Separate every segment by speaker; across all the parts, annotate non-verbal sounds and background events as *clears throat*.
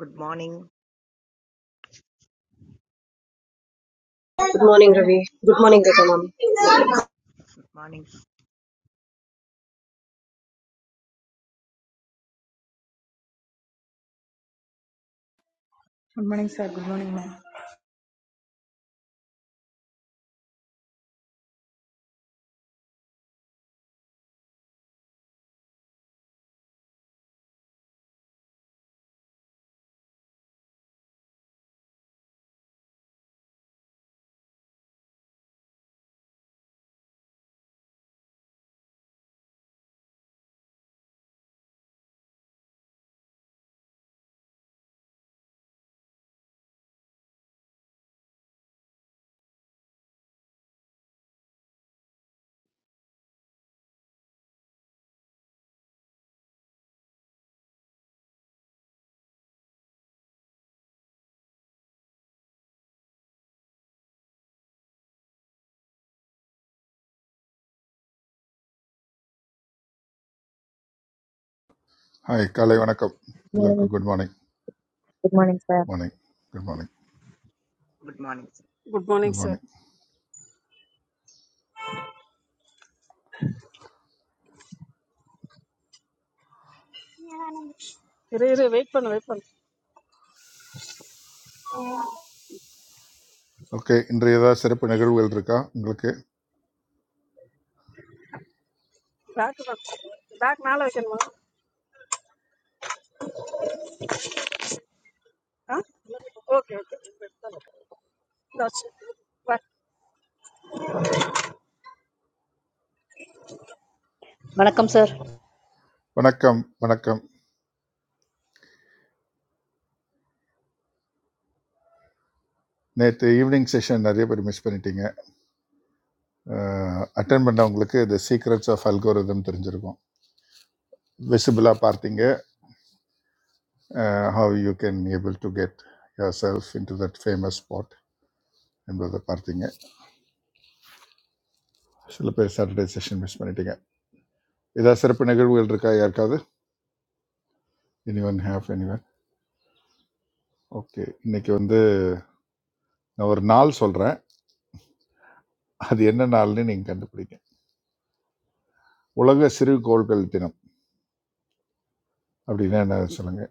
Speaker 1: Good morning
Speaker 2: Good morning, Ravi. Good morning, Rekha ma'am.
Speaker 1: Good morning
Speaker 3: Good morning, sir. Good morning, ma'am.
Speaker 4: Hi காலை வணக்கம்
Speaker 5: Good
Speaker 4: எல்லோருக்கும்
Speaker 5: Morning.
Speaker 4: Good morning
Speaker 5: Good morning, sir.
Speaker 4: Morning good morning
Speaker 1: good morning
Speaker 6: Good morning,
Speaker 4: good
Speaker 6: sir.
Speaker 4: Morning
Speaker 6: Here, here. Wait, pan, wait pan.
Speaker 4: Okay இன்றைய ஏதாவது சிறப்பு நிகழ்வுகள் இருக்கா உங்களுக்கு
Speaker 6: Back, back. Back, naala kena ma. Okay, okay. Good. Bye.
Speaker 7: Welcome, sir.
Speaker 4: வணக்கம் வணக்கம் நேற்று evening session நிறைய பேர் மிஸ் பண்ணிட்டீங்க அட்டன் பண்ணவங்களுக்கு த சீக்ரெட்ஸ் ஆஃப் அல்கோரிதம் தெரிஞ்சிருக்கும் விசிபிளாக பார்த்தீங்க how you can able to get yourself into that famous spot என்பதை பார்த்தீங்க சில பேர் சாட்டர்டே செஷன் மிஸ் பண்ணிட்டீங்க ஏதாவது சிறப்பு நிகழ்வுகள் இருக்கா யாருக்காவது anyone have anyone okay இன்னைக்கு வந்து நான் ஒரு நாள் சொல்கிறேன் அது என்ன நாள்னு நீங்கள் கண்டுபிடிங்க உலக சிறுகோள்கள் தினம் அப்படின்னா என்ன சொல்லுங்க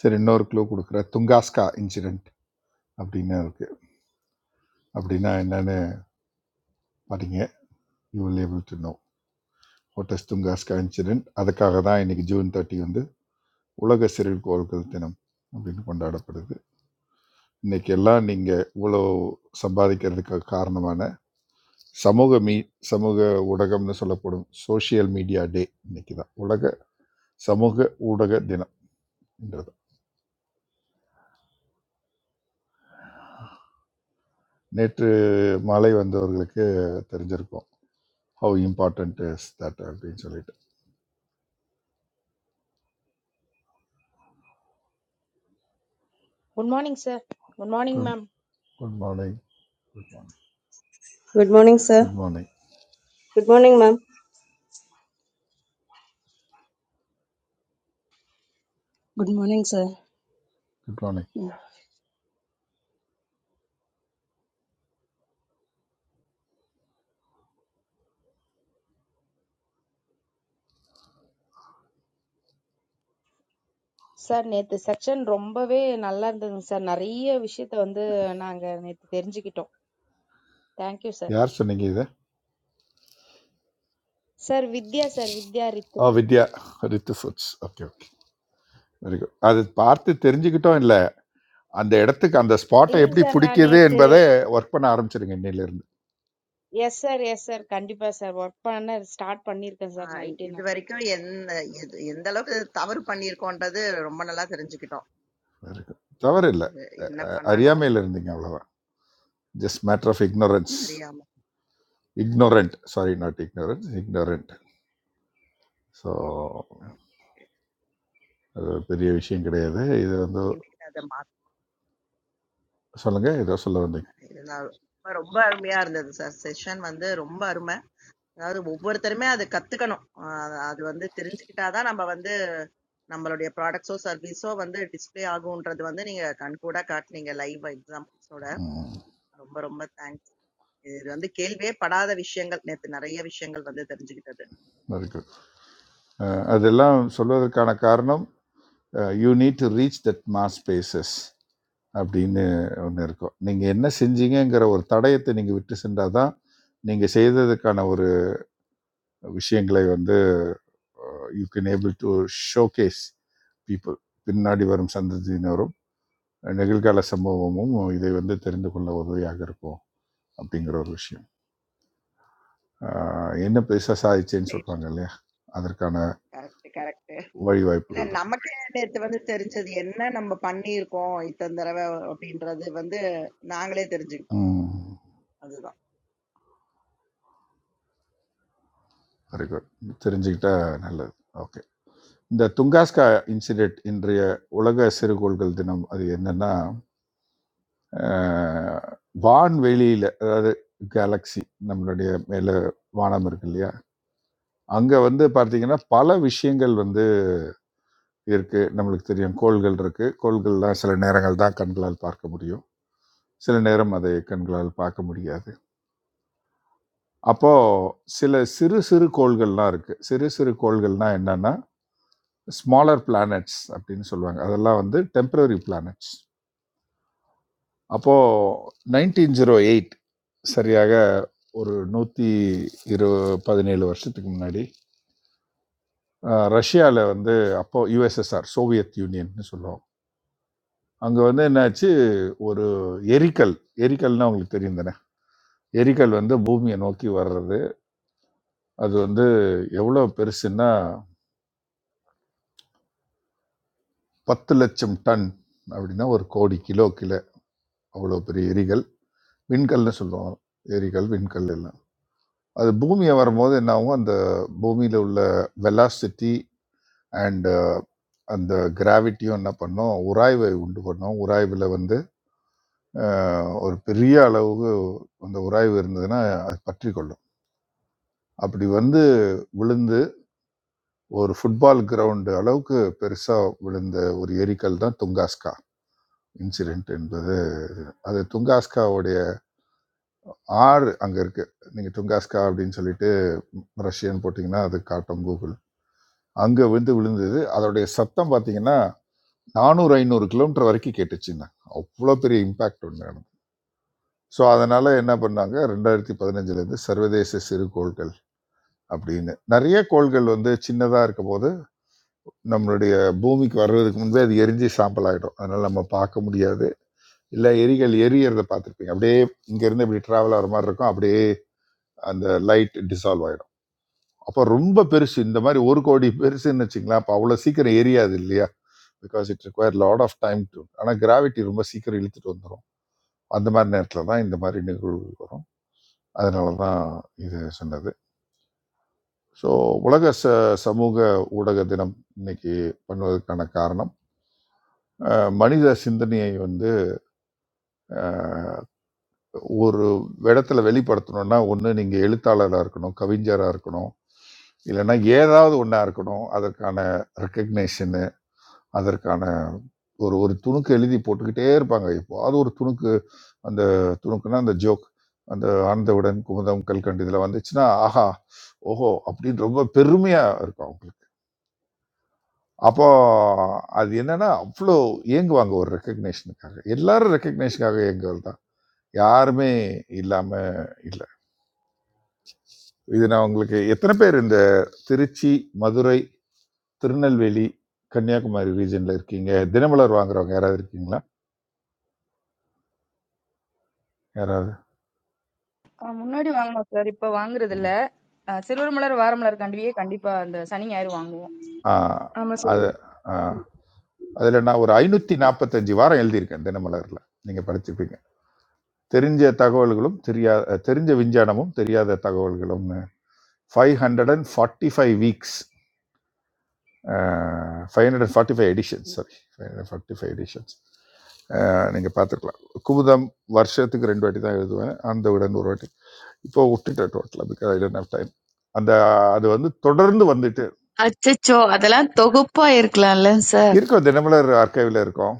Speaker 4: சரி இன்னொரு க்ளூ கொடுக்குற துங்காஸ்கா இன்சிடென்ட் அப்படின்னு இருக்கு அப்படின்னா என்னன்னு பாருங்க you will able to know ஹோட்டஸ் துங்காஸ்கா இன்சிடென்ட் அதுக்காக தான் இன்னைக்கு ஜூன் தேர்ட்டி வந்து உலக சிறுகோள்கள் தினம் அப்படின்னு கொண்டாடப்படுது இன்னைக்கு எல்லாம் நீங்கள் இவ்வளோ சம்பாதிக்கிறதுக்கு காரணமான சமூக மீ சமூக ஊடகம்னு சொல்லப்படும் சோஷியல் மீடியா டே இன்னைக்கு தான் உலக சமூக ஊடக தினம் நேற்று மாலை வந்தவர்களுக்கு தெரிஞ்சிருக்கும் ஹவு இம்பார்ட்டன்ட் இஸ் தட் அப்படின்னு சொல்லிட்டு
Speaker 8: good morning sir good morning
Speaker 4: good
Speaker 8: ma'am
Speaker 4: good morning good morning
Speaker 9: Good morning, sir.
Speaker 4: Good morning
Speaker 9: Good morning, ma'am.
Speaker 10: Good morning, sir.
Speaker 4: Good morning
Speaker 10: Yeah.
Speaker 8: Sir நேத்து செக்ஷன் ரொம்பவே நல்லா இருந்ததுங்க sir நிறைய விஷயத்த வந்து நாங்க நேத்து தெரிஞ்சுக்கிட்டோம் தேங்க்யூ சார்
Speaker 4: யார் சொன்னீங்க இதை
Speaker 8: சார் வித்யா சார் வித்யா
Speaker 4: ஆ
Speaker 8: Ritu
Speaker 4: Vidya Ritu foods okay okay very good அது பார்த்து தெரிஞ்சுக்கிட்டோம் இல்லை அந்த இடத்துக்கு அந்த ஸ்பாட்டை
Speaker 8: இல்லைங்க
Speaker 4: எப்படி
Speaker 8: சார் நான்
Speaker 4: பிடிக்குது
Speaker 8: நேத்து
Speaker 4: என்பதை ஒர்க் பண்ண ஆரம்பிச்சிருங்க இன்னையிலேருந்து
Speaker 8: எஸ் சார் எஸ் சார் கண்டிப்பா சார் ஒர்க் பண்ண ஸ்டார்ட் பண்ணியிருக்கேன் சார் நைட்டு நான்
Speaker 1: இது வரைக்கும் என்ன எது- எந்த அளவுக்கு தவறு பண்ணியிருக்கோன்றது ரொம்ப நல்லா தெரிஞ்சுக்கிட்டோம்
Speaker 4: வெரி குட் தவறு இல்லை
Speaker 1: அது என்ன பண்ணணும்
Speaker 4: அறியாமையில் இருந்தீங்க அவ்வளோதான் ஜஸ்ட் மேட்டர் ஆஃப் ignorance
Speaker 1: அறியாம
Speaker 4: ignorant sorry not ignorance ignorant so
Speaker 1: ah
Speaker 4: அது ஒரு பெரிய விஷயம் கிடையாது இது வந்து
Speaker 1: இனிமேல் அதை மாத்தேன்
Speaker 4: சொல்லுங்கள் ஏதோ சொல்ல வந்தீங்க
Speaker 1: இருந்தால் ரொம்ப ரொம்ப அருமையா இருந்தது சார் செஷன் வந்து ரொம்ப அருமை அதாவது ஒவ்வொருத்தருமே அது கத்துக்கணும் ஆஹ் அது வந்து தெரிஞ்சுக்கிட்டாதான் நம்ம வந்து நம்மளுடைய ப்ராடக்ட்ஸோ சர்வீஸோ வந்து டிஸ்ப்ளே ஆகும்ன்றது வந்து நீங்க கண்கூட காட்டுனீங்க லைவ் எக்ஸாம்பிள்ஸோட
Speaker 4: ம்
Speaker 1: ரொம்ப ரொம்ப தேங்க்ஸ். இது வந்து கேள்வியே படாத விஷயங்கள் நேத்து நிறைய விஷயங்கள் வந்து தெரிஞ்சுக்கிட்டது
Speaker 4: வெரி குட் அதெல்லாம் சொல்வதற்கான காரணம் you need to reach that mass spaces அப்படின்னு ஒன்று இருக்கும் நீங்கள் என்ன செஞ்சீங்கங்கிற ஒரு தடயத்தை நீங்கள் விட்டு சென்றால் தான் நீங்கள் செய்ததுக்கான ஒரு விஷயங்களை வந்து you can able to showcase people பின்னாடி வரும் சந்ததியினரும் நிகழ்கால சம்பவமும் இதை வந்து தெரிந்து கொள்ள உதவியாக இருக்கும் அப்படிங்கிற ஒரு விஷயம் ஆஹ் என்ன பெருசாக சாதிச்சேன்னு
Speaker 1: சரிம்மா
Speaker 4: சொல்லுவாங்க இல்லையா அதற்கான
Speaker 1: கரெக்ட் கரெக்ட் இல்ல
Speaker 4: வழிவாய்ப்புகள் தான்
Speaker 1: நமக்கே நேத்து வந்து தெரிஞ்சது என்ன நம்ம பண்ணியிருக்கோம் இத்தனை தடவை அப்படின்றது வந்து நாங்களே தெரிஞ்சுக்கிட்டோம் அதுதான்
Speaker 4: வெரி குட் தெரிஞ்சுக்கிட்டா நல்லது ஓகே இந்த துங்காஸ்கா இன்சிடென்ட் இன்றைய உலக சிறுகோள்கள் தினம் அது என்னன்னா ஆஹ், வான்வெளியில அதாவது கேலக்ஸி நம்மளுடைய மேல வானம் இருக்கு இல்லையா அங்க வந்து பார்த்தீங்கன்னா பல விஷயங்கள் வந்து இருக்கு நம்மளுக்கு தெரியும் கோள்கள் இருக்கு கோள்கள்லாம் சில நேரங்கள் தான் கண்களால் பார்க்க முடியும் சில நேரம் அதை கண்களால் பார்க்க முடியாது அப்போது சில சிறு சிறு கோள்கள்லாம் இருக்குது சிறு சிறு கோள்கள்னா என்னென்னா ஸ்மாலர் பிளானட்ஸ் அப்படின்னு சொல்லுவாங்க அதெல்லாம் வந்து டெம்பரரி பிளானட்ஸ் அப்போது நைன்டீன் ஜீரோ எயிட் சரியாக ஒரு நூற்றி இரு பதினேழு வருஷத்துக்கு முன்னாடி ரஷ்யாவில் வந்து அப்போ யுஎஸ்எஸ்ஆர் சோவியத் யூனியன்னு சொல்லுவோம் அங்கே வந்து என்னாச்சு ஒரு எரிக்கல் எரிக்கல்னா உங்களுக்கு தெரியும் தானே எரிக்கல் வந்து பூமியை நோக்கி வர்றது அது வந்து எவ்வளோ பெருசுன்னா பத்து லட்சம் டன் அப்படின்னா ஒரு கோடி கிலோ கிலோ அவ்வளோ பெரிய எரிகள் விண்கல்னு சொல்லுவாங்க எரிகள் விண்கல் எல்லாம் அது பூமியை வரும்போது என்ன ஆகும் அந்த பூமியில் உள்ள வெலாசிட்டி அண்ட் அந்த கிராவிட்டியும் என்ன பண்ணோம் உராய்வை உண்டு பண்ணோம் உராய்வில் வந்து அஹ், ஒரு பெரிய அளவுக்கு அந்த உராய்வு இருந்ததுன்னா அது பற்றி கொள்ளும் அப்படி வந்து விழுந்து ஒரு ஃபுட்பால் கிரவுண்டு அளவுக்கு பெருசாக விழுந்த ஒரு எரிக்கல் தான் துங்காஸ்கா இன்சிடென்ட் என்பது அது துங்காஸ்காவோட ஆறு அங்கே இருக்குது நீங்கள் துங்காஸ்கா அப்படின்னு சொல்லிட்டு ரஷ்யன் போட்டிங்கன்னா அது காட்டும் கூகுள் அங்கே விழுந்து விழுந்தது அதோடைய சத்தம் பார்த்தீங்கன்னா நானூறு ஐநூறு கிலோமீட்டர் வரைக்கும் கேட்டுச்சுன்னா அவ்வளோ பெரிய இம்பேக்ட் ஒன்று நடந்தது ஸோ அதனால் என்ன பண்ணாங்க ரெண்டாயிரத்தி பதினஞ்சுலேருந்து சர்வதேச சிறு கோள்கள் அப்படின்னு நிறைய கோள்கள் வந்து சின்னதாக இருக்கும் போது நம்மளுடைய பூமிக்கு வர்றதுக்கு முன்பே அது எரிஞ்சு சாம்பல் ஆகிடும் அதனால் நம்ம பார்க்க முடியாது இல்லை எரிகள் எரியறதை பார்த்துருப்பீங்க அப்படியே இங்கேருந்து இப்படி ட்ராவல் ஆகிற மாதிரி இருக்கும் அப்படியே அந்த லைட் டிசால்வ் ஆயிடும் அப்போ ரொம்ப பெருசு இந்த மாதிரி ஒரு கோடி பெருசுன்னு வச்சுங்களேன் அப்போ அவ்வளோ சீக்கிரம் எரியாது இல்லையா because it require lot of time to ஆனால் கிராவிட்டி ரொம்ப சீக்கிரம் இழுத்துட்டு வந்துடும் அந்த மாதிரி நேரத்தில் தான் இந்த மாதிரி நிகழ்வு வரும் அதனால தான் இது சொன்னது ஸோ உலக ச சமூக ஊடக தினம் இன்னைக்கு பண்ணுவதற்கான காரணம் அஹ், மனித சிந்தனையை வந்து அஹ், ஒரு இடத்துல வெளிப்படுத்தணும்னா ஒன்று நீங்கள் எழுத்தாளராக இருக்கணும் கவிஞராக இருக்கணும் இல்லைன்னா ஏதாவது ஒன்றா இருக்கணும் அதற்கான ரெக்கக்னேஷனு அதற்கான ஒரு ஒரு துணுக்கு எழுதி போட்டுக்கிட்டே இருப்பாங்க. எப்பவாவது ஒரு துணுக்கு, அந்த துணுக்குன்னா அந்த ஜோக். அந்த "ஆனந்தவிடன், குமுதம், கல்கண்டு" இதுல வந்துச்சுன்னா, ஆஹா! ஓஹோ! அப்படின்னு ரொம்ப பெருமையா இருக்கும் அவங்களுக்கு. அப்போ அது என்னன்னா, அவ்ளோ ஏங்குவாங்க ஒரு ரெகக்னிஷனுக்காக. எல்லாரும் ரெகக்னிஷனுக்காக ஏங்குறது தான். யாருமே இல்லாம இல்ல. இது நான் உங்களுக்கு எத்தன பேர் இந்த திருச்சி, மதுரை, திருநெல்வேலி, கன்னியாகுமரி ரீஜியன்ல இருக்கீங்க? தினமலர் வாங்குறவங்க யாராவது இருக்கீங்களா? யாராவது?
Speaker 11: I want to buy. I want to buy. I want to buy.
Speaker 4: Ah,
Speaker 3: I'm a
Speaker 4: அது ஆ, அதுல நான் ஒரு ஐநூத்தி நாற்பத்தஞ்சு வாரம் எழுதியிருக்கேன் தினமலர்ல நீங்க படிச்சிருப்பீங்க தெரிஞ்ச தகவல்களும் தெரியாத தெரிஞ்ச விஞ்ஞானமும் தெரியாத தகவல்களும் five hundred and forty five weeks five hundred and forty five editions sorry five hundred forty five editions நீங்கள் பார்த்துருக்கலாம் குமுதம் வருஷத்துக்கு ரெண்டு வாட்டி தான் எழுதுவேன் அந்த உடன் ஒரு வாட்டி இப்போ விட்டுட்டேன் டோட்டலாக because I don't have time அந்த அது வந்து தொடர்ந்து வந்துட்டு இருக்கு.
Speaker 12: அச்சச்சோ! அதெல்லாம் தொகுப்பா இருக்கலாம்ல சார்?
Speaker 4: இருக்கோம் தினமலர் ஆர்கைவில் இருக்கோம்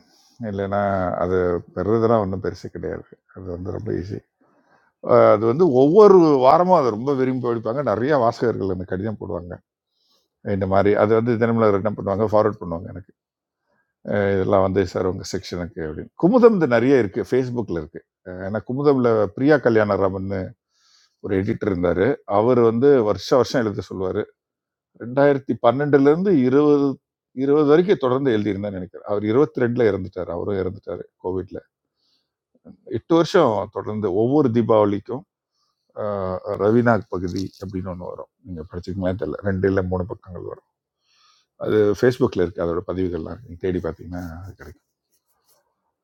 Speaker 4: இல்லைன்னா அது பெறுறதுலாம் ஒன்றும் பெருசு கிடையாது அது வந்து ரொம்ப ஈஸி அது வந்து ஒவ்வொரு வாரமும் அதை ரொம்ப விரும்பி படிப்பாங்க நிறைய வாசகர்கள் எனக்கு கடிதம் போடுவாங்க இந்த மாதிரி அது வந்து தினமலர் என்ன பண்ணுவாங்க ஃபார்வர்ட் பண்ணுவாங்க எனக்கு அஹ் இதெல்லாம் வந்து சார் உங்கள் செக்ஷனுக்கு அப்படின்னு குமுதம் இது நிறைய இருக்குது ஃபேஸ்புக்கில் இருக்குது ஏன்னா குமுதமில் பிரியா கல்யாணராமன் ஒரு எடிட்டர் இருந்தார் அவர் வந்து வருஷ வருஷம் எழுத சொல்லுவார் ரெண்டாயிரத்தி பன்னெண்டுல இருந்து இருபது இருபது வரைக்கும் தொடர்ந்து எழுதியிருந்தேன் நினைக்கிறேன் அவர் இருபத்தி ரெண்டுல இறந்துட்டார் அவரும் இறந்துட்டாரு கோவிட்ல எட்டு வருஷம் தொடர்ந்து ஒவ்வொரு தீபாவளிக்கும் ஆஹ், ரவிநாக் பகுதி அப்படின்னு ஒன்று வரும் நீங்க படிச்சுக்கலாம் தெரியல ரெண்டு இல்லை மூணு பக்கங்கள் வரும் அது ஃபேஸ்புக்கில் இருக்கு அதோட பதிவுகள்லாம் இருக்கு. நீங்க தேடி பார்த்தீங்கன்னா அது கிடைக்கும்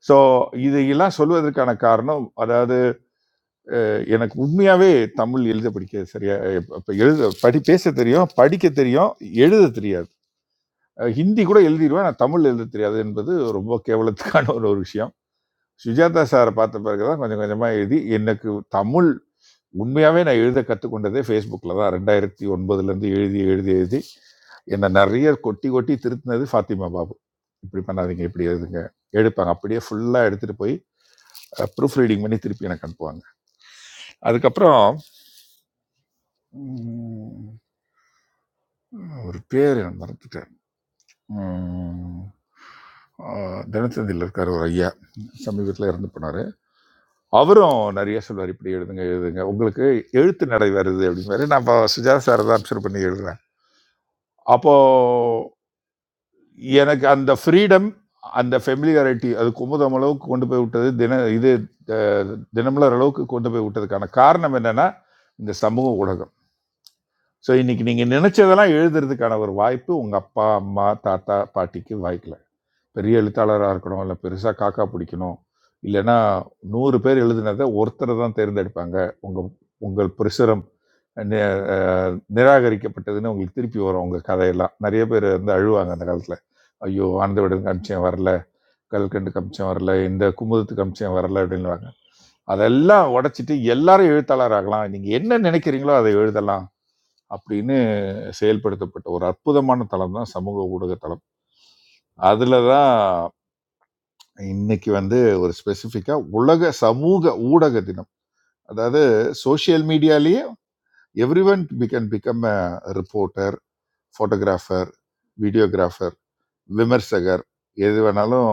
Speaker 4: ஸோ இதையெல்லாம் சொல்வதற்கான காரணம் அதாவது அஹ், எனக்கு உண்மையாவே தமிழ் எழுத படிக்க சரியா இப்ப எழுத படி பேச தெரியும் படிக்க தெரியும் எழுத தெரியாது அஹ் ஹிந்தி கூட எழுதிடுவேன் நான் தமிழ் எழுத தெரியாது என்பது ரொம்ப கேவலத்துக்கான ஒரு ஒரு விஷயம் சுஜாதா சாரை பார்த்த பிறகு தான் கொஞ்சம் கொஞ்சமாக எழுதி எனக்கு தமிழ் உண்மையாகவே நான் எழுத கற்றுக்கொண்டதே ஃபேஸ்புக்கில் தான் ரெண்டாயிரத்தி ஒன்பதுலேருந்து எழுதி எழுதி எழுதி என்னை நிறைய கொட்டி கொட்டி திருத்தினது ஃபாத்திமா பாபு இப்படி பண்ணாதீங்க இப்படி எழுதுங்க எடுப்பாங்க அப்படியே ஃபுல்லாக எடுத்துகிட்டு போய் ப்ரூஃப் ரீடிங் பண்ணி திருப்பி எனக்கு அனுப்புவாங்க அதுக்கப்புறம் உம், ஒரு பேர் எனக்கு மறந்துட்டேன் ம், ஆ, தினத்தந்தியில் இருக்கார் ஒரு ஐயா சமீபத்தில் இறந்து போனார் அவரும் நிறைய சொல்வார் இப்படி எழுதுங்க எழுதுங்க உங்களுக்கு எழுத்து நடை வருது அப்படிங்கிற நான் இப்போ சுஜாதா சாரை தான் அப்சர்வ் பண்ணி எழுதுறேன் அப்போது எனக்கு அந்த ஃப்ரீடம் அந்த ஃபெமிலியாரிட்டி அது குமுதம் அளவுக்கு கொண்டு போய் விட்டது தின இது அஹ், தினமலர் அளவுக்கு கொண்டு போய் விட்டதுக்கான காரணம் என்னென்னா இந்த சமூக ஊடகம் ஸோ இன்னைக்கு நீங்கள் நினச்சதெல்லாம் எழுதுறதுக்கான ஒரு வாய்ப்பு உங்கள் அப்பா அம்மா தாத்தா பாட்டிக்கு வாய்க்கல பெரிய எழுத்தாளராக இருக்கணும் இல்லை பெருசாக காக்கா பிடிக்கணும் இல்லைன்னா நூறு பேர் எழுதினதை ஒருத்தரை தான் தேர்ந்தெடுப்பாங்க உங்கள் உங்கள் பிரசுரம் நி- அஹ், நிராகரிக்கப்பட்டதுன்னு உங்களுக்கு திருப்பி வரும் உங்கள் கதையெல்லாம் நிறைய பேர் வந்து அழுவாங்க அந்த காலத்தில் ஐயோ ஆனந்த விடன் கமிச்சம் வரல கல்கண்டு கமிச்சம் வரல இந்த குமுதத்துக்கு கமிச்சம் வரல அப்படின்னுவாங்க அதெல்லாம் உடைச்சிட்டு எல்லாரும் எழுத்தாளர் ஆகலாம் நீங்கள் என்ன நினைக்கிறீங்களோ அதை எழுதலாம் அப்படின்னு செயல்படுத்தப்பட்ட ஒரு அற்புதமான தளம் தான் சமூக ஊடக தளம் அதில் தான் இன்னைக்கு வந்து ஒரு ஸ்பெசிஃபிக்கா உலக சமூக ஊடக தினம் அதாவது சோஷியல் மீடியாலேயே everyone began become a reporter photographer videographer விமர்சகர் எது வேணாலும்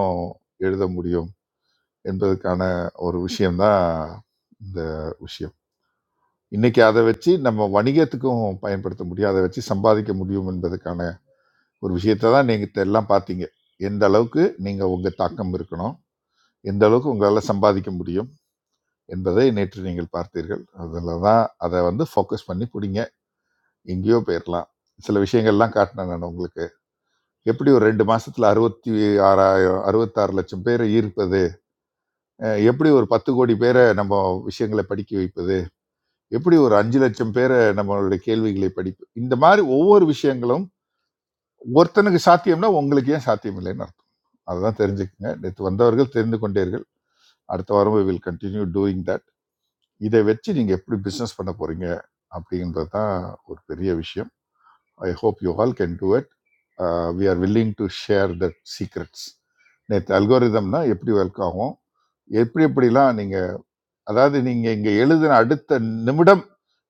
Speaker 4: எழுத முடியும் என்பதற்கான ஒரு விஷயம்தான் இந்த விஷயம் இன்னைக்கு அதை வச்சு நம்ம வணிகத்துக்கும் பயன்படுத்த முடியும் அதை வச்சு சம்பாதிக்க முடியும் என்பதற்கான ஒரு விஷயத்தை தான் நீங்கள் எல்லாம் பார்த்தீங்க எந்த அளவுக்கு நீங்கள் உங்கள் தாக்கம் இருக்கணும் எந்த அளவுக்கு உங்களால் சம்பாதிக்க முடியும் என்பதை நேற்று நீங்கள் பார்த்தீர்கள் அதில் தான் அதை வந்து ஃபோக்கஸ் பண்ணி பிடிங்க எங்கேயோ போயிடலாம் சில விஷயங்கள்லாம் காட்டினேன் நான் உங்களுக்கு எப்படி ஒரு ரெண்டு மாசத்துல அறுபத்தி ஆறாயிரம் அறுபத்தாறு லட்சம் பேரை ஈர்ப்பது அஹ் எப்படி ஒரு பத்து கோடி பேரை நம்ம விஷயங்களை படிக்க வைப்பது எப்படி ஒரு அஞ்சு லட்சம் பேரை நம்மளுடைய கேள்விகளை படிப்பு இந்த மாதிரி ஒவ்வொரு விஷயங்களும் ஒருத்தனுக்கு சாத்தியம்னா உங்களுக்கு ஏன் சாத்தியம் இல்லைன்னு அர்த்தம் அதுதான் தெரிஞ்சுக்கங்க நேற்று வந்தவர்கள் தெரிந்து கொண்டீர்கள் அடுத்த வாரம் வில் கண்டினியூ டூயிங் தட் இதை வச்சு நீங்கள் எப்படி பிஸ்னஸ் பண்ண போகிறீங்க அப்படின்றது தான் ஒரு பெரிய விஷயம் I hope you all can do it we are willing to share that secrets நேற்று அல்கோரிதம்னா எப்படி ஒர்க் ஆகும் எப்படி எப்படிலாம் நீங்கள் அதாவது நீங்கள் இங்கே எழுதின அடுத்த நிமிடம்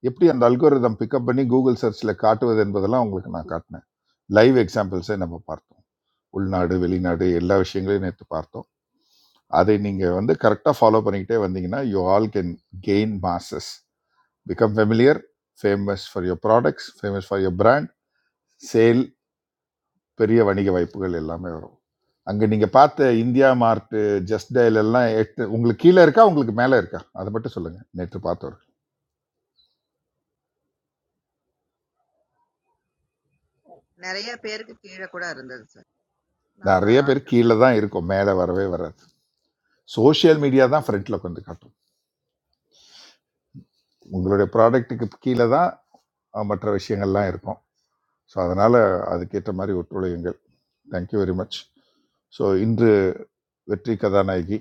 Speaker 4: எப்படி அந்த அல்கோரிதம் பிக்கப் பண்ணி கூகுள் சர்ச்சில் காட்டுவது என்பதெல்லாம் உங்களுக்கு நான் காட்டினேன் லைவ் எக்ஸாம்பிள்ஸை நம்ம பார்த்தோம் உள்நாடு வெளிநாடு எல்லா விஷயங்களையும் நேற்று பார்த்தோம் அதை நீங்கள் வந்து கரெக்டாக ஃபாலோ பண்ணிக்கிட்டே வந்தீங்கன்னா you all can gain masses become familiar famous for your products famous for your brand sale பெரிய வணிக வாய்ப்புகள் எல்லாமே வரும் அங்கே நீங்கள் பார்த்த இந்தியா மார்ட்டு ஜஸ்ட் டயல் எல்லாம் எட்டு உங்களுக்கு கீழே இருக்கா உங்களுக்கு மேலே இருக்கா அதை மட்டும் சொல்லுங்கள் நேற்று பார்த்தவர்
Speaker 1: நிறைய பேருக்கு கீழே கூட இருந்தது சார் நம்ம
Speaker 4: நிறைய பேர்
Speaker 1: ஆட்கள் கூட
Speaker 4: கீழே தான் இருக்கும் மேலே வரவே வராது சோஷியல் மீடியா தான் ஃப்ரண்ட்டில் உட்காந்து காட்டும் உங்களுடைய ப்ராடக்ட்டுக்கு கீழே தான் அஹ், மற்ற விஷயங்கள்லாம் இருக்கும் ஸோ அதனால் அதுக்கேற்ற மாதிரி ஒத்துழையுங்கள் தேங்க்யூ வெரி மச் ஸோ இன்று வெற்றி கதாநாயகி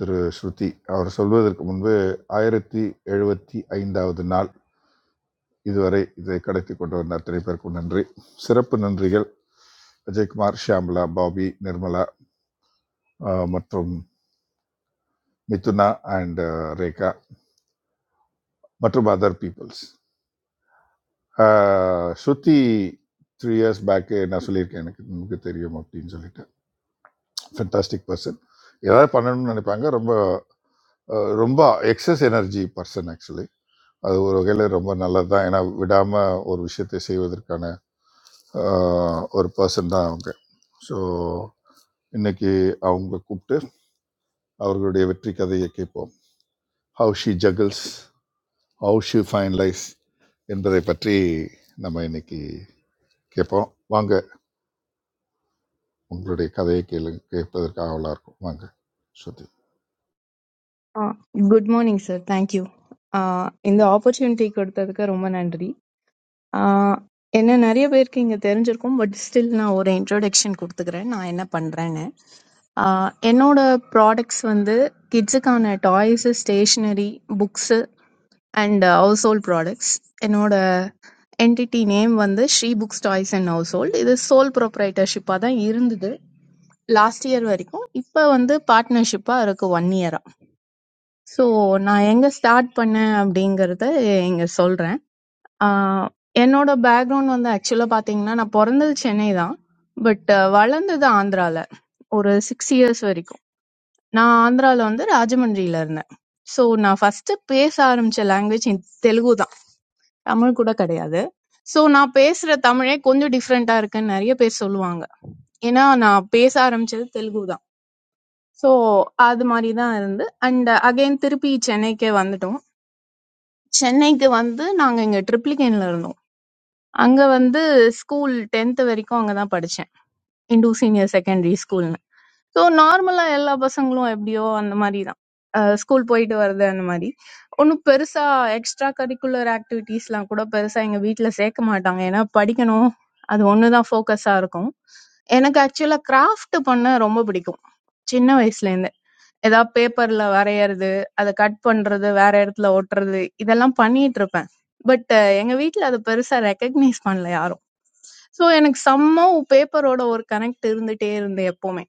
Speaker 4: திரு ஸ்ருதி அவர் சொல்வதற்கு முன்பு ஆயிரத்தி எழுபத்தி ஐந்தாவது நாள் இதுவரை இதை கடத்தி கொண்டு வந்த அத்தனை பேருக்கும் நன்றி சிறப்பு நன்றிகள் அஜய்குமார் ஷியாமலா பாபி நிர்மலா அஹ், மற்றும் மிதுனா அண்ட் ரேகா மற்றும் other peoples Shruti three years back நான் சொல்லியிருக்கேன் எனக்கு நமக்கு தெரியும் அப்படின்னு சொல்லிட்டு ஃபென்டாஸ்டிக் பர்சன் ஏதாவது பண்ணணும்னு நினைப்பாங்க ரொம்ப அஹ், ரொம்ப எக்ஸஸ் எனர்ஜி பர்சன் ஆக்சுவலி அது ஒரு வகையில் ரொம்ப நல்லது தான் ஏன்னா விடாமல் ஒரு விஷயத்தை செய்வதற்கான ஆஹ், ஒரு பர்சன் தான் அவங்க ஸோ இன்னைக்கு அவங்கள கூப்பிட்டு அவர்களுடைய வெற்றி கதையை கேட்போம் how she juggles how she finalise என்பதை பற்றி நம்ம இன்னைக்கு கேட்போம் வாங்க உங்களுடைய கதையை கேளு கேட்பதற்கு ஆவலாக இருக்கும் வாங்க ஸ்ருதி
Speaker 13: Uh, Good morning, sir. Thank you. Uh, இந்த opportunity கொடுத்ததுக்கு ரொம்ப நன்றி. Uh, என்ன நிறைய பேருக்கு இங்க தெரிஞ்சிருக்கும் பட் ஸ்டில் நான் ஒரு introduction கொடுத்துக்கிறேன் நான் என்ன பண்றேன்னு Uh, என்னோட ப்ராடக்ட்ஸ் வந்து கிட்ஸுக்கான toys stationery books and household products என்னோட என்டிட்டி நேம் வந்து Shri books toys and household இது சோல் ப்ரொப்ரைட்டர்ஷிப்பாக தான் இருந்தது லாஸ்ட் இயர் வரைக்கும் இப்போ வந்து பார்ட்னர்ஷிப்பாக இருக்குது ஒன் இயரா ஸோ நான் எங்க ஸ்டார்ட் பண்ணேன் அப்படிங்கறத இங்க சொல்றேன் ஆஹ் என்னோட பேக்ரவுண்ட் வந்து ஆக்சுவலா பாத்தீங்கன்னா நான் பிறந்தது சென்னை தான் பட் வளர்ந்தது ஆந்திரால ஒரு சிக்ஸ் இயர்ஸ் வரைக்கும் நான் ஆந்திரால வந்து ராஜமன்றியில இருந்தேன் ஸோ நான் ஃபர்ஸ்ட் பேச ஆரம்பிச்ச லாங்குவேஜ் தெலுங்கு தான் தமிழ் கூட கிடையாது ஸோ நான் பேசுற தமிழே கொஞ்சம் டிஃப்ரெண்டா இருக்குன்னு நிறைய பேர் சொல்லுவாங்க ஏன்னா நான் பேச ஆரம்பிச்சது தெலுங்கு தான் ஸோ அது மாதிரி தான் இருந்து அண்ட் அகைன் திருப்பி சென்னைக்கே வந்துட்டோம் சென்னைக்கு வந்து நாங்க இங்க ட்ரிப்ளிகேன்ல இருந்தோம். அங்க வந்து ஸ்கூல் 10th வரைக்கும் அங்க தான் படிச்சேன். இண்டூ சீனியர் செகண்டரி ஸ்கூல்னு. ஸோ நார்மலா எல்லா பசங்களும் எப்படியோ அந்த மாதிரி தான். அஹ் ஸ்கூல் போயிட்டு வர்றது அந்த மாதிரி. ஒன்றும் பெருசா எக்ஸ்ட்ரா கரிக்குலர் ஆக்டிவிட்டீஸ்லாம் கூட பெருசா எங்க வீட்ல சேர்க்க மாட்டாங்க. ஏன்னா படிக்கணும் அது ஒன்று தான் ஃபோக்கஸா இருக்கும். எனக்கு ஆக்சுவலா கிராஃப்ட் பண்ண ரொம்ப பிடிக்கும். சின்ன வயசுல இருந்து. ஏதாவது பேப்பர்ல வரையறது, அதை கட் பண்றது, வேற இடத்துல ஒட்டுறது இதெல்லாம் பண்ணிட்டு இருப்பேன். பட் எங்க வீட்ல அத பெருசா ரெகக்னைஸ் பண்ணல யாரும். ஸோ எனக்கு சம்ஹவ் பேப்பரோட ஒரு கனெக்ட் இருந்துட்டே இருந்தது எப்பவுமே.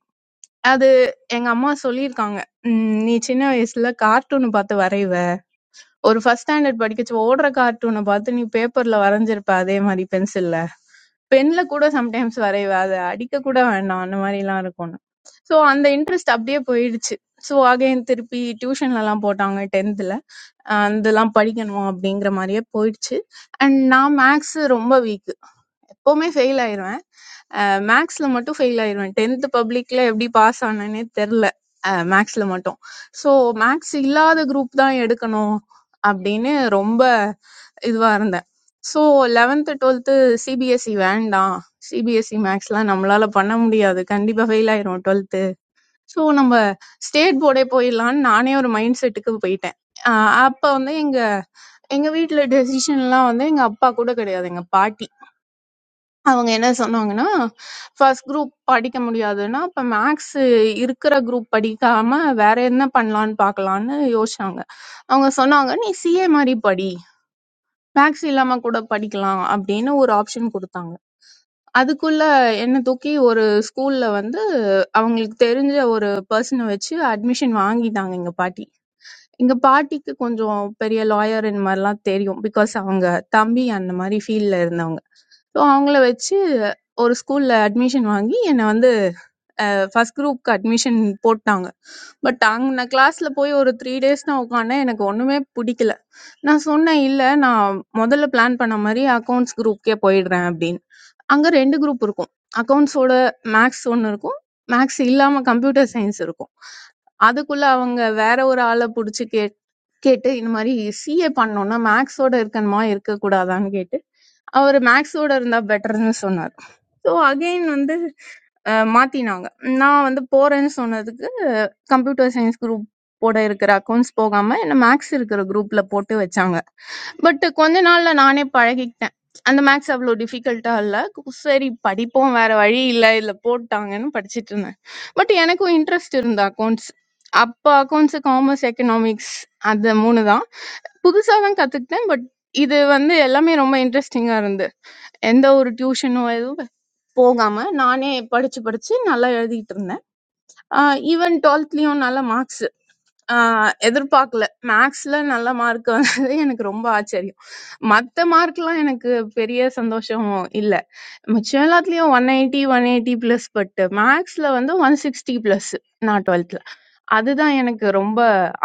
Speaker 13: அது எங்க அம்மா சொல்லியிருக்காங்க. "ம் நீ சின்ன வயசுல கார்ட்டூன் பார்த்து வரைவ. ஒரு ஃபர்ஸ்ட் ஸ்டாண்டர்ட் படிக்கச்சு ஓடுற கார்ட்டூனை பார்த்து நீ பேப்பர்ல வரைஞ்சிருப்ப அதே மாதிரி பென்சில்ல பென்ல கூட சம்டைம்ஸ் வரைவ அதை அடிக்க கூட வேண்டாம் அந்த மாதிரி எல்லாம் இருக்கும் ஸோ அந்த இன்ட்ரெஸ்ட் அப்படியே போயிடுச்சு ஸோ அகைன் திருப்பி டியூஷன்ல எல்லாம் போட்டாங்க டென்த்ல அதெல்லாம் படிக்கணும் அப்படிங்கிற மாதிரியே போயிடுச்சு அண்ட் நான் மேக்ஸ் ரொம்ப வீக் எப்பவுமே ஃபெயில் ஆயிருவேன் மேக்ஸ்ல மட்டும் ஃபெயில் ஆயிருவேன் டென்த் பப்ளிக்ல எப்படி பாஸ் ஆனேனே தெரில மேக்ஸ்ல மட்டும் ஸோ மேக்ஸ் இல்லாத குரூப் தான் எடுக்கணும் அப்படின்னு ரொம்ப இதுவா இருந்தேன். ஸோ 11th 12th சிபிஎஸ்சி வேண்டாம். சிபிஎஸ்சி மேக்ஸ்லாம் நம்மளால பண்ண முடியாது. கண்டிப்பா ஃபெயில் ஆயிரும் 12th. ஸோ நம்ம ஸ்டேட் போர்டே போயிடலான்னு நானே ஒரு மைண்ட் செட்டுக்கு போயிட்டேன். ஆஹ் அப்ப வந்து எங்க எங்க வீட்ல டெசிஷன்லாம் வந்து எங்க அப்பா கூட கிடையாது. எங்க பாட்டி. அவங்க என்ன சொன்னாங்கன்னா, ஃபர்ஸ்ட் குரூப் படிக்க முடியாதுன்னா, அப்ப மேக்ஸ் இருக்கிற குரூப் படிக்காம வேற என்ன பண்ணலான்னு பார்க்கலான்னு யோசிச்சாங்க. அவங்க சொன்னாங்க, "நீ சிஏ மாதிரி படி." மேக்ஸ் இல்லாம கூட படிக்கலாம் அப்படின்னு ஒரு ஆப்ஷன் குடுத்தாங்க. அதுக்குள்ள என்ன தூக்கி ஒரு ஸ்கூல்ல வந்து அவங்களுக்கு தெரிஞ்ச ஒரு பெர்சன வச்சு அட்மிஷன் வாங்கிட்டாங்க எங்க பாட்டி. எங்க பாட்டிக்கு கொஞ்சம் பெரிய லாயர் இந்த மாதிரிலாம் தெரியும். பிகாஸ் அவங்க தம்பி அந்த மாதிரி ஃபீல்ட்ல இருந்தவங்க. ஸோ அவங்கள வச்சு ஒரு ஸ்கூல்ல அட்மிஷன் வாங்கி என்ன வந்து ஃபர்ஸ்ட் குரூப்க்கு அட்மிஷன் போட்டாங்க. பட் அங் நான் கிளாஸ்ல போய் ஒரு 3 டேஸ் நான் உட்காந்தேன். எனக்கு ஒண்ணுமே பிடிக்கல. நான் சொன்னேன், "இல்ல நான் முதல்ல பிளான் பண்ண மாரி அக்கவுண்ட்ஸ் குரூப்க்கே போயிடுறேன்" அப்படின்னு. அங்க 2 குரூப் இருக்கும். அக்கவுண்ட்ஸோட மேத்ஸ் ஒண்ணு இருக்கும். மேத்ஸ் இல்லாம கம்ப்யூட்டர் சயின்ஸ் இருக்கும். அதுக்குள்ள அவங்க வேற ஒரு ஆள புடிச்சு கேட் கேட்டு இந்த மாரி சிஏ பண்ணணும்னா மேத்ஸோட இருக்கணுமா, இருக்கக்கூடாதான்னு கேட்டு, அவரு மேத்ஸோட இருந்தா பெட்டர்ன்னு சொன்னாரு. ஸோ அகைன் வந்து அஹ், மாத்தினாங்க நான் வந்து போறேன்னு சொன்னதுக்கு கம்ப்யூட்டர் சயின்ஸ் குரூப் போட இருக்கிற அக்கௌண்ட்ஸ் போகாம என்ன மேக்ஸ் இருக்கிற குரூப்ல போட்டு வச்சாங்க பட் கொஞ்ச நாள்ல நானே பழகிக்கிட்டேன் அந்த மேக்ஸ் அவ்வளோ டிஃபிகல்ட்டா இல்ல சரி படிப்போம் வேற வழி இல்ல இதுல போட்டாங்கன்னு படிச்சிட்டு இருந்தேன் பட் எனக்கும் இன்ட்ரெஸ்ட் இருந்த அக்கௌண்ட்ஸ் அப்போ அக்கௌண்ட்ஸ் காமர்ஸ் எக்கனாமிக்ஸ் அந்த மூணு தான் புதுசா தான் கத்துக்கிட்டேன் பட் இது வந்து எல்லாமே ரொம்ப இன்ட்ரெஸ்டிங்கா இருந்து எந்த ஒரு டியூஷனோ எதுவும் போகாம நானே படிச்சு படிச்சு நல்லா எழுதிட்டு இருந்தேன் ஈவன் டுவெல்த்லயும் நல்ல மார்க்ஸ் ஆஹ் எதிர்பார்க்கல மேக்ஸ்ல நல்ல மார்க் வந்தது எனக்கு ரொம்ப ஆச்சரியம் மத்த மார்க்லாம் எனக்கு பெரிய சந்தோஷம் இல்ல மிச்சம் எல்லாத்துலயும் one eighty one eighty plus but மேக்ஸ்ல வந்து ஒன் சிக்ஸ்டி பிளஸ் நான் டுவெல்த்ல அதுதான் எனக்கு ரொம்ப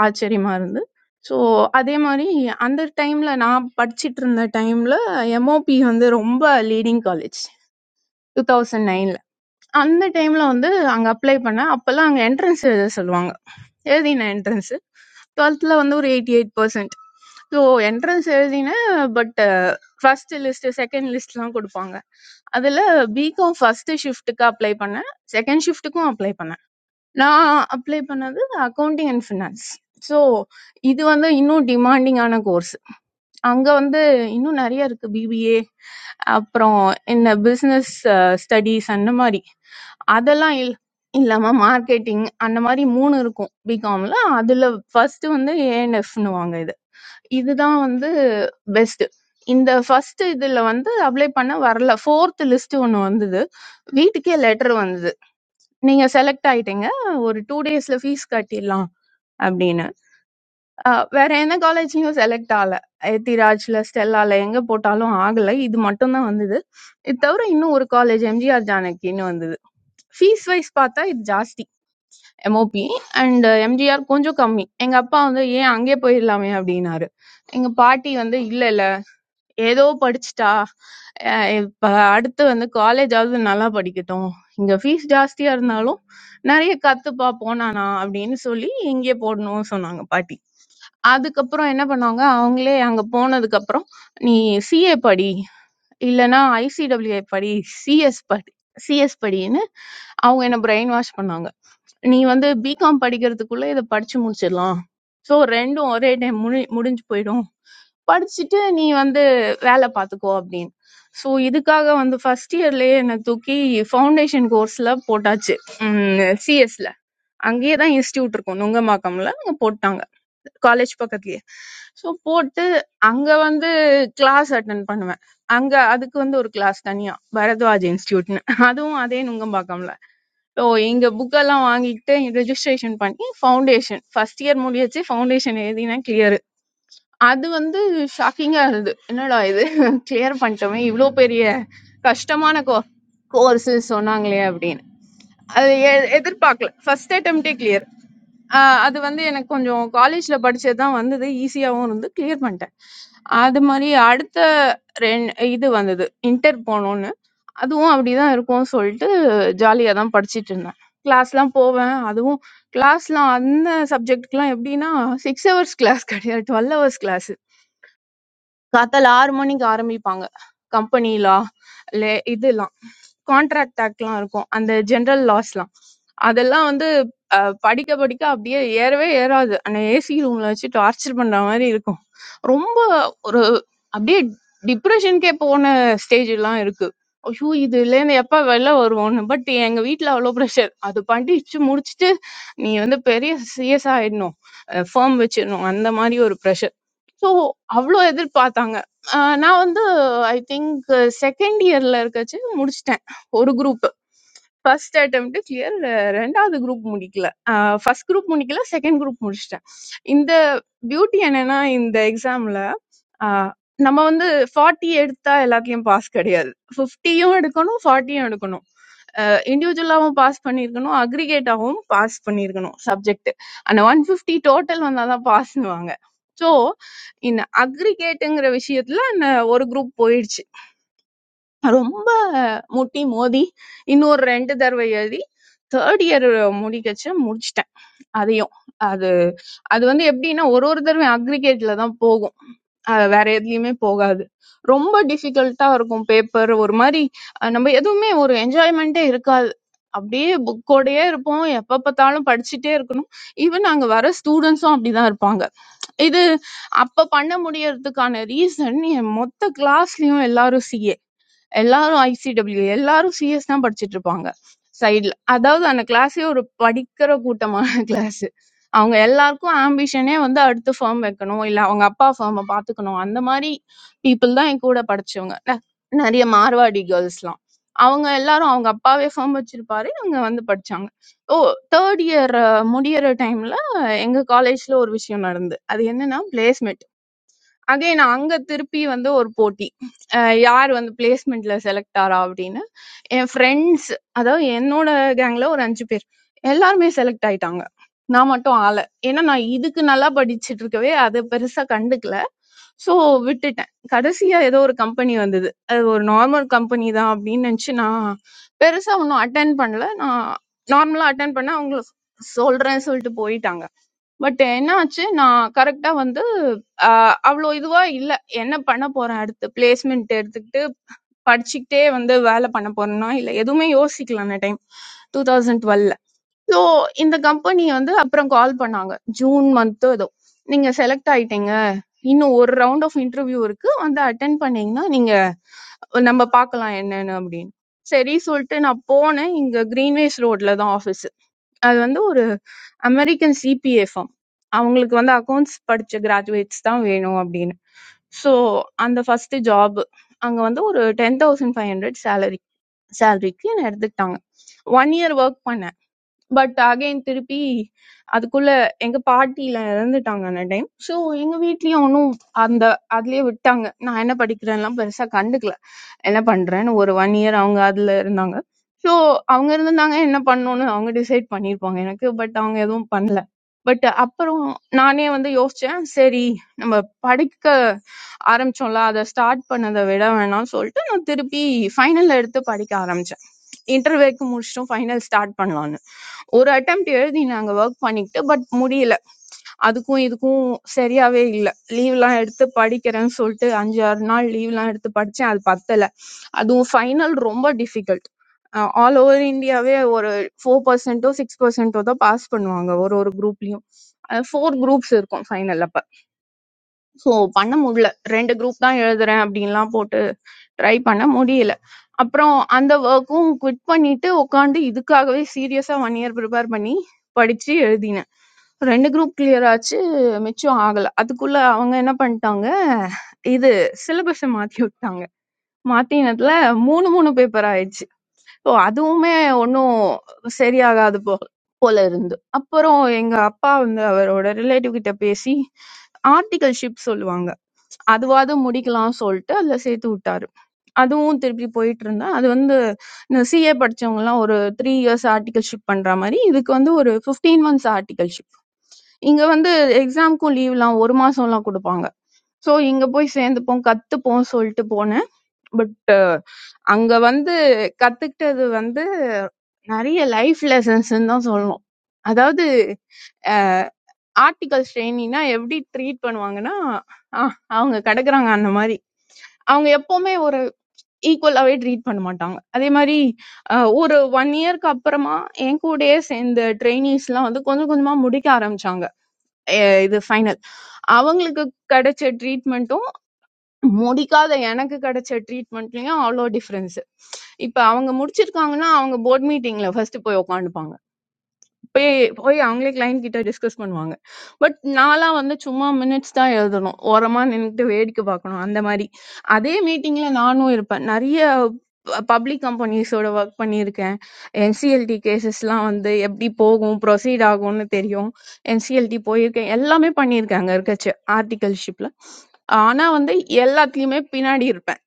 Speaker 13: ஆச்சரியமா இருந்து ஸோ அதே மாதிரி அந்த டைம்ல நான் படிச்சிட்டு இருந்த டைம்ல எம்ஓபி வந்து ரொம்ப லீடிங் காலேஜ் டூ தௌசண்ட் அந்த டைம்ல வந்து அங்க அப்ளை பண்ணேன். அப்பல்லாம் அங்க என்ட்ரன்ஸ் எழுத சொல்லுவாங்க. எழுதினேன் என்ட்ரன்ஸ். 12th வந்து ஒரு 88%. ஸோ என்ட்ரன்ஸ் எழுதினேன். பட் ஃபர்ஸ்ட் லிஸ்ட், செகண்ட் லிஸ்ட்லாம் கொடுப்பாங்க. அதுல பிகாம் ஃபர்ஸ்ட் ஷிஃப்ட்டுக்கு அப்ளை பண்ணேன். செகண்ட் ஷிஃப்ட்டுக்கும் அப்ளை பண்ணேன். நான் அப்ளை பண்ணது அக்கவுண்டிங் அண்ட் ஃபினான்ஸ். ஸோ இது வந்து இன்னும் டிமாண்டிங்கான கோர்ஸ். அங்க வந்து இன்னும் நிறைய இருக்கு பிபிஏ அப்புறம் என்ன பிசினஸ் ஸ்டடிஸ் அந்த மாதிரி அதெல்லாம் இல் இல்லாம மார்க்கெட்டிங் அந்த மாதிரி மூணு இருக்கும் பிகாம்ல அதுல ஃபர்ஸ்ட் வந்து ஏஎன்எஃப்னு வாங்க இது இதுதான் வந்து பெஸ்ட் இந்த ஃபர்ஸ்ட் இதுல வந்து அப்ளை பண்ண வரல ஃபோர்த் லிஸ்ட் ஒன்று வந்தது வீட்டுக்கே லெட்டர் வந்தது நீங்க செலக்ட் ஆயிட்டீங்க ஒரு டூ டேஸ்ல ஃபீஸ் கட்டிடலாம் அப்படின்னு அ வேற எந்த காலேஜ்லயும் செலக்ட் ஆகல. எத்திராஜ்ல, ஸ்டெல்லால எங்க போட்டாலும் ஆகல. இது மட்டும் தான் வந்தது. இது தவிர இன்னும் ஒரு காலேஜ் எம்ஜிஆர் ஜானகின்னு வந்தது. ஃபீஸ் வைஸ் பார்த்தா இது ஜாஸ்தி எம்ஓபி அண்ட் எம்ஜிஆர் கொஞ்சம் கம்மி. எங்க அப்பா வந்து ஏன் அங்கே போயிடலாமே அப்படின்னாரு. எங்க பாட்டி வந்து இல்ல இல்ல ஏதோ படிச்சுட்டா அஹ் இப்ப அடுத்து வந்து காலேஜாவது நல்லா படிக்கட்டும். இங்க ஃபீஸ் ஜாஸ்தியா இருந்தாலும் நிறைய கத்துப்பா போனானா அப்படின்னு சொல்லி இங்கே போடணும்னு சொன்னாங்க பாட்டி. அதுக்கப்புறம் என்ன பண்ணாங்க, அவங்களே அங்க போனதுக்கப்புறம், "நீ சிஏ படி. இல்லன்னா ஐசிடபிள்யூஏ படி. சிஎஸ் படி சிஎஸ் படின்னு" அவங்க என்ன பிரெயின் வாஷ் பண்ணாங்க. "நீ வந்து பிகாம் படிக்கிறதுக்குள்ள இத படிச்சு முடிச்சிடலாம். ஸோ 2ம் ஒரே டைம் முடி முடிஞ்சு போயிடும். படிச்சுட்டு நீ வந்து வேலை பார்த்துக்கோ" அப்படின்னு. ஸோ இதுக்காக வந்து ஃபர்ஸ்ட் இயர்லயே என்ன தூக்கி ஃபவுண்டேஷன் கோர்ஸ்ல போட்டாச்சு. ம் சிஎஸ்ல. அங்கேயே தான் இன்ஸ்டியூட் இருக்கும் நுங்கம்பாக்கம்ல அங்க போட்டாங்க காலேஜ் பக்கத்துலயே ஸோ போட்டு அங்க வந்து கிளாஸ் அட்டன் பண்ணுவேன் அங்க அதுக்கு வந்து ஒரு கிளாஸ் தனியா பரத்வாஜ் இன்ஸ்டியூட்னு அதுவும் அதே நுங்கம்பாக்கம்ல ஸோ எங்க புக்கெல்லாம் வாங்கிட்டு ரெஜிஸ்ட்ரேஷன் பண்ணி ஃபவுண்டேஷன் ஃபர்ஸ்ட் இயர் முடியச்சு ஃபவுண்டேஷன் எழுதினேன் கிளியர் அது வந்து ஷாக்கிங்கா இருந்தது. என்னடா இது கிளியர் பண்ணிட்டோமே இவ்ளோ பெரிய கஷ்டமான கோ கோர்ஸ் சொன்னாங்களே அப்படின்னு. அது எ எதிர்பார்க்கல. ஃபர்ஸ்ட் அட்டெம்ப்டே கிளியர். அது வந்து எனக்கு கொஞ்சம் காலேஜ்ல படிச்சது தான் வந்தது. ஈஸியாவும் இருந்து கிளியர் பண்ணிட்டேன். அது மாதிரி அடுத்த ரெண் இது வந்தது. இன்டர் போனோன்னு. அதுவும் அப்படிதான் இருக்கும்னு சொல்லிட்டு ஜாலியா தான் படிச்சிட்டு இருந்தேன். கிளாஸ்லாம் போவேன். அதுவும் கிளாஸ்லாம் அந்த சப்ஜெக்ட்க்குலாம் எப்படின்னா சிக்ஸ் ஹவர்ஸ் கிளாஸ் கிடையாது டுவெல் ஹவர்ஸ் கிளாஸ் காத்தால ஆறு மணிக்கு ஆரம்பிப்பாங்க கம்பெனிலா லே இதெல்லாம் கான்ட்ராக்ட் ஆக்ட்லாம் இருக்கும் அந்த ஜெனரல் லாஸ்லாம் அதெல்லாம் வந்து அஹ், படிக்க படிக்க அப்படியே ஏறவே ஏறாது அந்த ஏசி ரூம்ல வச்சு டார்ச்சர் பண்ற மாதிரி இருக்கும் ரொம்ப ஒரு அப்படியே டிப்ரெஷனுக்கே போன ஸ்டேஜ் எல்லாம் இருக்கு ஐயோ இதுலேருந்து எப்போ வெளில வருவோன்னு பட் எங்கள் வீட்டில் அவ்வளோ ப்ரெஷர் அது படிச்சு முடிச்சுட்டு நீ வந்து பெரிய சிஎஸ் ஆகிடணும் ஃபேம் வச்சிடணும் அந்த மாதிரி ஒரு ப்ரெஷர் ஸோ அவ்வளோ எதிர்பார்த்தாங்க ஆஹ் நான் வந்து ஐ திங்க் செகண்ட் இயரில் இருக்கச்சு முடிச்சுட்டேன் ஒரு குரூப் ஃபர்ஸ்ட் அட்டெம்ப்ட் கிளியர் ரெண்டாவது குரூப் முடிக்கல ஃபர்ஸ்ட் குரூப் முடிக்கல செகண்ட் குரூப் முடிச்சிட்டேன் இந்த பியூட்டி என்னன்னா இந்த எக்ஸாம்ல நம்ம வந்து ஃபார்ட்டி எடுத்தா எல்லாத்துலயும் பாஸ் கிடையாது ஃபிஃப்டியும் எடுக்கணும் ஃபார்ட்டியும் எடுக்கணும் இண்டிவிஜுவலாகவும் பாஸ் பண்ணியிருக்கணும் அக்ரிகேட்டாகவும் பாஸ் பண்ணியிருக்கணும் சப்ஜெக்ட் அந்த ஒன் ஃபிஃப்டி டோட்டல் வந்தாதான் பாஸ்னுவாங்க ஸோ இந்த அக்ரிகேட்டுங்கிற விஷயத்துல அந்த ஒரு குரூப் போயிடுச்சு ரொம்ப முட்டி மோதி இன்னொரு ரெண்டு தடவை எழுதி தேர்ட் இயர் முடிக்கச்சு முடிச்சிட்டேன் அதையும் அது அது வந்து எப்படின்னா ஒரு ஒரு தடவை அக்ரிகேட்ல தான் போகும் அது வேற எதுலயுமே போகாது ரொம்ப டிஃபிகல்ட்டா இருக்கும் பேப்பர் ஒரு மாதிரி அஹ் நம்ம எதுவுமே ஒரு என்ஜாய்மெண்ட்டே இருக்காது அப்படியே புக்கோடயே இருப்போம் எப்ப பார்த்தாலும் படிச்சுட்டே இருக்கணும் ஈவன் அங்க வர ஸ்டூடெண்ட்ஸும் அப்படிதான் இருப்பாங்க இது அப்ப பண்ண முடியறதுக்கான ரீசன் என் மொத்த கிளாஸ்லயும் எல்லாரும் சிஏ எல்லாரும் ICW எல்லாரும் CS தான் படிச்சிட்டு இருப்பாங்க சைடுல அதாவது அந்த கிளாஸே ஒரு படிக்கிற கூட்டமான *laughs* கிளாஸ் அவங்க எல்லாருக்கும் ஆம்பிஷனே வந்து அடுத்த ஃபார்ம் வைக்கணும் இல்ல அவங்க அப்பா ஃபார்மை பாத்துக்கணும் அந்த மாதிரி பீப்புள் தான் என் கூட படிச்சவங்க ந- நிறைய மார்வாடி கேர்ள்ஸ்லாம் அவங்க எல்லாரும் அவங்க அப்பாவே ஃபார்ம் வச்சிருப்பாரு அவங்க வந்து படிச்சாங்க ஓ தேர்ட் இயர் முடியிற டைம்ல எங்க காலேஜ்ல ஒரு விஷயம் நடந்து அது என்னன்னா பிளேஸ்மெண்ட் அகைன் அங்க திருப்பி வந்து ஒரு போட்டி அஹ் யார் வந்து பிளேஸ்மெண்ட்ல செலக்ட் ஆறா அப்படின்னு என் ஃப்ரெண்ட்ஸ் அதாவது என்னோட கேங்ல ஒரு அஞ்சு பேர் எல்லாருமே செலக்ட் ஆயிட்டாங்க நான் மட்டும் ஆள ஏன்னா நான் இதுக்கு நல்லா படிச்சிட்டு இருக்கவே அது பெருசா கண்டுக்கல சோ விட்டுட்டேன் கடைசியா ஏதோ ஒரு கம்பெனி வந்தது அது ஒரு நார்மல் கம்பெனி தான் அப்படின்னு நினைச்சு நான் பெருசா ஒன்றும் அட்டன் பண்ணல நான் நார்மலா அட்டன் பண்ண அவங்க சொல்றேன்னு சொல்லிட்டு போயிட்டாங்க பட் என்னாச்சு நான் கரெக்டா வந்து ஆஹ் அவ்வளோ இதுவா இல்ல என்ன பண்ண போறேன் அடுத்து பிளேஸ்மெண்ட் எடுத்துக்கிட்டு படிச்சுக்கிட்டே வந்து வேலை பண்ண போறேன்னா இல்ல எதுவுமே யோசிக்கல அந்த டைம் டூ தௌசண்ட் டுவெல்ல ஸோ இந்த கம்பெனி வந்து அப்புறம் கால் பண்ணாங்க ஜூன் மந்த்தோ ஏதோ நீங்க செலக்ட் ஆயிட்டீங்க இன்னும் ஒரு ரவுண்ட் ஆஃப் இன்டர்வியூ இருக்கு வந்து அட்டென்ட் பண்ணீங்கன்னா நீங்க நம்ம பார்க்கலாம் என்னன்னு அப்படின்னு சரி சொல்லிட்டு நான் போனேன் இங்க கிரீன்வேஸ் ரோட்ல தான் ஆஃபீஸ் அது வந்து ஒரு அமெரிக்கன் சிபிஏ ஃபார்ம் அவங்களுக்கு வந்து அக்கௌண்ட்ஸ் படிச்ச கிராஜுவேட்ஸ் தான் வேணும் அப்படின்னு ஸோ அந்த ஃபர்ஸ்ட் ஜாப் அங்கே வந்து ஒரு ten thousand five hundred salary சேலரிக்கு என்னை எடுத்துக்கிட்டாங்க ஒன் இயர் ஒர்க் பண்ணேன் பட் அகைன் திருப்பி அதுக்குள்ள எங்க பாட்டில இறந்துட்டாங்க அந்த டைம் ஸோ எங்க வீட்லயும் ஒன்றும் அந்த அதுலயே விட்டாங்க நான் என்ன படிக்கிறேன்லாம் பெருசா கண்டுக்கல என்ன பண்றேன்னு ஒரு ஒன் இயர் அவங்க அதுல இருந்தாங்க ஸோ அவங்க இருந்திருந்தாங்க என்ன பண்ணணும்னு அவங்க டிசைட் பண்ணியிருப்பாங்க எனக்கு பட் அவங்க எதுவும் பண்ணல பட் அப்புறம் நானே வந்து யோசிச்சேன் சரி நம்ம படிக்க ஆரம்பிச்சோம்ல அதை ஸ்டார்ட் பண்ணதை விட வேணாம்னு சொல்லிட்டு நான் திருப்பி ஃபைனல் எடுத்து படிக்க ஆரம்பிச்சேன் இன்டர்வேக்கு முடிச்சிட்டோம் ஃபைனல் ஸ்டார்ட் பண்ணலாம்னு ஒரு attempt எழுதி நாங்க work பண்ணிக்கிட்டு but முடியல அதுக்கும் இதுக்கும் சரியாவே இல்ல leave லாம் எடுத்து படிக்கிறேன்னு சொல்லிட்டு அஞ்சு ஆறு நாள் leave லாம் எடுத்து படிச்சேன் அது பத்தல அதுவும் final ரொம்ப difficult அஹ் all over இந்தியாவே ஒரு ஃபோர் பர்சன்டோ சிக்ஸ் பர்சன்டோ தான் பாஸ் பண்ணுவாங்க ஒரு ஒரு குரூப்லயும் ஃபோர் குரூப்ஸ் இருக்கும் ஃபைனல்ல ஸோ பண்ண முடியல ரெண்டு குரூப் தான் எழுதுறேன் அப்படின்லாம் போட்டு ட்ரை பண்ண முடியல அப்புறம் அந்த ஒர்க்கும் குவிட் பண்ணிட்டு உட்காந்து இதுக்காகவே சீரியஸாக ஒன் இயர் ப்ரிப்பேர் பண்ணி படித்து எழுதினேன் ரெண்டு குரூப் கிளியர் ஆச்சு மிச்சம் ஆகல அதுக்குள்ள அவங்க என்ன பண்ணிட்டாங்க இது சிலபஸை மாத்தி விட்டாங்க மாத்தினதுல மூணு மூணு பேப்பர் ஆயிடுச்சு ஸோ அதுவுமே ஒன்றும் சரியாகாது போ போல இருந்து அப்புறம் எங்க அப்பா வந்து அவரோட ரிலேட்டிவ் கிட்ட பேசி ஆர்டிகல்ஷிப் சொல்லுவாங்க அதுவாவது முடிக்கலாம் சொல்லிட்டு அதுல சேர்த்து விட்டாரு. அதுவும் திருப்பி போயிட்டு இருந்தா, அது வந்து இந்த CA படிச்சவங்கலாம் ஒரு 3 இயர்ஸ் ஆர்டிகல்ஷிப் பண்ற மாரி, இதுக்கு வந்து ஒரு 15 மந்த்ஸ் ஆர்டிகல்ஷிப். இங்க வந்து எக்ஸாம்க்கும் லீவ்லாம் 1 மாசம்லாம் குடுப்பாங்க. சோ இங்க போய் சேர்ந்துப்போம், கத்துப்போம் சொல்லிட்டு போனேன். பட் அங்க வந்து கத்துக்கிட்டது வந்து நெறைய லைஃப் லெசன்ஸ்ன்னு தான் சொல்லணும். அதாவது ஆர்டிகல்ஸ் ட்ரெய்னினா எப்படி ட்ரீட் பண்ணுவாங்கன்னா, அ அவங்க கெடக்குறாங்க அந்த மாரி. அவங்க எப்பவுமே ஒரு ஈக்குவலாவே ட்ரீட் பண்ண மாட்டாங்க அதே மாதிரி அஹ், ஒரு ஒன் இயர்க்கு அப்புறமா என் கூடயே சேர்ந்த ட்ரைனிஸ்லாம் வந்து கொஞ்சம் கொஞ்சமா முடிக்க ஆரம்பிச்சாங்க அஹ் இது ஃபைனல் அவங்களுக்கு கிடைச்ச ட்ரீட்மெண்ட்டும் முடிக்காத எனக்கு கிடைச்ச ட்ரீட்மெண்ட்லயும் அவ்வளோ டிஃப்ரென்ஸ் இப்போ அவங்க முடிச்சிருக்காங்கன்னா அவங்க போர்ட் மீட்டிங்ல ஃபர்ஸ்ட் போய் உட்காந்துப்பாங்க போய் போய் அவங்களே கிளைண்ட் கிட்ட டிஸ்கஸ் பண்ணுவாங்க பட் நான்லாம் வந்து சும்மா மினிட்ஸ் தான் எழுதணும் ஓரமா நின்றுட்டு வேடிக்கை பார்க்கணும் அந்த மாதிரி அதே மீட்டிங்ல நானும் இருப்பேன் நிறைய பப்ளிக் கம்பெனிஸோட ஒர்க் பண்ணியிருக்கேன் என்சிஎல்டி கேசஸ்லாம் வந்து எப்படி போகும் ப்ரொசீட் ஆகும்னு தெரியும் என்சிஎல்டி போயிருக்கேன் எல்லாமே பண்ணியிருக்கேன் அங்கே இருக்கச்சு ஆர்டிகல்ஷிப்பில் ஆனால் வந்து எல்லாத்துலேயுமே பின்னாடி இருப்பேன்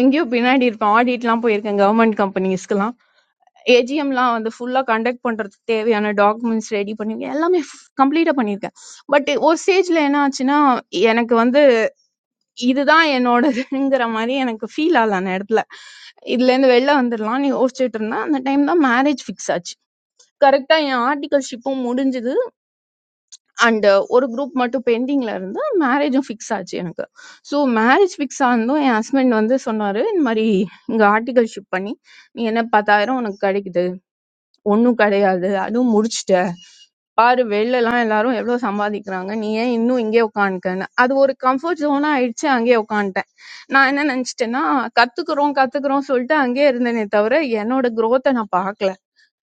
Speaker 13: எங்கேயோ பின்னாடி இருப்பேன் ஆடிட்லாம் போயிருக்கேன் கவர்மெண்ட் கம்பெனிஸ்க்குலாம் ஏஜிஎம்லாம் வந்து ஃபுல்லாக கண்டக்ட் பண்ணுறதுக்கு தேவையான டாக்குமெண்ட்ஸ் ரெடி பண்ணியிருக்கேன் எல்லாமே கம்ப்ளீட்டாக பண்ணியிருக்கேன் பட் ஒரு ஸ்டேஜில் என்ன ஆச்சுன்னா எனக்கு வந்து இதுதான் என்னோடதுங்கிற மாதிரி எனக்கு ஃபீல் ஆகல அந்த இடத்துல இதுலேருந்து வெளில வந்துடலாம் நீ யோசிச்சுட்டு இருந்தா அந்த டைம் தான் மேரேஜ் ஃபிக்ஸ் ஆச்சு கரெக்டாக என் ஆர்டிகல்ஷிப்பும் முடிஞ்சுது அண்ட் ஒரு குரூப் மட்டும் பெண்டிங்கில் இருந்து மேரேஜும் ஃபிக்ஸ் ஆச்சு எனக்கு ஸோ மேரேஜ் ஃபிக்ஸ் ஆனதும் என் ஹஸ்பண்ட் வந்து சொன்னார் இந்த மாதிரி இங்கே ஆர்டிகல்ஷிப் பண்ணி நீ என்ன பத்தாயிரம் உனக்கு கிடைக்குது ஒண்ணும் கிடையாது அதுவும் முடிச்சிட்ட பாரு வெளில எல்லாம் எல்லாரும் எவ்வளவு சம்பாதிக்கிறாங்க நீ ஏன் இன்னும் இங்கே உட்காந்துக்கன்னு அது ஒரு கம்ஃபர்ட் ஜோனா ஆயிடுச்சு அங்கேயே உட்காந்துட்டேன் நான் என்ன நினைச்சிட்டேன்னா கத்துக்கிறோம் கத்துக்கிறோம் சொல்லிட்டு அங்கேயே இருந்தேனே தவிர என்னோட growth-அ நான் பார்க்கல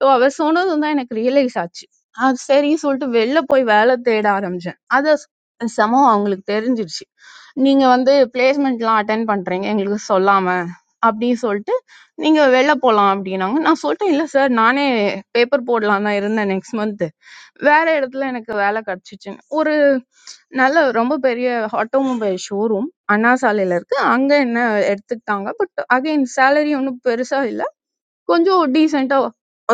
Speaker 13: ஸோ அவ சொன்னதும் தான் எனக்கு ரியலைஸ் ஆச்சு அது சரி சொல்லிட்டு வெளில போய் வேலை தேட ஆரம்பிச்சேன் அது சமோ அவங்களுக்கு தெரிஞ்சிருச்சு நீங்க வந்து பிளேஸ்மெண்ட்லாம் அட்டன் பண்றீங்க எங்களுக்கு சொல்லாம அப்படின்னு சொல்லிட்டு நீங்க வெளில போலாம் அப்படின்னாங்க நான் சொல்லிட்டேன் இல்ல சார் நானே பேப்பர் போடலாம் தான் இருந்தேன் நெக்ஸ்ட் மந்த் வேற இடத்துல எனக்கு வேலை கிடைச்சிச்சுன்னு ஒரு நல்ல ரொம்ப பெரிய ஆட்டோமொபைல் ஷோரூம் அண்ணா சாலையில இருக்கு அங்க என்ன எடுத்துக்கிட்டாங்க பட் அகைன் சேலரி ஒன்றும் பெருசா இல்ல கொஞ்சம் டீசெண்டா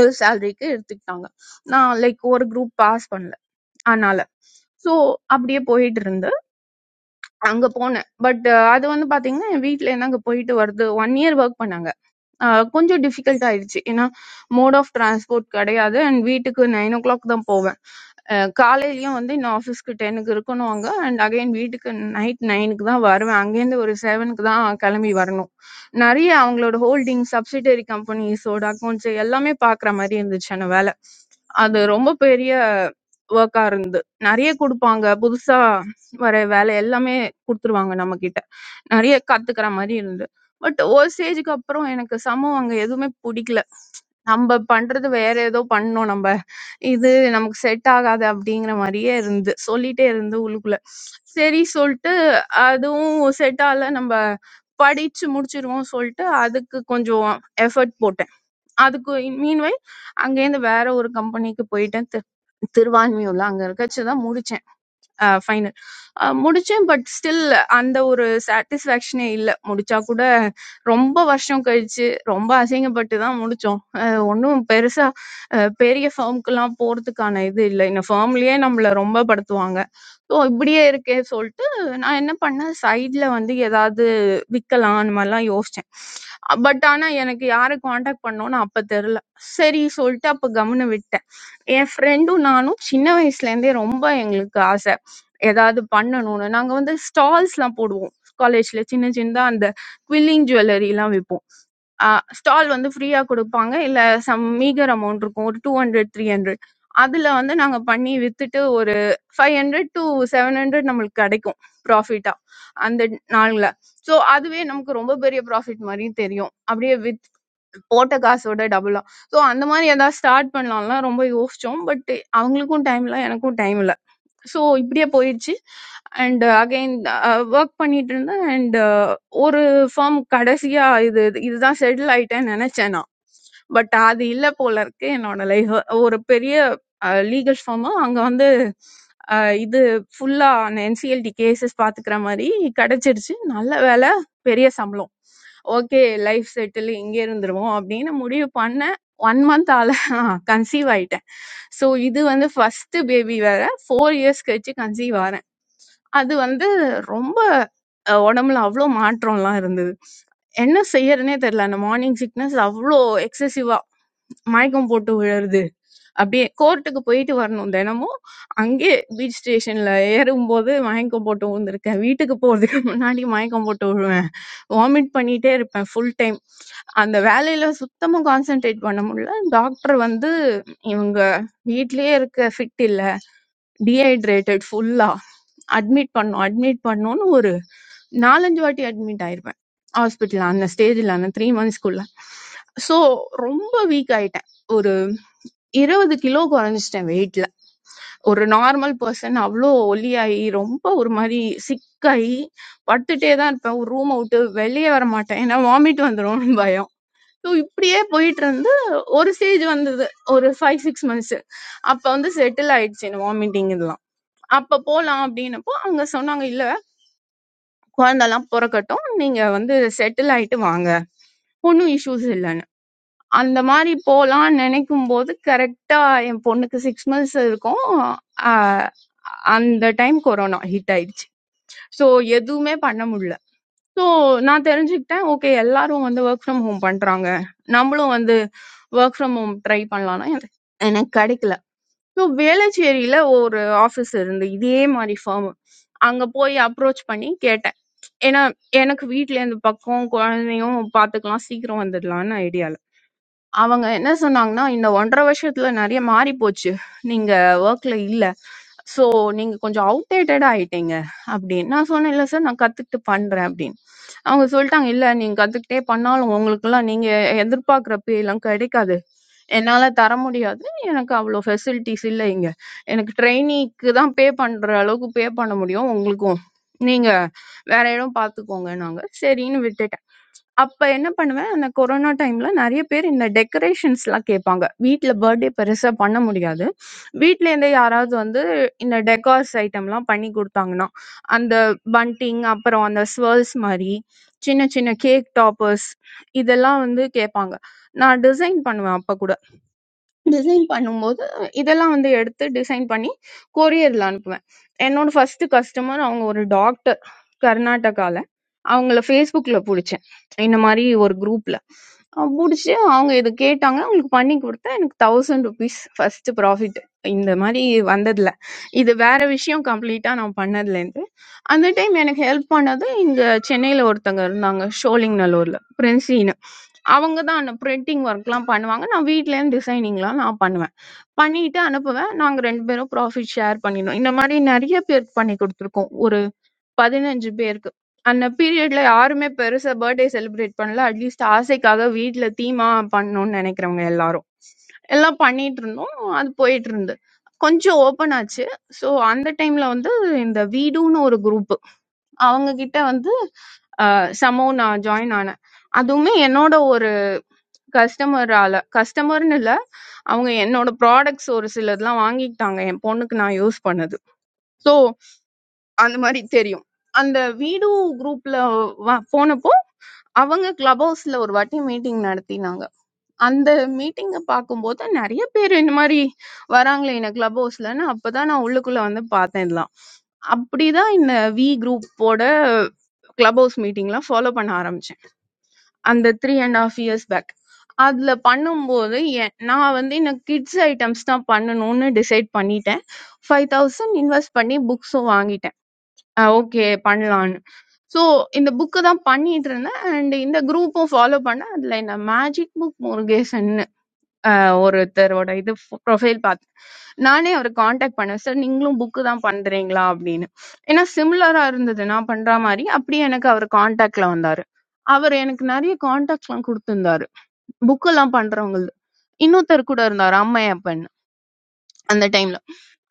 Speaker 13: ஒரு சேலரிக்கு எடுத்துக்கிட்டாங்க நான் லைக் ஒரு குரூப் பாஸ் பண்ணல அதனால ஸோ அப்படியே போயிட்டு இருந்து அங்க போனேன் பட் அது வந்து பாத்தீங்கன்னா என் வீட்ல இருந்து அங்க போயிட்டு வருது ஒன் இயர் ஒர்க் பண்ணாங்க ஆஹ் கொஞ்சம் difficult ஆயிடுச்சு. ஏன்னா mode of transport கிடையாது and வீட்டுக்கு nine o'clock தான் போவேன். அஹ் காலையிலயும் வந்து இன்னும் office க்கு ten க்கு இருக்கணும் அங்க and again வீட்டுக்கு night nine க்கு தான் வருவேன். அங்கேருந்து ஒரு seven க்கு தான் கிளம்பி வரணும். நிறைய அவங்களோட holding, subsidiary companies ஓட accounts எல்லாமே பார்க்குற மாதிரி இருந்துச்சு அந்த வேலை. அது ரொம்ப பெரிய work ஆ இருந்தது. நிறைய கொடுப்பாங்க. புதுசா வர வேலை எல்லாமே கொடுத்துருவாங்க நம்ம நெறைய கத்துக்கிற மாரி இருந்தது. பட் ஒரு ஸ்டேஜ்க்கு அப்புறம் எனக்கு சமம் அங்க எதுவுமே புடிக்கல. நம்ப பண்றது வேற ஏதோ பண்ணோம் நம்ப. இது நமக்கு செட் ஆகாது அப்படிங்கிற மாரியே இருந்து சொல்லிட்டே இருந்து உள்ளுக்குள்ள. சரி சொல்ட்டு அதுவும் செட் ஆகல நம்ப படிச்சு முடிச்சுருவோம் சொல்ட்டு அதுக்கு கொஞ்சம் எஃபோர்ட் போட்டேன். அதுக்கு மீன்வைல் அங்கேருந்து வேற ஒரு கம்பெனிக்கு போயிட்டேன். தி திருவான்மியூர்ல அங்க இருக்கச்சு தான் முடிச்சேன். ஃபைனல் முடிச்சேன் பட் ஸ்டில் அந்த ஒரு சாட்டிஸ்ஃபேக்ஷனே இல்லை முடிச்சா கூட ரொம்ப வருஷம் கழிச்சு ரொம்ப அசிங்கப்பட்டு தான் முடிச்சோம் அஹ் ஒன்றும் பெருசா அஹ், பெரிய ஃபேர்முக்கெல்லாம் போறதுக்கான இது இல்லை இந்த ஃபேர்ம்லயே நம்மள ரொம்ப படுத்துவாங்க ஸோ இப்படியே இருக்கே சொல்லிட்டு நான் என்ன பண்ணேன் சைடில் வந்து ஏதாவது விற்கலாம் அந்த மாதிரிலாம் யோசிச்சேன் பட் ஆனால் எனக்கு யாரை காண்டாக்ட் பண்ணோன்னு அப்போ தெரில சரி சொல்லிட்டு அப்போ கம்முன்னு விட்டேன் என் ஃப்ரெண்டும் நானும் சின்ன வயசுலேருந்தே ரொம்ப எங்களுக்கு ஆசை ஏதாவது பண்ணணும்னு நாங்க வந்து ஸ்டால்ஸ்லாம் போடுவோம் காலேஜ்ல சின்ன சின்னதா அந்த குவில்லிங் ஜுவல்லரிலாம் விற்போம் ஸ்டால் வந்து ஃப்ரீயா கொடுப்பாங்க இல்ல சம் மீகர் அமௌண்ட் இருக்கும் ஒரு டூ ஹண்ட்ரட் த்ரீ ஹண்ட்ரட் அதுல வந்து நாங்க பண்ணி வித்துட்டு ஒரு five hundred to seven hundred நம்மளுக்கு கிடைக்கும் ப்ராஃபிட்டா அந்த நாள்ல ஸோ அதுவே நமக்கு ரொம்ப பெரிய ப்ராஃபிட் மாதிரி தெரியும் அப்படியே வித் போட்ட காசோட டபுளா ஸோ அந்த மாதிரி ஏதாவது ஸ்டார்ட் பண்ணலாம்லாம் ரொம்ப யோசிச்சோம் பட் அவங்களுக்கும் டைம் இல்லை எனக்கும் டைம் இல்லை ஸோ இப்படியே போயிடுச்சு அண்ட் அகைன் ஒர்க் பண்ணிட்டு இருந்தேன் அண்ட் ஒரு ஃபார்ம் கடைசியா இது இதுதான் செட்டில் ஆயிட்டேன்னு நினைச்சேன் நான் பட் அது இல்லை போல இருக்கு என்னோட லைஃப் ஒரு பெரிய லீகல் ஃபார்மு அங்கே வந்து அஹ், இது ஃபுல்லா என்சிஎல்டி கேசஸ் பாத்துக்கிற மாதிரி கிடைச்சிருச்சு நல்ல வேலை பெரிய சம்பளம் ஓகே லைஃப் செட்டில் இங்கே இருந்துருவோம் அப்படின்னு முடிவு பண்ண ஒன் மந்த் ஆல கன்சீவ் ஆயிட்டேன் ஸோ இது வந்து ஃபர்ஸ்ட் பேபி 4 இயர்ஸ் கழிச்சு கன்சீவ் ஆறேன் அது வந்து ரொம்ப அஹ், உடம்புல அவ்வளோ மாற்றம்லாம் இருந்தது என்ன செய்யறதுனே தெரியல அந்த மார்னிங் சிக்னஸ் அவ்வளோ எக்ஸசிவா மயக்கம் போட்டு விழுறது அப்படியே கோர்ட்டுக்கு போயிட்டு வரணும் தினமும் அங்கே பீச் ஸ்டேஷன்ல ஏறும்போது மயக்கம் போட்டு விழுந்திருக்கேன் வீட்டுக்கு போறதுக்கு முன்னாடி மயக்கம் போட்டு விழுவேன் வாமிட் பண்ணிட்டே இருப்பேன் ஃபுல் டைம் அந்த வேலையில சுத்தமா கான்சென்ட்ரேட் பண்ண முடியல டாக்டர் வந்து இவங்க வீட்லயே இருக்க ஃபிட் இல்ல டீஹைட்ரேட்டட் ஃபுல்லா அட்மிட் பண்ணோம் அட்மிட் பண்ணோன்னு ஒரு நாலஞ்சு வாட்டி அட்மிட் ஆயிருப்பேன் ஹாஸ்பிட்டல் அந்த ஸ்டேஜில் அந்த த்ரீ மந்த்ஸ்க்குள்ள ஸோ ரொம்ப வீக் ஆயிட்டேன் ஒரு இருபது கிலோ குறைஞ்சிட்டேன் வெயிட்ல ஒரு நார்மல் பர்சன் அவ்வளோ ஒல்லியாகி ரொம்ப ஒரு மாதிரி சிக்காகி படுத்துட்டே தான் இருப்பேன் ஒரு ரூமை விட்டு வெளியே வர மாட்டேன் ஏன்னா வாமிட் வந்துடும் பயம் ஸோ இப்படியே போயிட்டு இருந்து ஒரு ஸ்டேஜ் வந்தது ஒரு ஃபைவ் சிக்ஸ் மந்த்ஸ் அப்போ வந்து செட்டில் ஆயிடுச்சு இந்த வாமிட்டிங் இதெல்லாம் அப்போ போகலாம் அப்படின்னப்போ அவங்க சொன்னாங்க இல்ல குழந்தலாம் பொறக்கட்டும் நீங்க வந்து செட்டில் ஆயிட்டு வாங்க ஒன்றும் இஷ்யூஸ் இல்லைன்னு அந்த மாதிரி போகலான்னு நினைக்கும் போது கரெக்டா என் பொண்ணுக்கு சிக்ஸ் மந்த்ஸ் இருக்கும் ஆஹ் அந்த டைம் கொரோனா ஹிட் ஆயிடுச்சு ஸோ எதுவுமே பண்ண முடியல ஸோ நான் தெரிஞ்சுக்கிட்டேன் ஓகே எல்லாரும் வந்து ஒர்க் ஃப்ரம் ஹோம் பண்றாங்க நம்மளும் வந்து ஒர்க் ஃப்ரம் ஹோம் ட்ரை பண்ணலாம்னா எனக்கு எனக்கு கிடைக்கல ஸோ வேளச்சேரியில ஒரு ஆஃபீஸ் இருந்து இதே மாதிரி ஃபார்ம் அங்க போய் அப்ரோச் பண்ணி கேட்டேன் ஏன்னா, எனக்கு வீட்ல இந்த பக்கம் குழந்தையும் பாத்துக்கலாம், சீக்கிரம் வந்துடலான்னு ஐடியால. அவங்க என்ன சொன்னாங்கன்னா, "இந்த 1 1/2 வருஷத்துல நெறைய மாறிப்போச்சு. நீங்க வொர்க்ல இல்ல. ஸோ நீங்க கொஞ்சம் அவுட்டேட்டடா ஆயிட்டீங்க" அப்படின்னு. நான் சொன்னேன், "இல்ல சார், நான் கத்துக்கிட்டு பண்றேன்" அப்படின்னு. அவங்க சொல்ட்டாங்க, "இல்ல நீங்க கத்துக்கிட்டே பண்ணாலும், உங்களுக்கெல்லாம் நீங்க எதிர்பார்க்கிற பே எல்லாம் கெடைக்காது. என்னால தர முடியாது. எனக்கு அவ்ளோ ஃபெசிலிட்டீஸ் இல்ல இங்க. எனக்கு ட்ரெய்னிக்கு தான் பே பண்ற அளவுக்கு பே பண்ண முடியும். உங்களுக்கும் நீங்க வேற இடம் பார்த்துக்கோங்கன்னாங்க. சரின்னு விட்டுட்டேன். அப்ப என்ன பண்ணுவேன், அந்த கொரோனா டைம்ல நெறைய பேர் இந்த டெக்கரேஷன்ஸ்லாம் கேட்பாங்க. வீட்ல பர்த்டே பெருசா பண்ண முடியாது. வீட்லேருந்தே யாராவது வந்து இந்த டெகார்ஸ் ஐட்டம்லாம் பண்ணி குடுத்தாங்கன்னா, அந்த பண்டிங், அப்புறம் அந்த ஸ்வர்ல்ஸ் மாரி, சின்ன சின்ன கேக் டாப்பர்ஸ் இதெல்லாம் வந்து கேட்பாங்க. நான் டிசைன் பண்ணுவேன் அப்ப கூட. டிசைன் பண்ணும்போது இதெல்லாம் வந்து எடுத்து டிசைன் பண்ணி கொரியரில் அனுப்புவேன் என்னோட ஃபர்ஸ்ட் கஸ்டமர் அவங்க ஒரு டாக்டர் கர்நாடகால அவங்கள ஃபேஸ்புக்கில் பிடிச்சேன் இந்த மாதிரி ஒரு குரூப்பில் பிடிச்சி அவங்க இது கேட்டாங்க அவங்களுக்கு பண்ணி கொடுத்தேன் எனக்கு தௌசண்ட் ருபீஸ் ஃபர்ஸ்ட் ப்ராஃபிட் இந்த மாதிரி வந்ததில்ல இது வேற விஷயம் கம்ப்ளீட்டாக நான் பண்ணதுலேருந்து அந்த டைம் எனக்கு ஹெல்ப் பண்ணது இங்கே சென்னையில் ஒருத்தங்க இருந்தாங்க ஷோலிங் நல்லூரில் அவங்க தான் அந்த பிரிண்டிங் ஒர்க்லாம் பண்ணுவாங்க. நான் வீட்லேருந்து டிசைனிங்லாம் நான் பண்ணுவேன். பண்ணிட்டு அனுப்புவேன். நாங்க 2 பேரும் ப்ராஃபிட் ஷேர் பண்ணினோம். இந்த மாரி நெறைய பேருக்கு பண்ணி குடுத்துருக்கோம். ஒரு 15 பேருக்கு. அந்த பீரியட்ல யாருமே பெருசா பர்த்டே செலிப்ரேட் பண்ணல. அட்லீஸ்ட் ஆசைக்காக வீட்ல தீமா பண்ணணும்னு நெனைக்கிறவங்க எல்லாரும். எல்லாம் பண்ணிட்டுருந்தோம். அது போயிட்டுருந்து. கொஞ்சம் ஓப்பன் ஆச்சு. ஸோ அந்த டைம்ல வந்து இந்த வீடுன்னு ஒரு குரூப். அவங்க கிட்ட வந்து அ சமோ நான் ஜாயின் ஆனேன். அதுவுமே என்னோட கஸ்டமரால கஸ்டமர்னு இல்ல அவங்க என்னோட ப்ராடக்ட்ஸ் ஒரு சிலதெல்லாம் வாங்கிக்கிட்டாங்க என் பொண்ணுக்கு நான் யூஸ் பண்ணது ஸோ அந்த மாதிரி தெரியும் அந்த வீடு குரூப்ல போனப்போ அவங்க கிளப் ஹவுஸ்ல ஒரு வாட்டி மீட்டிங் நடத்தினாங்க அந்த மீட்டிங்கை பார்க்கும்போது நிறைய பேர் இந்த மாதிரி வராங்களே என்ன கிளப் ஹவுஸ்லன்னு அப்பதான் நான் உள்ளுக்குள்ள வந்து பார்த்தேன் இதெல்லாம் அப்படிதான் இந்த வி குரூப்போட கிளப் ஹவுஸ் மீட்டிங்லாம் ஃபாலோ பண்ண ஆரம்பிச்சேன் அந்த 3 அண்ட் ஹாஃப் இயர்ஸ் பேக் அதுல பண்ணும்போது என்- நான் வந்து எனக்கு கிட்ஸ் ஐட்டம்ஸ் தான் பண்ணணும்னு டிசைட் பண்ணிட்டேன் ஃபைவ் தௌசண்ட் இன்வெஸ்ட் பண்ணி புக்ஸும் வாங்கிட்டேன் ஓகே பண்ணலான்னு ஸோ இந்த புக்கு தான் பண்ணிட்டு இருந்தேன் அண்ட் இந்த குரூப்பும் ஃபாலோ பண்ணேன் அதில் இந்த மேஜிக் புக் முருகேசன் அஹ் ஒருத்தரோட இது ப்ரொஃபைல் பார்த்தேன் நானே அவரை காண்டாக்ட் பண்ணேன் சார் நீங்களும் புக்கு தான் பண்றீங்களா அப்படின்னு ஏன்னா சிமிலரா இருந்தது நான் பண்ற மாதிரி அப்படியே எனக்கு அவர் காண்டாக்ட்ல வந்தாரு அவர் எனக்கு நிறைய காண்டாக்ட்ஸ்லாம் கொடுத்துருந்தாரு புக்கெல்லாம் பண்றவங்க இன்னொருத்தர் கூட இருந்தார் அம்மையப்பன் அந்த டைம்ல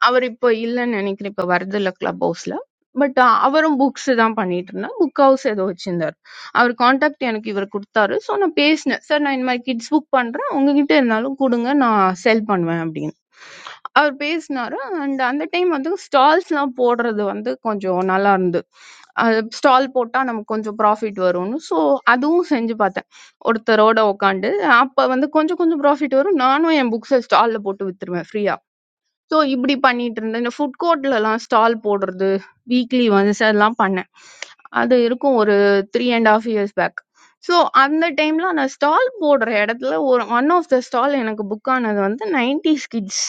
Speaker 13: அவர் இப்போ இல்லைன்னு நினைக்கிறேன் இப்போ வரதில்ல கிளப் ஹவுஸ்ல பட் அவரும் புக்ஸ் தான் பண்ணிட்டு இருந்தார் புக் ஹவுஸ் ஏதோ வச்சிருந்தார் அவர் காண்டாக்ட் எனக்கு இவர் கொடுத்தாரு ஸோ நான் பேசினேன் சார் நான் இந்த மாதிரி கிட்ஸ் புக் பண்றேன் உங்ககிட்ட இருந்தாலும் கொடுங்க நான் செல் பண்ணுவேன் அப்படின்னு அவர் பேசினாரு அண்ட் அந்த டைம் வந்து ஸ்டால்ஸ்லாம் போடுறது வந்து கொஞ்சம் நல்லா இருந்து ஸ்டால் போட்டால் நமக்கு கொஞ்சம் ப்ராஃபிட் வரும்னு ஸோ அதுவும் செஞ்சு பார்த்தேன் ஒருத்தரோட உட்காந்து அப்போ வந்து கொஞ்சம் கொஞ்சம் ப்ராஃபிட் வரும் நானும் என் புக்ஸை ஸ்டாலில் போட்டு வித்துருவேன் ஃப்ரீயாக ஸோ இப்படி பண்ணிட்டு இருந்தேன். இந்த ஃபுட் கோர்ட்லலாம் ஸ்டால் போடுறது, வீக்லி ஒன்ஸ் அதெல்லாம் பண்ணேன். அது இருக்கும் ஒரு 3 1/2 இயர்ஸ் பேக். ஸோ அந்த டைம்ல அந்த ஸ்டால் போடுற இடத்துல ஒரு ஒன் ஆஃப் த ஸ்டால் எனக்கு புக் ஆனது வந்து 90s கிட்ஸ்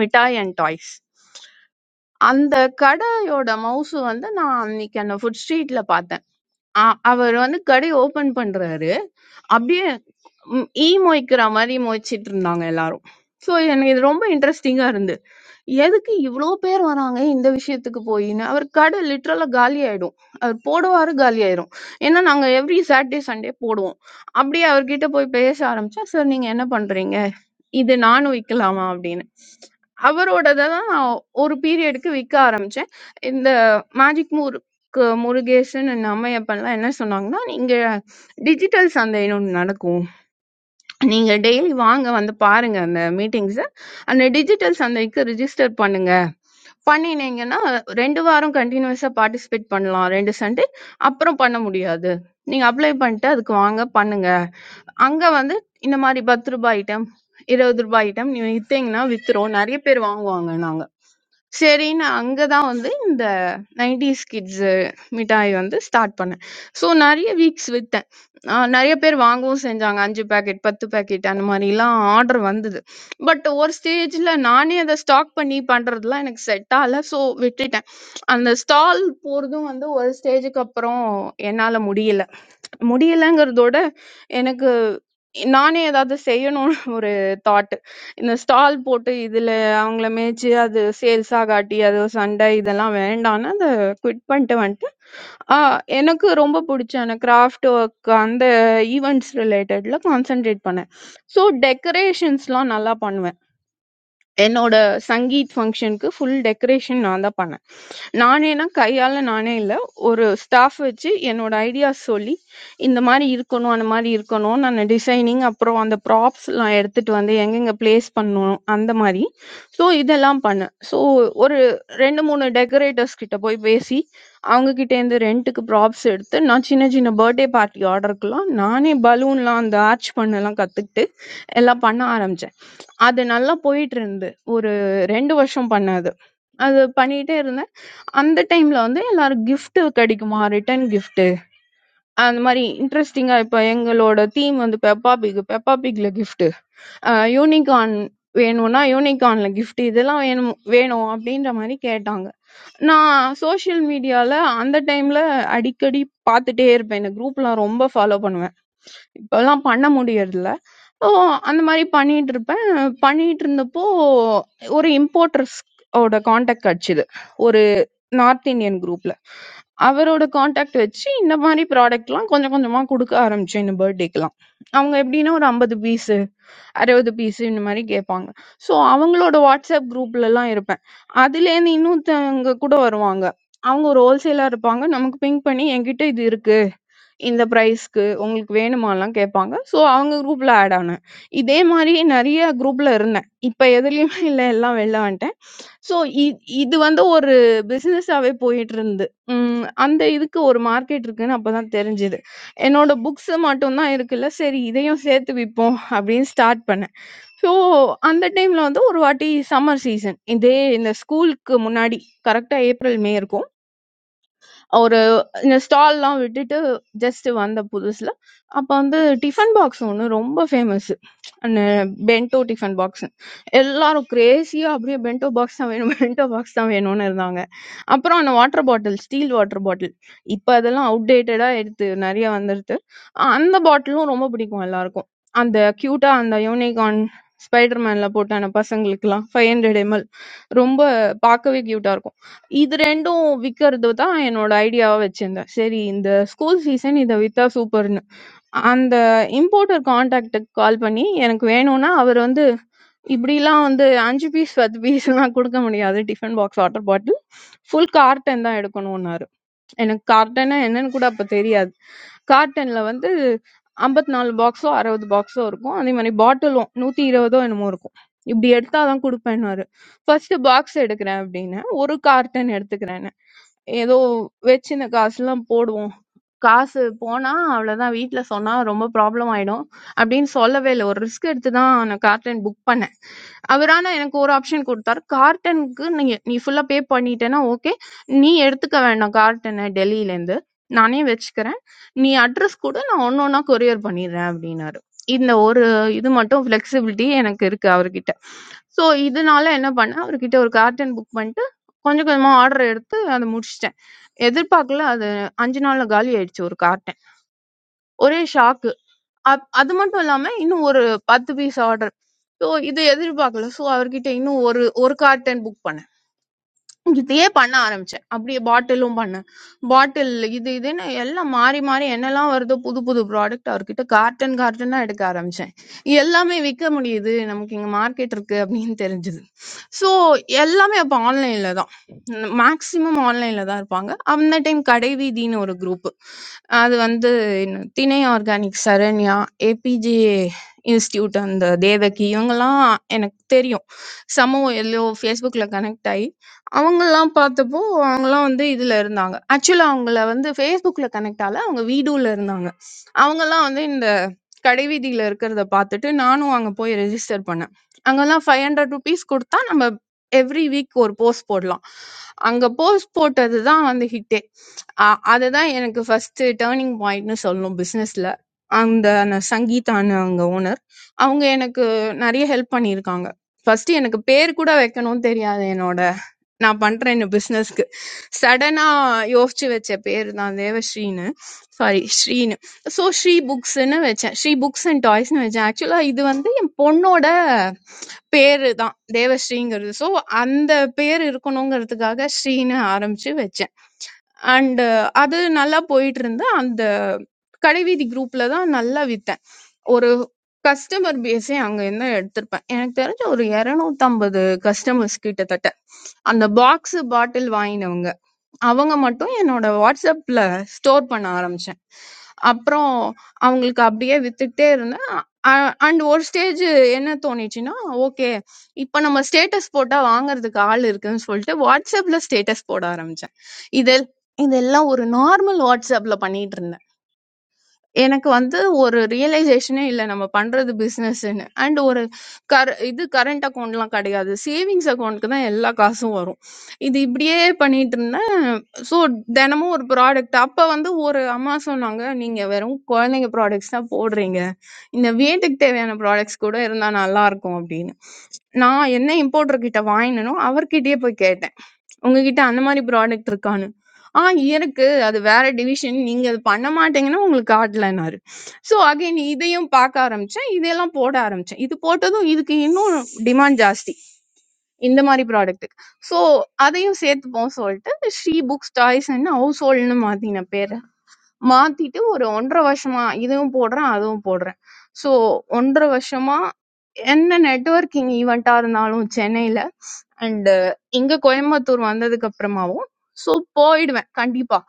Speaker 13: மிட்டாய் அண்ட் டாய்ஸ். அந்த கடையோட மவுசு வந்து நான் அன்னைக்கு அந்த ஃபுட் ஸ்ட்ரீட்ல பார்த்தேன். அ அவர் வந்து கடைய ஓப்பன் பண்றாரு. அப்படியே ம், ஈ மொய்க்கிற மாதிரி மொய்ச்சிட்டு இருந்தாங்க எல்லாரும் ஸோ எனக்கு இது ரொம்ப இன்ட்ரெஸ்டிங்காக இருந்து எதுக்கு இவ்வளோ பேர் வராங்க இந்த விஷயத்துக்கு போயின்னு அவர் கடை லிட்ரலாக காலி ஆயிடும் அவர் போடுவாரு காலி ஆயிடும் ஏன்னா நாங்கள் எவ்ரி சாட்டர்டே சண்டே போடுவோம் அப்படியே அவர்கிட்ட போய் பேச ஆரம்பிச்சா சார் நீங்கள் என்ன பண்ணுறீங்க இது நானும் விக்கலாமா அப்படின்னு. அவரோடத தான் நான் ஒரு பீரியடுக்கு விக்க ஆரம்பிச்சேன். இந்த மேஜிக் முறுக்கு முருகேசன் அண்ட் அம்மையப்பன்லாம் என்ன சொன்னாங்கன்னா, "நீங்க டிஜிட்டல் சந்தைன்னு ஒண்ணு நடக்கும். நீங்க டெய்லி வாங்க வந்து பாருங்க அந்த மீட்டிங்ஸ. அந்த டிஜிட்டல் சந்தைக்கு ரிஜிஸ்டர் பண்ணுங்க. பண்ணினீங்கன்னா 2 வாரம் கன்டினியூஸா பார்ட்டிசிபேட் பண்ணலாம் 2 சண்டே. அப்புறம் பண்ண முடியாது. நீங்க அப்ளை பண்ணிட்டு அதுக்கு வாங்க பண்ணுங்க." அங்க வந்து இந்த மாரி ரூ. 10 ஐட்டம், ரூ. 20 ஐட்டம் நீங்க வித்தீங்கன்னா வித்துரும். நெறைய பேர் வாங்குவாங்க நாங்க. சரின்னு அங்க தான் வந்து இந்த 90s கிட்ஸ் மிட்டாய் வந்து ஸ்டார்ட் பண்ணேன். ஸோ நெறைய வீக்ஸ் வித்தேன். அ நெறைய பேர் வாங்கவும் செஞ்சாங்க. 5 பாக்கெட், 10 பாக்கெட் அந்த மாரிலாம் ஆர்டர் வந்தது. பட் ஒரு ஸ்டேஜ்ல நானே அத ஸ்டாக் பண்ணி பண்றதுலாம் எனக்கு செட் ஆகல. ஸோ விட்டுட்டேன். அந்த ஸ்டால் போறதும் வந்து ஒரு ஸ்டேஜ்க்கு அப்புறம் என்னால முடியல. முடியலங்கிறதோட எனக்கு நானே ஏதாவது செய்யணும்னு ஒரு தாட். இந்த ஸ்டால் போட்டு இதுல அவங்கள மேய்ச்சு அது சேல்ஸா காட்டி அது ஒரு சண்டை இதெல்லாம் வேண்டான்னு அதை குவிட் பண்ணிட்டு வந்துட்டு ஆஹ் எனக்கு ரொம்ப பிடிச்ச அந்த கிராஃப்ட் ஒர்க் அந்த ஈவெண்ட்ஸ் ரிலேட்டட்ல கான்சென்ட்ரேட் பண்ணேன் ஸோ டெக்கரேஷன்ஸ்லாம் நல்லா பண்ணுவேன் என்னோட சங்கீத் ஃபங்க்ஷனுக்கு ஃபுல் டெக்கரேஷன் நான் தான் பண்ணேன் நானேனா கையால நானே இல்லை ஒரு ஸ்டாஃப் வச்சு என்னோட ஐடியாஸ் சொல்லி இந்த மாதிரி இருக்கணும் அந்த மாதிரி இருக்கணும் நான் டிசைனிங் அப்புறம் அந்த ப்ராப்ஸ்லாம் எடுத்துட்டு வந்து எங்கெங்க பிளேஸ் பண்ணணும் அந்த மாதிரி ஸோ இதெல்லாம் பண்ணேன் ஸோ ஒரு ரெண்டு மூணு டெக்கரேட்டர்ஸ் கிட்ட போய் பேசி அவங்க கிட்ட இருந்து ரெண்ட்டுக்கு ப்ராப்ஸ் எடுத்து நான் சின்ன சின்ன பர்த்டே பார்ட்டி ஆர்டருக்குலாம் நானே பலூன்லாம் அந்த ஆர்ச் பண்ணலாம் கற்றுக்கிட்டு எல்லாம் பண்ண ஆரம்பித்தேன் அது நல்லா போயிட்டு இருந்தது ஒரு 2 வருஷம் பண்ணேன் அது. அது பண்ணிட்டே இருந்தேன். அந்த டைம்ல வந்து எல்லாரும் கிஃப்ட் கிடைக்குமா ரிட்டர்ன் கிஃப்ட் அந்த மாரி இன்ட்ரெஸ்டிங்கா இப்ப எங்களோட தீம் வந்து பெப்பா பிக் பெப்பா பிக்ல கிஃப்ட் யூனிகார்ன் வேணும்னா யூனிகார்ன்ல கிஃப்ட் இதெல்லாம் வேணும் வேணும் அப்படின்ற மாதிரி கேட்டாங்க நான் சோஷியல் மீடியால அந்த டைம்ல அடிக்கடி பார்த்துட்டே இருப்பேன் இந்த குரூப்லாம் ரொம்ப ஃபாலோ பண்ணுவேன் இப்பெல்லாம் பண்ண முடியறதில்ல ஓ அந்த மாதிரி பண்ணிட்டு இருப்பேன் பண்ணிட்டு இருந்தப்போ ஒரு இம்போர்ட்டர்ஸ் ஓட காண்டாக்ட் கிடைச்சிது நார்த் இந்தியன் குரூப்ல. அவரோட கான்டாக்ட் வச்சு இந்த மாதிரி ப்ராடக்ட்லாம் கொஞ்சம் கொஞ்சமா குடுக்க ஆரம்பிச்சேன் இந்த பர்த்டேக்கெல்லாம். அவங்க எப்படின்னா ஒரு 50 பீஸு, 60 பீஸு இந்த மாதிரி கேட்பாங்க. ஸோ அவங்களோட வாட்ஸ்அப் குரூப்லலாம் இருப்பேன். அதுலேருந்து இன்னொருத்தவங்க கூட வருவாங்க. அவங்க ஒரு ஹோல்சேலா இருப்பாங்க. நமக்கு பிங் பண்ணி என்கிட்ட இது இருக்கு. இந்த பிரைஸ்க்கு உங்களுக்கு வேணுமாலாம் கேட்பாங்க. ஸோ அவங்க குரூப்ல ஆட் ஆனேன். இதே மாரி நெறைய குரூப்ல இருந்தேன். இப்ப எதுலயுமே இல்ல. எல்லாம் வெளில வந்துட்டேன். ஸோ இ இது வந்து ஒரு பிசினஸாவே போயிட்டுருந்து. ம். அந்த இதுக்கு ஒரு மார்க்கெட் இருக்குன்னு அப்பதான் தெரிஞ்சது. என்னோட புக்ஸ் மட்டும் தான் இருக்குல்ல. சரி இதையும் சேர்த்து விப்போம் அப்படின்னு ஸ்டார்ட் பண்ணேன். ஸோ அந்த டைம்ல வந்து ஒரு வாட்டி சம்மர் சீசன். இதே இந்த ஸ்கூலுக்கு முன்னாடி கரெக்ட்டா ஏப்ரல், மே இருக்கும். ஒரு இந்த ஸ்டால்லாம் விட்டுட்டு ஜஸ்ட் வந்த புதுசுல அப்ப வந்து டிஃபன் பாக்ஸ் ஒன்று ரொம்ப ஃபேமஸ் அந்த பென்டோ டிஃபன் பாக்ஸ் எல்லாரும் கிரேசியா அப்படியே பென்டோ பாக்ஸ் தான் வேணும் *laughs* பென்டோ பாக்ஸ் தான் வேணும்னு இருந்தாங்க அப்புறம் அந்த water bottle steel water bottle இப்போ அதெல்லாம் அவுடேட்டடா எடுத்து நிறைய வந்துருது அஹ் அந்த பாட்டிலும் ரொம்ப பிடிக்கும் எல்லாருக்கும் அந்த கியூட்டா அந்த யூனிகார்ன் ஸ்பைடர்மேன்ல போட்ட அந்த பசங்களுக்குலாம் ஃபைவ் ஹண்ட்ரட் எம்எல் ரொம்ப பார்க்கவே கியூட்டா இருக்கும் இது 2ம் விக்கிறது தான் என்னோட ஐடியாவா வச்சிருந்தேன். சரி இந்த ஸ்கூல் ஃபீஸ்ன்னு இத வித்தா சூப்பர்ன்னு. அந்த இம்போர்ட்டர் கான்டாக்ட்க்கு கால் பண்ணி, "எனக்கு வேணும்னா" அவர் வந்து இப்படிலாம் வந்து 5 பீஸ், 10 பீஸ்லாம் குடுக்க முடியாது. Tiffin box, water bottle. Full carton தான் எடுக்கணும்னாரு. எனக்கு கார்ட்டன்னா என்னன்னு கூட அப்ப தெரியாது. கார்ட்டன்ல வந்து 54 பாக்ஸோ, 60 பாக்ஸோ இருக்கும். அதே மாரி பாட்டிலும் 120ஓ என்னமோ இருக்கும். "இப்படி எடுத்தா தான் குடுப்பேன்னாரு." ஃபர்ஸ்ட்டு பாக்ஸ் எடுக்குறேன் அப்படின்னு. ஒரு கார்டன் எடுத்துக்கிறேன்னு ஏதோ வச்சின காசுலாம் போடுவோம் காசு போனா அவ்வளவுதான் வீட்ல சொன்னா ரொம்ப ப்ராப்ளம் ஆயிடும் அப்படின்னு சொல்லவே இல்லை ஒரு ரிஸ்க் எடுத்து தான் நான் கார்டன் புக் பண்ணேன் அவர் ஆனா எனக்கு ஒரு ஆப்ஷன் கொடுத்தாரு கார்டனுக்கு நீ நீ ஃபுல்லா பே பண்ணிட்டேன்னா ஓகே நீ எடுத்துக்க வேண்டாம் கார்டனை டெல்லியில இருந்து நானே வச்சுக்கிறேன் நீ அட்ரஸ் கூட நான் ஒன்னொன்னா கொரியர் பண்ணிடுறேன் அப்படின்னாரு இந்த ஒரு இது மட்டும் ஃபிளெக்சிபிலிட்டி எனக்கு இருக்கு அவர்கிட்ட சோ, இதனால என்ன பண்ணேன், அவர்கிட்ட ஒரு கார்டன் புக் பண்ணிட்டு, கொஞ்சம் கொஞ்சமா ஆர்டர் எடுத்து அத முடிச்சுட்டேன். எதிர்பார்க்கல அது 5 நாள்ல காலி ஆயிடுச்சு ஒரு கார்டன். ஒரே ஷாக்கு. அப் அது மட்டும் இல்லாம இன்னும் ஒரு 10 பீஸ் ஆர்டர். சோ, இது எதிர்பார்க்கல. சோ, அவர்கிட்ட இன்னும் ஒரு 1 கார்டன் புக் பண்ணேன். இதையே பண்ண ஆரம்பிச்சேன் அப்படியே பாட்டிலும் பண்ணேன் பாட்டில் இது இதுன்னு எல்லாம் மாறி மாறி என்னெல்லாம் வருதோ புது புது ப்ராடக்ட் அவர்கிட்ட கார்டன் கார்டனா எடுக்க ஆரம்பிச்சேன் எல்லாமே விற்க முடியுது நமக்கு இங்க மார்க்கெட் இருக்கு அப்படின்னு தெரிஞ்சது ஸோ எல்லாமே அப்போ ஆன்லைன்ல தான் மேக்சிமம் ஆன்லைன்ல தான் இருப்பாங்க அந்த டைம் கடைவீதின்னு ஒரு குரூப் அது வந்து என்ன, திணை ஆர்கானிக் சரண்யா ஏபிஜே இன்ஸ்டியூட் அந்த தேவகி இவங்கெல்லாம் எனக்கு தெரியும் சமூகம் எல்லோ ஃபேஸ்புக்கில் கனெக்ட் ஆகி அவங்கலாம் பார்த்தப்போ, அவங்கலாம் வந்து இதுல இருந்தாங்க. ஆக்சுவலா அவங்கள வந்து Facebookல கனெக்ட் ஆல. அவங்க வீடூல இருந்தாங்க. அவங்கலாம் வந்து இந்த கடைவீதியில இருக்கிறத பார்த்துட்டு, நானும் அங்க போய் ரெஜிஸ்டர் பண்ணேன். அங்கலாம் ரூ. 500 குடுத்தா நம்ம எவ்ரி வீக் ஒரு போஸ்ட் போடலாம். அங்க போஸ்ட் போட்டது தான் வந்து ஹிட்டே. அ அதுதான் எனக்கு ஃபர்ஸ்ட் டர்னிங் பாயிண்ட்ன்னு சொல்லணும் பிசினஸ்ல. அந்த ந சங்கீதான்னு அவங்க ஓனர். அவங்க எனக்கு நெறைய ஹெல்ப் பண்ணியிருக்காங்க. ஃபர்ஸ்ட் எனக்கு பேர் கூட வைக்கணும்னு தெரியாது என்னோட நான் பண்றேன் இந்த பிசினஸ்க்கு சடனா யோசிச்சு வச்ச பேர் தான் தேவஸ்ரீன்னு சாரி ஸ்ரீன்னு ஸோ ஸ்ரீ புக்ஸ்ன்னு வச்சேன் ஸ்ரீ புக்ஸ் அண்ட் டாய்ஸ்னு வச்சேன் ஆக்சுவலா இது வந்து என் பொண்ணோட பேரு தான் தேவஸ்ரீங்கிறது ஸோ அந்த பேர் இருக்கணுங்கிறதுக்காக ஸ்ரீன்னு ஆரம்பிச்சு வச்சேன் அண்ட் அது நல்லா போயிட்டு இருந்து அந்த கடைவீதி குரூப்ல தான் நல்லா வித்தேன் ஒரு கஸ்டமர் பேஸே அங்க என்ன எடுத்திருப்பேன் எனக்கு தெரிஞ்ச ஒரு 250 கஸ்டமர்ஸ் கிட்டத்தட்ட அந்த பாக்ஸ் பாட்டில் வாங்கினவங்க அவங்க மட்டும் என்னோட வாட்ஸ்அப்ல ஸ்டோர் பண்ண ஆரம்பிச்சேன் அப்புறம் அவங்களுக்கு அப்படியே வித்துட்டே இருந்தேன் அண்ட் ஒரு ஸ்டேஜ் என்ன தோணுச்சுன்னா ஓகே இப்போ நம்ம ஸ்டேட்டஸ் போட்டா வாங்குறதுக்கு ஆள் இருக்குன்னு சொல்லிட்டு வாட்ஸ்அப்ல ஸ்டேட்டஸ் போட ஆரம்பிச்சேன் இது இதெல்லாம் ஒரு நார்மல் வாட்ஸ்அப்ல பண்ணிட்டு இருந்தேன் எனக்கு வந்து ஒரு ரியலைசேஷனே இல்ல. நம்ம பண்றது பிசினஸ்ன்னு. அண்ட் ஒரு கர இது கரண்ட் அக்கவுண்ட்லாம் கிடையாது. சேவிங்ஸ் அக்கவுண்ட்க்கு தான் எல்லா காசும் வரும். இது இப்படியே பண்ணிட்டுருந்தேன். ஸோ தினமும் ஒரு ப்ராடக்ட் அப்ப வந்து ஒரு அம்மா சொன்னாங்க, "நீங்க வெறும் குழந்தைங்க ப்ராடக்ட்ஸ் தான் போடுறீங்க. இந்த வீட்டுக்கு தேவையான ப்ராடக்ட்ஸ் கூட இருந்தா நல்லாருக்கும்" அப்படின்னு. நான் என்ன இம்போர்டர் கிட்ட வாங்கினேனோ அவர்கிட்டயே போய் கேட்டேன். உங்ககிட்ட அந்த மாரி ப்ராடக்ட் இருக்கான்னு. ஆ இருக்கு. அது வேற டிவிஷன். நீங்க அது பண்ண மாட்டீங்கன்னா, உங்களுக்கு காட்டலன்னாரு. ஸோ அகைன் இதையும் பார்க்க ஆரம்பிச்சேன். இதெல்லாம் போட ஆரம்பிச்சேன். இது போட்டதும் இதுக்கு இன்னும் டிமாண்ட் ஜாஸ்தி. இந்த மாரி ப்ராடக்ட்டுக்கு. ஸோ அதையும் சேர்த்துப்போம் சொல்ட்டு ஸ்ரீ புக்ஸ், டாய்ஸ்ன்னு ஹவுஸ் ஹோல்ட்ன்னு மாத்தினேன் பேர. மாத்திட்டு ஒரு 1 1/2 வருஷமா இதுவும் போடுறேன், அதுவும் போடுறேன். ஸோ 1 1/2 வருஷமா என்ன நெட்வொர்க்கிங் ஈவென்ட்டா இருந்தாலும் சென்னையில அண்ட் இங்க கோயம்புத்தூர் வந்ததுக்கு அப்புறமாவும் ஸோ போயிடுவேன் கண்டிப்பா.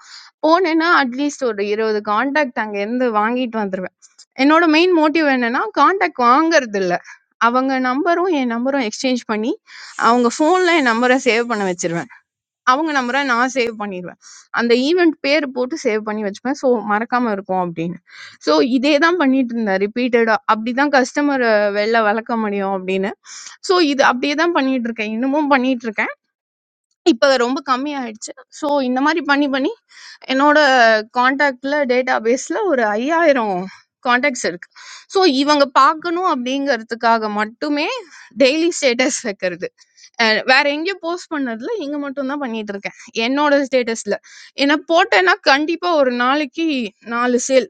Speaker 13: போனேன்னா அட்லீஸ்ட் ஒரு 20 கான்டாக்ட் அங்கேருந்து வாங்கிட்டு வந்துருவேன். என்னோட மெயின் மோட்டிவ் என்னன்னா, கான்டாக்ட் வாங்குறது இல்ல. அவங்க நம்பரும் என் நம்பரும் எக்ஸ்சேஞ்ச் பண்ணி, அவங்க ஃபோன்ல என் நம்பர சேவ் பண்ண வச்சிருவேன். அவங்க நம்பர நான் சேவ் பண்ணிருவேன். அந்த ஈவென்ட் பேர் போட்டு சேவ் பண்ணி வச்சுப்பேன். ஸோ மறக்காம இருக்கும் அப்படின்னு. ஸோ இதே தான் பண்ணிட்டு இருந்தேன் ரிப்பீட்டடா. அப்படிதான் கஸ்டமர வெளில வளர்க்க முடியும் அப்படின்னு. ஸோ இது அப்படியே தான் பண்ணிட்டு இருக்கேன். இன்னமும் பண்ணிட்டு இருக்கேன். இப்ப ரொம்ப கம்மியாயிடுச்சு. ஸோ இந்த மாரி பண்ணி பண்ணி என்னோட கான்டாக்ட்ல டேட்டாபேஸ்ல ஒரு 5000 கான்டாக்ட்ஸ் இருக்கு. ஸோ இவங்க பார்க்கணும் அப்படிங்கிறதுக்காக மட்டுமே டெய்லி ஸ்டேட்டஸ் வைக்கிறது. அஹ் வேற எங்கேயும் போஸ்ட் பண்ணதில்ல இங்க மட்டும் தான் பண்ணிட்டு இருக்கேன் என்னோட ஸ்டேட்டஸ்ல ஏன்னா போட்டேன்னா கண்டிப்பா ஒரு நாளைக்கு நாலு சேல்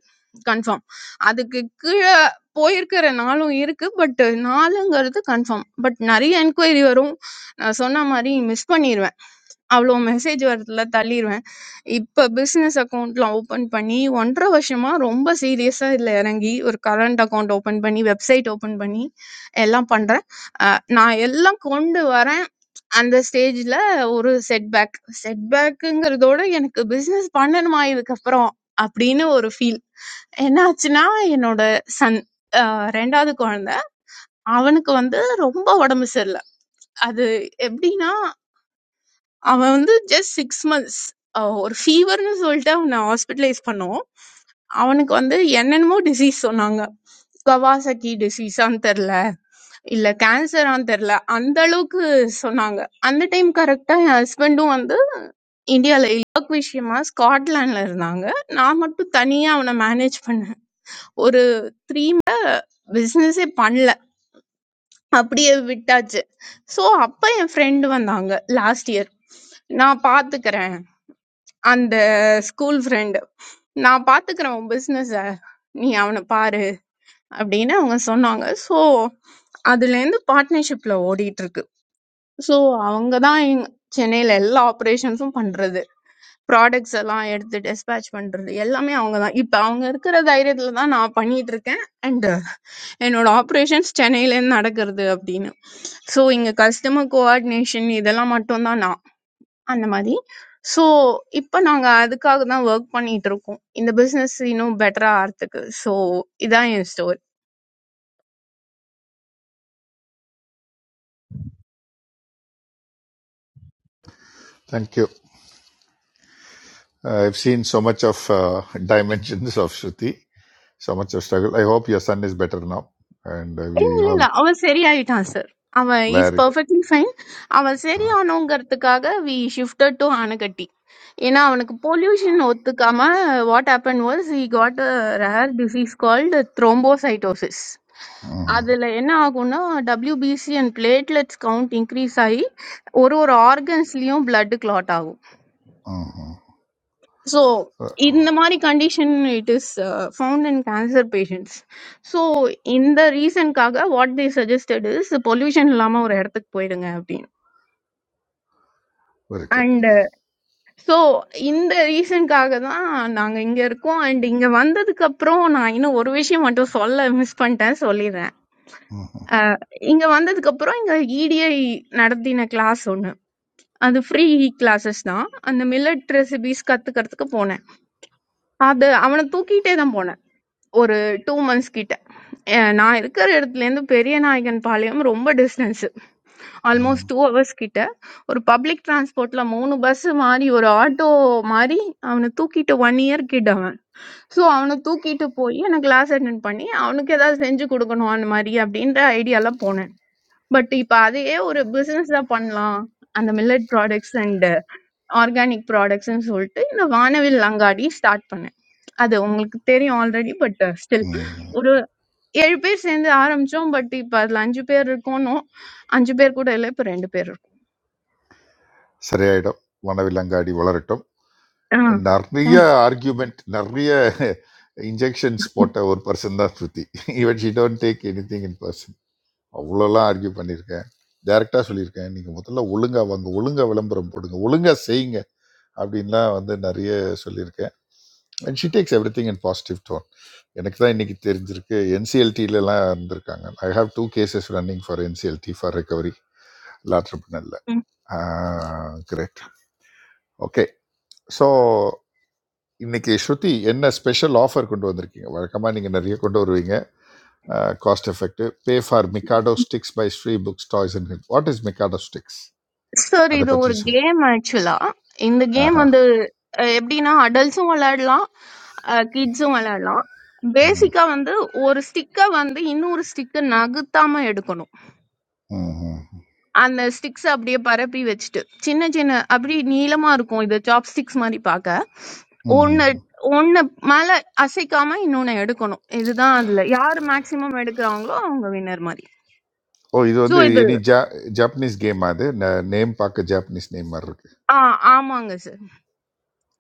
Speaker 13: கன்ஃபார்ம் அதுக்கு கீழே போயிருக்கிற நாளும் இருக்கு பட் நாலுங்கிறது கன்ஃபார்ம் பட் நிறைய என்கொயரி வரும் நான் சொன்ன மாதிரி மிஸ் பண்ணிடுவேன் அவ்ளோ மெசேஜ் வரதுல தள்ளிருவேன். இப்ப பிசினஸ் அக்கவுண்ட்லாம் ஓப்பன் பண்ணி 1 1/2 வருஷமா ரொம்ப சீரியஸா இதுல இறங்கி, ஒரு கரண்ட் அக்கவுண்ட் ஓப்பன் பண்ணி, வெப்சைட் ஓப்பன் பண்ணி எல்லாம் பண்றேன். அ நான் எல்லாம் கொண்டு வரேன். அந்த ஸ்டேஜ்ல ஒரு செட்பேக். செட்பேக்குங்கிறதோட எனக்கு பிசினஸ் பண்ணணுமா இதுக்கப்புறம் அப்படின்னு ஒரு ஃபீல். என்னாச்சுன்னா, என்னோட சன் அ 2வது குழந்தை. அவனுக்கு வந்து ரொம்ப உடம்பு சரியில்ல. அது எப்படின்னா அவன் வந்து ஜஸ்ட் சிக்ஸ் மந்த்ஸ் ஒரு ஃபீவர்னு சொல்லிட்டு அவனை ஹாஸ்பிட்டலைஸ் பண்ணோம் அவனுக்கு வந்து என்னென்னமோ டிசீஸ் சொன்னாங்க கவாசக்கி டிசீஸான்னு தெரில இல்ல கேன்சரான்னு தெரில அந்த அளவுக்கு சொன்னாங்க அந்த டைம் கரெக்டா என் ஹஸ்பண்டும் வந்து இந்தியால ஒர்க் விஷயமா ஸ்காட்லாண்ட்ல இருந்தாங்க நான் மட்டும் தனியா அவனை மேனேஜ் பண்ணேன் ஒரு பிசினஸே பண்ணல அப்படியே விட்டாச்சு ஸோ அப்ப என் ஃப்ரெண்டு வந்தாங்க லாஸ்ட் இயர் நான் பாத்துக்கிறேன் அந்த ஸ்கூல் ஃப்ரெண்டு நான் பார்த்துக்கிறேன் உன் பிஸ்னஸை நீ அவனை பாரு அப்படின்னு அவங்க சொன்னாங்க ஸோ அதுலேருந்து பார்ட்னர்ஷிப்பில் ஓடிட்டு இருக்கு ஸோ அவங்க தான் எங் சென்னையில் எல்லா ஆப்ரேஷன்ஸும் பண்ணுறது ப்ராடக்ட்ஸ் எல்லாம் எடுத்து டிஸ்பேட்ச் பண்ணுறது எல்லாமே அவங்க தான் இப்போ அவங்க இருக்கிற தைரியத்தில் தான் நான் பண்ணிட்டு இருக்கேன் அண்டு என்னோட ஆப்ரேஷன்ஸ் சென்னையிலேருந்து நடக்கிறது அப்படின்னு ஸோ இங்கே கஸ்டமர் கோஆர்டினேஷன் இதெல்லாம் மட்டும்தான் நான் அந்த மாதிரி. ஸோ இப்போ நாங்க அதுக்காக தான் ஒர்க் பண்ணிட்டு இருக்கோம். இந்த பிசினஸ் இன்னும் பெட்டரா ஆறதுக்கு. ஸோ இதான் என் story.
Speaker 4: Thank you I've seen so much of dimensions of Shruti so much of struggle I hope your son is better now and
Speaker 13: இல்ல
Speaker 4: வி
Speaker 13: இல்ல இல்ல
Speaker 4: ஆல்
Speaker 13: அவன் சரியாயிட்டான் சார். அவன் இஸ்
Speaker 4: வேர்
Speaker 13: பெர்ஃபெக்ட்லி ஃபைன். அவன் சரியானோங்கிறதுக்காக வி ஷிஃப்டட் டு ஆனகட்டி. ஏன்னா அவனுக்கு பொல்யூஷன் ஒத்துக்காம what happen was he got a rare disease called thrombocytosis.
Speaker 4: Hmm,
Speaker 13: அதுல என்ன ஆகும்னா WBC and platelets count increase ஆகி ஒரு ஒரு ஆர்கன்ஸ்லயும் blood clot ஆகும்
Speaker 4: ம், ம்.
Speaker 13: ஸோ
Speaker 4: ச-
Speaker 13: இந்த மாதிரி condition it is found in cancer patients so இந்த ரீசன்க்காக what they suggested is pollution இல்லாமல் ஒரு இடத்துக்கு போயிடுங்க அப்படின்னு
Speaker 4: வெரி குட்
Speaker 13: அண்ட் ஸோ இந்த ரீசன்க்காக தான் நாங்கள் இங்கே இருக்கோம் அண்ட் இங்கே வந்ததுக்கு அப்புறம் நான் இன்னும் ஒரு விஷயம் மட்டும் சொல்ல மிஸ் பண்ணிட்டேன் சொல்லிடுறேன்
Speaker 4: ம்,
Speaker 13: அஹ், இங்க வந்ததுக்கு அப்புறம் இங்க இடிஐ நடத்தின கிளாஸ் ஒண்ணு அது ஃப்ரீ கிளாஸஸ் தான் அந்த மில்லட் ரெசிபிஸ் கத்துக்கிறதுக்கு போனேன் அது அவனை தூக்கிட்டே தான் போனேன் ஒரு 2 மந்த்ஸ் கிட்ட அஹ் நான் இருக்கிற இடத்துலேருந்து பெரிய நாயகன் பாளையம் ரொம்ப டிஸ்டன்ஸு
Speaker 4: ம்,
Speaker 13: ஆல்மோஸ்ட்
Speaker 4: ம்,
Speaker 13: டூ ஹவர்ஸ் கிட்ட ஒரு பப்ளிக் டிரான்ஸ்போர்ட்டில் மூணு பஸ் மாறி ஒரு ஆட்டோ மாறி அவனை தூக்கிட்டு ஒன் இயர் கிட்ட அவன் ஸோ அவனை தூக்கிட்டு போய் நான் கிளாஸ் அட்டென்ட் பண்ணி அவனுக்கு ஏதாவது செஞ்சு கொடுக்கணும் அந்த மாதிரி அப்படின்ற ஐடியாலாம் போனேன் பட் இப்ப அதையே ஒரு பிசினஸா பண்ணலாம். அந்த மில்லட் ப்ராடக்ட்ஸ் அண்ட் ஆர்கானிக் ப்ராடக்ட்ஸ்ன்னு சொல்லிட்டு இந்த வானவில் அங்காடி ஸ்டார்ட் பண்ணேன். அது உங்களுக்கு தெரியும் ஆல்ரெடி. பட் ஸ்டில்
Speaker 4: ம்.
Speaker 13: ஒரு 7 பேர் சேர்ந்து ஆரம்பிச்சோம். பட் இப்ப அதுல 5 பேர் இருக்கோம்னோம். 5 பேர் கூட இல்ல. இப்ப 2 பேர் இருக்கோம்.
Speaker 4: சரியாயிடும் வனவிலங்காடி வளரட்டும்
Speaker 13: ஆ.
Speaker 4: நிறைய ஆர்கியூமெண்ட் நிறைய இன்ஜெக்ஷன்ஸ் போட்ட ஒரு பர்சன் தான் Shruti even she don't take anything in person அவ்வளோலாம் ஆர்கியூ பண்ணியிருக்கேன் டைரெக்டாக சொல்லியிருக்கேன் நீங்கள் முதல்ல ஒழுங்காக வாங்க ஒழுங்காக விளம்பரம் போடுங்க ஒழுங்காக செய்யுங்க அப்படின்லாம் வந்து நிறைய சொல்லியிருக்கேன் and she takes everything in positive tone எனக்கு தான் இன்னைக்கு தெரிஞ்சிருக்கு என்சிஎல்டிலலாம் இருந்திருக்காங்க I have two cases running for NCLT for recovery லாட்ரிபினல்ல
Speaker 13: ம்.
Speaker 4: கிரேட் ஓகே ஸோ இன்னைக்கு ஸ்ருதி என்ன ஸ்பெஷல் ஆஃபர் கொண்டு வந்திருக்கீங்க வழக்கமாக நீங்கள் நிறைய கொண்டு வருவீங்க cost effective pay for Mikado sticks by Sri books toys and hill what is Mikado sticks
Speaker 13: sir
Speaker 4: அதை
Speaker 13: இது
Speaker 4: பற்றி
Speaker 13: ஒரு
Speaker 4: சொல்லு
Speaker 13: கேம் ஆக்சுவலா இந்த கேம்
Speaker 4: ஆஹா
Speaker 13: வந்து அஹ், எப்படின்னா அடல்ட்ஸும் விளையாடலாம் கிட்ஸும் விளையாடலாம்
Speaker 4: ம்
Speaker 13: பேசிக்கா வந்து ஒரு ஸ்டிக்கை வந்து இன்னொரு ஸ்டிக்கை நகர்த்தாம எடுக்கணும்
Speaker 4: ம்
Speaker 13: அந்த ஸ்டிக்ஸ் அப்படியே பரப்பி வச்சுட்டு சின்ன சின்ன அப்படி நீளமா இருக்கும் இது சாப் ஸ்டிக்ஸ் மாதிரி பார்க்க
Speaker 4: ம் ம்
Speaker 13: ஒன்னு ஒன்னு மேல அசைக்காம இன்னொன்னு எடுக்கணும் இதுதான் அதுல யார் மேக்சிமம் எடுக்கிறாங்களோ அவங்க வின்னர் மாதிரி
Speaker 4: ஓ இது
Speaker 13: ஸோ
Speaker 4: வந்து
Speaker 13: இது
Speaker 4: எனி ஜா ஜாப்பனீஸ் கேம் அது நேம் பார்க்க ஜாப்பனீஸ் நேம் மாதிரி இருக்கு
Speaker 13: ஆ ஆமாங்க sir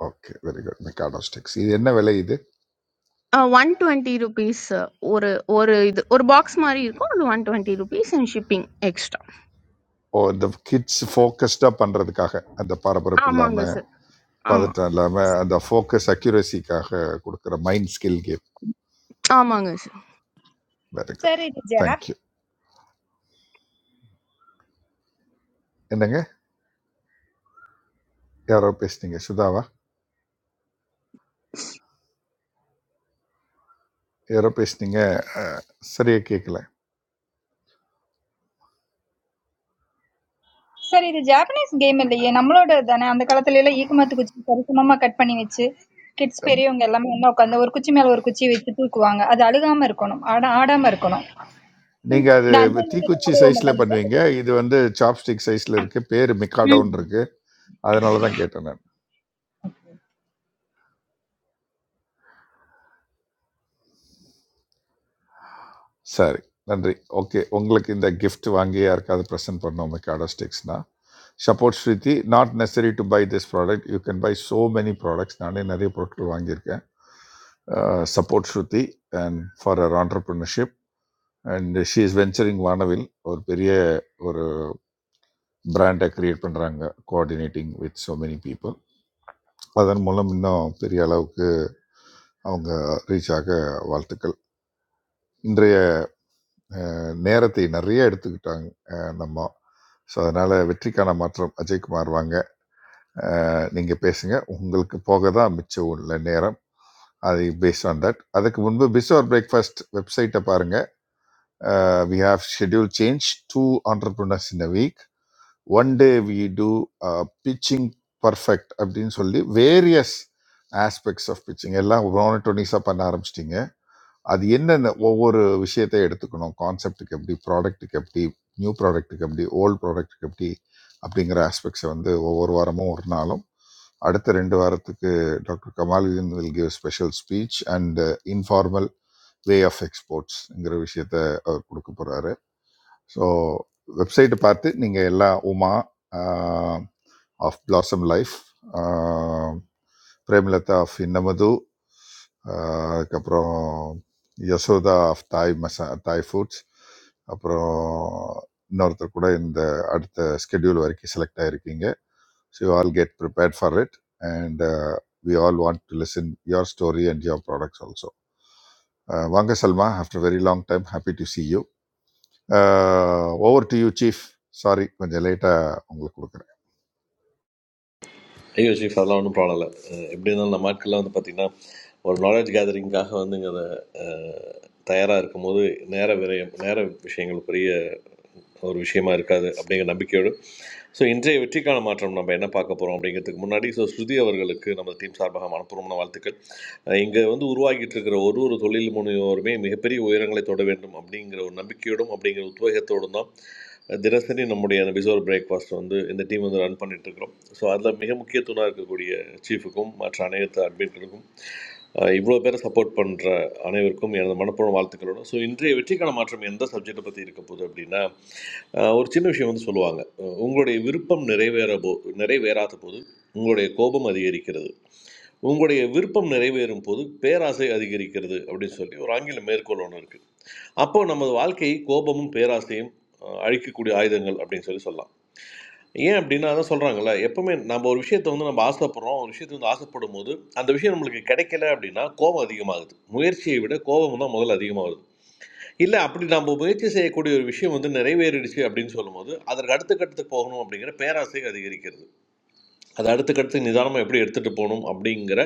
Speaker 4: okay very good Mikado sticks இது என்ன விலை இது
Speaker 13: அ 120 ருபீஸ் ஒரு ஒரு இது ஒரு பாக்ஸ் மாரி இருக்கும். அது 120 ருபீஸ் அண்ட் ஷிப்பிங் எக்ஸ்ட்ரா.
Speaker 4: ஓ இந்த கிட்ஸ் ஃபோக்கஸ்டாக பண்ணுறதுக்காக அந்த பரபரப்பு
Speaker 13: ஆமாங்க
Speaker 4: இல்லாமல்
Speaker 13: சார். ஆமா.
Speaker 4: பதட்டம் இல்லாமல் அந்த ஃபோக்கஸ் அக்யூரஸிக்காக கொடுக்குற மைண்ட் ஸ்கில் கேம்
Speaker 13: ஆமாங்க சார்.
Speaker 4: வெரி குட்
Speaker 14: சார் இது ஜா-
Speaker 4: தேங்க்யூ என்னங்க யாரோ பேசுனீங்க சுதாவா யாரோ பேசுனீங்க சரியாக கேட்கல
Speaker 14: சார் இது ஜாப்பனீஸ் கேம் இல்லையே நம்மளோட தானே அந்த காலத்துல எல்லாம் ஈக்குமத்து குச்சி சரிசமமா கட் பண்ணி வச்சு கிட்ஸ் பெரியவங்க எல்லாமே ஒண்ணா உட்காந்து ஒரு குச்சி மேல ஒரு குச்சி வச்சு தூக்குவாங்க அது அழுகாம இருக்கணும் ஆட ஆடாம இருக்கணும்
Speaker 4: நீங்கள் அது
Speaker 14: இந்த அஞ்சு நிலையில
Speaker 4: தீக்குச்சி
Speaker 14: ஆடுவோம்
Speaker 4: சைஸில்
Speaker 14: இல்லைங்க
Speaker 4: பண்ணுவீங்க
Speaker 14: சார்
Speaker 4: இது வந்து சாப்ஸ்டிக் சைஸில் இருக்குது பேர் மிக்காடோன்னு இருக்குது அதனால தான் கேட்டேன் நான் சரி நன்றி ஓகே உங்களுக்கு இந்த gift வாங்கி யாருக்காவது ப்ரெசென்ட் பண்ணோம் காடாஸ்டிக்ஸ்னா support Shruti not necessary to buy this product you can buy so many products நானே நிறைய பொருட்கள் வாங்கியிருக்கேன் support Shruti and for our entrepreneurship and she is venturing Vaanavil ஒரு பெரிய ஒரு பிராண்டை கிரியேட் பண்ணுறாங்க coordinating with so many people அதன் மூலம் இன்னும் பெரிய அளவுக்கு அவங்க ரீச் ஆக வாழ்த்துக்கள் இன்றைய அஹ் நேரத்தை நிறைய எடுத்துக்கிட்டாங்க அஹ் நம்ம ஸோ அதனால வெற்றிக்கான மாற்றம் அஜய்குமார் வாங்க அஹ் நீங்க பேசுங்க உங்களுக்கு போக தான் மிச்சம் உள்ள நேரம் அது பேஸ்ட் ஆன் தட் அதுக்கு முன்பு பிஸ்வர் பிரேக்ஃபாஸ்ட் வெப்சைட்டை பாருங்க we have schedule change two entrepreneurs in a week one day we do pitching perfect அப்படின்னு சொல்லி வேரியஸ் ஆஸ்பெக்ட்ஸ் ஆஃப் பிச்சிங் எல்லாம் மோனட்டோனிஸாக பண்ண ஆரம்பிச்சிட்டிங்க அது என்னென்ன ஒவ்வொரு விஷயத்தை எடுத்துக்கணும் கான்செப்ட்டுக்கு எப்படி ப்ராடக்ட்டுக்கு எப்படி நியூ ப்ராடக்ட்டுக்கு எப்படி ஓல்ட் ப்ராடக்ட்டுக்கு எப்படி அப்படிங்கிற ஆஸ்பெக்ட்ஸை வந்து ஒவ்வொரு வாரமும் ஒரு நாளும் அடுத்த ரெண்டு வாரத்துக்கு doctor Kamaludeen will give special speech and informal way of எக்ஸ்போர்ட்ஸ்ங்கிற விஷயத்த அவர் கொடுக்க போகிறாரு ஸோ வெப்சைட்டை பார்த்து நீங்கள் எல்லா Uma of blossom life Premalatha of இன்னமது ஆஹ் அதுக்கப்புறம் யசோதா ஆஃப் தாய் மசா தாய் ஃபுட்ஸ் அப்புறம் இன்னொருத்தர் கூட இந்த அடுத்த ஸ்கெடியூல் வரைக்கும் செலக்ட் ஆயிருக்கீங்க so you all get prepared for it and we all want to listen your story and your products also வாங்க Salma after very long time happy to see you over to you chief sorry கொஞ்சம் லேட்டாக உங்களுக்கு கொடுக்குறேன்
Speaker 15: ஐயோ chief அதெல்லாம் ஒன்றும் problem இல்லை அஹ் எப்படி இருந்தாலும் நம்ம ஆட்கள்லாம் வந்து பார்த்திங்கன்னா ஒரு நாலேஜ் கேதரிங்காக வந்து இங்கே அதை தயாராக இருக்கும்போது நேர விரயம் நேர விஷயங்கள் பெரிய ஒரு விஷயமா இருக்காது அப்படிங்கிற நம்பிக்கையோடு ஸோ இன்றைய வெற்றிக்கான மாற்றம் நம்ம என்ன பார்க்க போகிறோம் அப்படிங்கிறதுக்கு முன்னாடி ஸோ ஸ்ருதி அவர்களுக்கு நம்ம டீம் சார்பாக மனப்பூர்வமான வாழ்த்துக்கள் அஹ் வந்து உருவாகிட்டு இருக்கிற ஒரு ஒரு தொழில் முனைவோருமே மிகப்பெரிய உயரங்களை தொட வேண்டும் அப்படிங்கிற ஒரு நம்பிக்கையோடும் அப்படிங்கிற உத்வேகத்தோடும் தான் தினசரி நம்முடைய அந்த பிசோர் பிரேக்ஃபாஸ்ட் வந்து இந்த டீம் வந்து ரன் பண்ணிட்டு இருக்கிறோம் ஸோ அதில் மிக முக்கிய தூணாக இருக்கக்கூடிய சீஃபுக்கும் மற்ற அனைத்து அட்மின்களுக்கும் இவ்வளோ பேரை சப்போர்ட் பண்ணுற அனைவருக்கும் எனது மனப்பூர்வ வாழ்த்துக்களோட ஸோ இன்றைய வெற்றிக்கான மாற்றம் எந்த சப்ஜெக்டை பற்றி இருக்க போகுது அப்படின்னா அஹ், ஒரு சின்ன விஷயம் வந்து சொல்லுவாங்க அஹ், உங்களுடைய விருப்பம் நிறைவேற போ நிறைவேறாத போது உங்களுடைய கோபம் அதிகரிக்கிறது உங்களுடைய விருப்பம் நிறைவேறும் போது பேராசை அதிகரிக்கிறது அப்படின்னு சொல்லி ஒரு ஆங்கில மேற்கோள் ஒன்று இருக்குது அப்போ நமது வாழ்க்கையை கோபமும் பேராசையும் அஹ், அழிக்கக்கூடிய ஆயுதங்கள் அப்படின்னு சொல்லி சொல்லலாம் ஏன் அப்படின்னா அதான் சொல்கிறாங்கல்ல எப்பவுமே நம்ம ஒரு விஷயத்தை வந்து நம்ம ஆசைப்படுறோம் ஒரு விஷயத்தை வந்து ஆசைப்படும் போது அந்த விஷயம் நம்மளுக்கு கிடைக்கல அப்படின்னா கோபம் அதிகமாகுது முயற்சியை விட கோபம் தான் முதல்ல அதிகமாகுது இல்லை அப்படி நம்ம முயற்சி செய்யக்கூடிய ஒரு விஷயம் வந்து நிறைவேறிடுச்சு அப்படின்னு சொல்லும்போது அதற்கு அடுத்த கட்டத்துக்கு போகணும் அப்படிங்கிற பேராசை அதிகரிக்கிறது அது அடுத்துக்கடுத்து நிதானமாக எப்படி எடுத்துகிட்டு போகணும் அப்படிங்கிற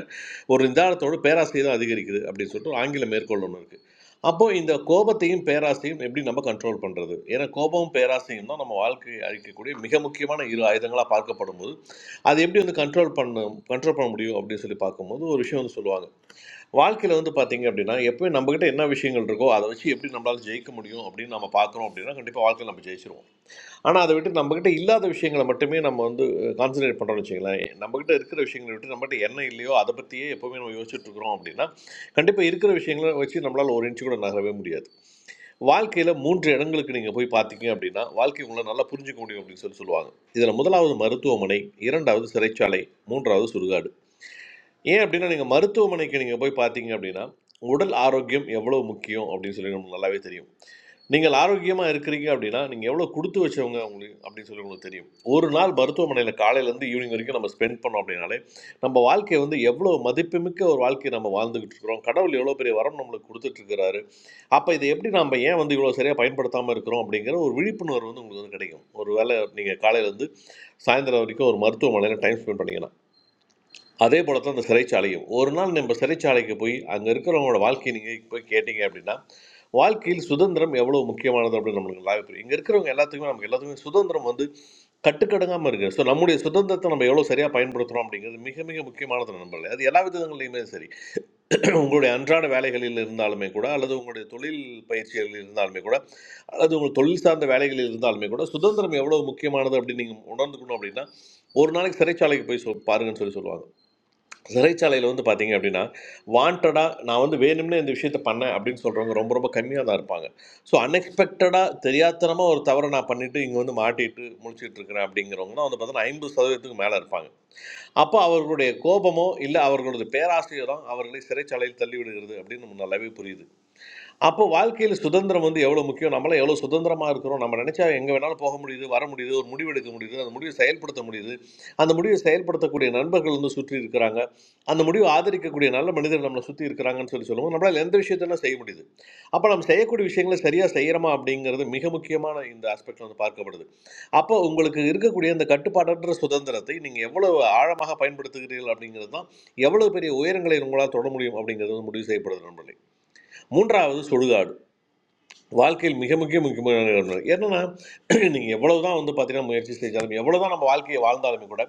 Speaker 15: ஒரு நிதானத்தோட பேராசையும் அதிகரிக்குது அப்படின்னு சொல்லிட்டு ஒரு ஆங்கில மேற்கோள் ஒன்று இருக்குது அப்போது இந்த கோபத்தையும் பேராசையும் எப்படி நம்ம கண்ட்ரோல் பண்ணுறது ஏன்னா கோபமும் பேராசையும் தான் நம்ம வாழ்க்கை அழிக்கக்கூடிய மிக முக்கியமான இரு ஆயுதங்களாக பார்க்கப்படும் போது அது எப்படி வந்து கண்ட்ரோல் பண்ண கண்ட்ரோல் பண்ண முடியும் அப்படின்னு சொல்லி பார்க்கும்போது ஒரு விஷயம் வந்து சொல்லுவாங்க வாழ்க்கையில் வந்து பார்த்தீங்க அப்படின்னா எப்போயும் நம்மக்கிட்ட என்ன விஷயங்கள் இருக்கோ அதை வச்சு எப்படி நம்மளால் ஜெயிக்க முடியும் அப்படின்னு நம்ம பார்க்குறோம் அப்படின்னா கண்டிப்பாக வாழ்க்கையில் நம்ம ஜெயிச்சிருவோம் ஆனால் அதை விட்டு நம்மக்கிட்ட இல்லாத விஷயங்களை மட்டுமே நம்ம வந்து கான்சன்ட்ரேட் பண்ணுறோம்னு வச்சுங்களேன் நம்மக்கிட்ட இருக்கிற விஷயங்களை விட்டு நம்மகிட்ட என்ன இல்லையோ அதை பற்றியே எப்போவுமே நம்ம யோசிச்சுட்டு இருக்கிறோம் அப்படின்னா கண்டிப்பாக இருக்கிற விஷயங்களை வச்சு நம்மளால் ஒரு இன்ச்சு கூட நகரவே முடியாது வாழ்க்கையில் மூன்று இடங்களுக்கு நீங்கள் போய் பார்த்தீங்க அப்படின்னா வாழ்க்கை உங்களை நல்லா புரிஞ்சுக்க முடியும் அப்படின்னு சொல்லி சொல்லுவாங்க இதில் முதலாவது மருத்துவமனை இரண்டாவது சிறைச்சாலை மூன்றாவது சுடுகாடு ஏன் அப்படின்னா நீங்கள் மருத்துவமனைக்கு நீங்கள் போய் பார்த்தீங்க அப்படின்னா உடல் ஆரோக்கியம் எவ்வளோ முக்கியம் அப்படின்னு சொல்லி நமக்கு நல்லாவே தெரியும் நீங்கள் ஆரோக்கியமாக இருக்கிறீங்க அப்படின்னா நீங்கள் எவ்வளோ கொடுத்து வச்சவங்க உங்களுக்கு அப்படின்னு சொல்லி உங்களுக்கு தெரியும் ஒரு நாள் மருத்துவமனையில் காலையிலேருந்து ஈவினிங் வரைக்கும் நம்ம ஸ்பெண்ட் பண்ணோம் அப்படின்னாலே நம்ம வாழ்க்கையை வந்து எவ்வளோ மதிப்புமிக்க ஒரு வாழ்க்கையை நம்ம வாழ்ந்துக்கிட்டு இருக்கிறோம் கடவுள் எவ்வளோ பெரிய வரம் நம்மளுக்கு கொடுத்துட்டு அப்போ இதை எப்படி நம்ம ஏன் வந்து இவ்வளோ சரியாக பயன்படுத்தாமல் இருக்கிறோம் அப்படிங்கிற ஒரு விழிப்புணர்வு வந்து உங்களுக்கு வந்து கிடைக்கும் ஒரு வேளை நீங்கள் காலையிலேருந்து சாயந்தரம் வரைக்கும் ஒரு மருத்துவமனையில் டைம் ஸ்பெண்ட் பண்ணீங்கன்னா அதே போல தான் அந்த சிறைச்சாலையும் ஒரு நாள் நம்ம சிறைச்சாலைக்கு போய் அங்கே இருக்கிறவங்களோட வாழ்க்கையை நீங்கள் போய் கேட்டீங்க அப்படின்னா வாழ்க்கையில் சுதந்திரம் எவ்வளோ முக்கியமானது அப்படின்னு நம்மளுக்கு நல்லாவே புரியும் இங்கே இருக்கிறவங்க எல்லாத்துக்குமே நமக்கு எல்லாத்துக்குமே சுதந்திரம் வந்து கட்டுக்கடங்காமல் இருக்குது ஸோ நம்முடைய சுதந்திரத்தை நம்ம எவ்வளோ சரியாக பயன்படுத்துகிறோம் அப்படிங்கிறது மிக மிக முக்கியமானது நண்பர்களே அது எல்லா விதங்கள்லையுமே சரி *clears throat* உங்களுடைய அன்றாட வேலைகளில் இருந்தாலுமே கூட அல்லது உங்களுடைய தொழில் பயிற்சிகளில் இருந்தாலுமே கூட அல்லது உங்கள் தொழில் சார்ந்த வேலைகளில் இருந்தாலுமே கூட சுதந்திரம் எவ்வளோ முக்கியமானது அப்படின்னு நீங்கள் உணர்ந்துக்கணும் அப்படின்னா ஒரு நாளைக்கு சிறைச்சாலைக்கு போய் சொல் பாருங்கன்னு சொல்லி சொல்லுவாங்க சிறைச்சாலையில் வந்து பார்த்தீங்க அப்படின்னா வாண்டடாக நான் வந்து வேணும்னே இந்த விஷயத்தை பண்ணேன் அப்படின்னு சொல்கிறவங்க ரொம்ப ரொம்ப கம்மியாக தான் இருப்பாங்க ஸோ அன்எக்ஸ்பெக்டடாக தெரியாத்தனமாக ஒரு தவறை நான் பண்ணிவிட்டு இங்கே வந்து மாட்டிட்டு முழிச்சிட்டு இருக்கிறேன் அப்படிங்கிறவங்க தான் வந்து பார்த்தீங்கன்னா ஐம்பது சதவீதத்துக்கு மேலே இருப்பாங்க அப்போ அவர்களுடைய கோபமோ இல்லை அவர்களது பேராசையோ தான் அவர்களை சிறைச்சாலையில் தள்ளி விடுகிறது அப்படின்னு நம்ம நல்லாவே புரியுது அப்போ வாழ்க்கையில சுதந்திரம் வந்து எவ்வளவு முக்கியம் நம்மளாம் எவ்வளவு சுதந்திரமா இருக்கிறோம் நம்ம நினைச்சா எங்க வேணாலும் போக முடியுது வர முடியுது ஒரு முடிவு எடுக்க முடியுது அந்த முடிவை செயல்படுத்த முடியுது அந்த முடிவை செயல்படுத்தக்கூடிய நண்பர்கள் வந்து சுற்றி இருக்கிறாங்க அந்த முடிவை ஆதரிக்கக்கூடிய நல்ல மனிதர்கள் நம்மளை சுற்றி இருக்கிறாங்கன்னு சொல்லி சொல்லுவோம் நம்மளால் எந்த விஷயத்தெல்லாம் செய்ய முடியுது அப்போ நம்ம செய்யக்கூடிய விஷயங்களை சரியாக செய்கிறோமா அப்படிங்கிறது மிக முக்கியமான இந்த ஆஸ்பெக்ட்ல வந்து பார்க்கப்படுது அப்போ உங்களுக்கு இருக்கக்கூடிய இந்த கட்டுப்பாடற்ற சுதந்திரத்தை நீங்கள் எவ்வளவு ஆழமாக பயன்படுத்துகிறீர்கள் அப்படிங்கிறது தான் எவ்வளவு பெரிய உயரங்களை உங்களால் தொட முடியும் அப்படிங்கிறது முடிவு செய்யப்படுது நண்பர்களே மூன்றாவது சுடுகாடு வாழ்க்கையில் மிக மிக முக்கியமான இடம். என்னன்னா *clears throat* நீங்கள் எவ்வளவுதான் வந்து பார்த்தீங்கன்னா முயற்சி செஞ்சாலும் எவ்வளவுதான் நம்ம வாழ்க்கையை வாழ்ந்தாலுமே கூட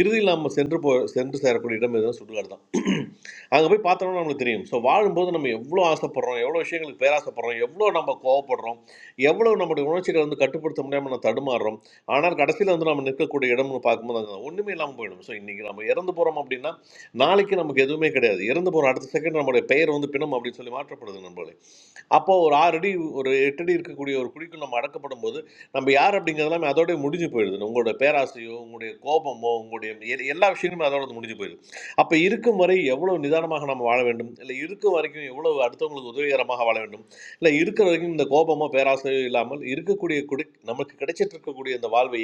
Speaker 15: இறுதியில் நம்ம சென்று போ சென்று சேரக்கூடிய இடம் எதுவும் சுடுகாடு தான் *clears throat* அங்கே போய் பார்த்தோம்னா நம்மளுக்கு தெரியும் ஸோ வாழும்போது நம்ம எவ்வளோ ஆசைப்படுறோம் எவ்வளோ விஷயங்களுக்கு பேராசைப்படுறோம் எவ்வளோ நம்ம கோவப்படுறோம் எவ்வளோ நம்முடைய உணர்ச்சிகளை வந்து கட்டுப்படுத்த முடியாமல் நம்ம தடுமாறுறோம் ஆனால் கடைசியில் வந்து நம்ம நிற்கக்கூடிய இடம்னு பார்க்கும்போது அங்கே ஒன்றுமே இல்லாமல் போயிடும் ஸோ இன்றைக்கி நம்ம இறந்து போகிறோம் அப்படின்னா நாளைக்கு நமக்கு எதுவுமே கிடையாது இறந்து போகிற அடுத்த செகண்ட் நம்மளுடைய பெயர் வந்து பிணம் அப்படின்னு சொல்லி மாற்றப்படுது நம்மளே அப்போ ஒரு ஆறு அடி ஒரு எட்டு அடி இருக்கக்கூடிய ஒரு குழிக்கு நம்ம அடக்கப்படும் போது நம்ம யார் அப்படிங்கிறதெல்லாம் அதோடய முடிஞ்சு போயிடுது உங்களோட பேராசையோ உங்களுடைய கோபமோ உங்களுடைய எ- எல்லா விஷயங்களுமே அதோட முடிஞ்சு போயிடுது அப்போ இருக்கும் வரை எவ்வளோ நிதானமாக நம்ம வாழ வேண்டும் இல்லை இருக்கும் வரைக்கும் எவ்வளோ அடுத்தவங்களுக்கு உதவிகரமாக வாழ வேண்டும் இல்லை இருக்கிற வரைக்கும் இந்த கோபமோ பேராசையோ இல்லாமல் இருக்கக்கூடிய குடி நமக்கு கிடைச்சிட்டு இருக்கக்கூடிய இந்த வாழ்வை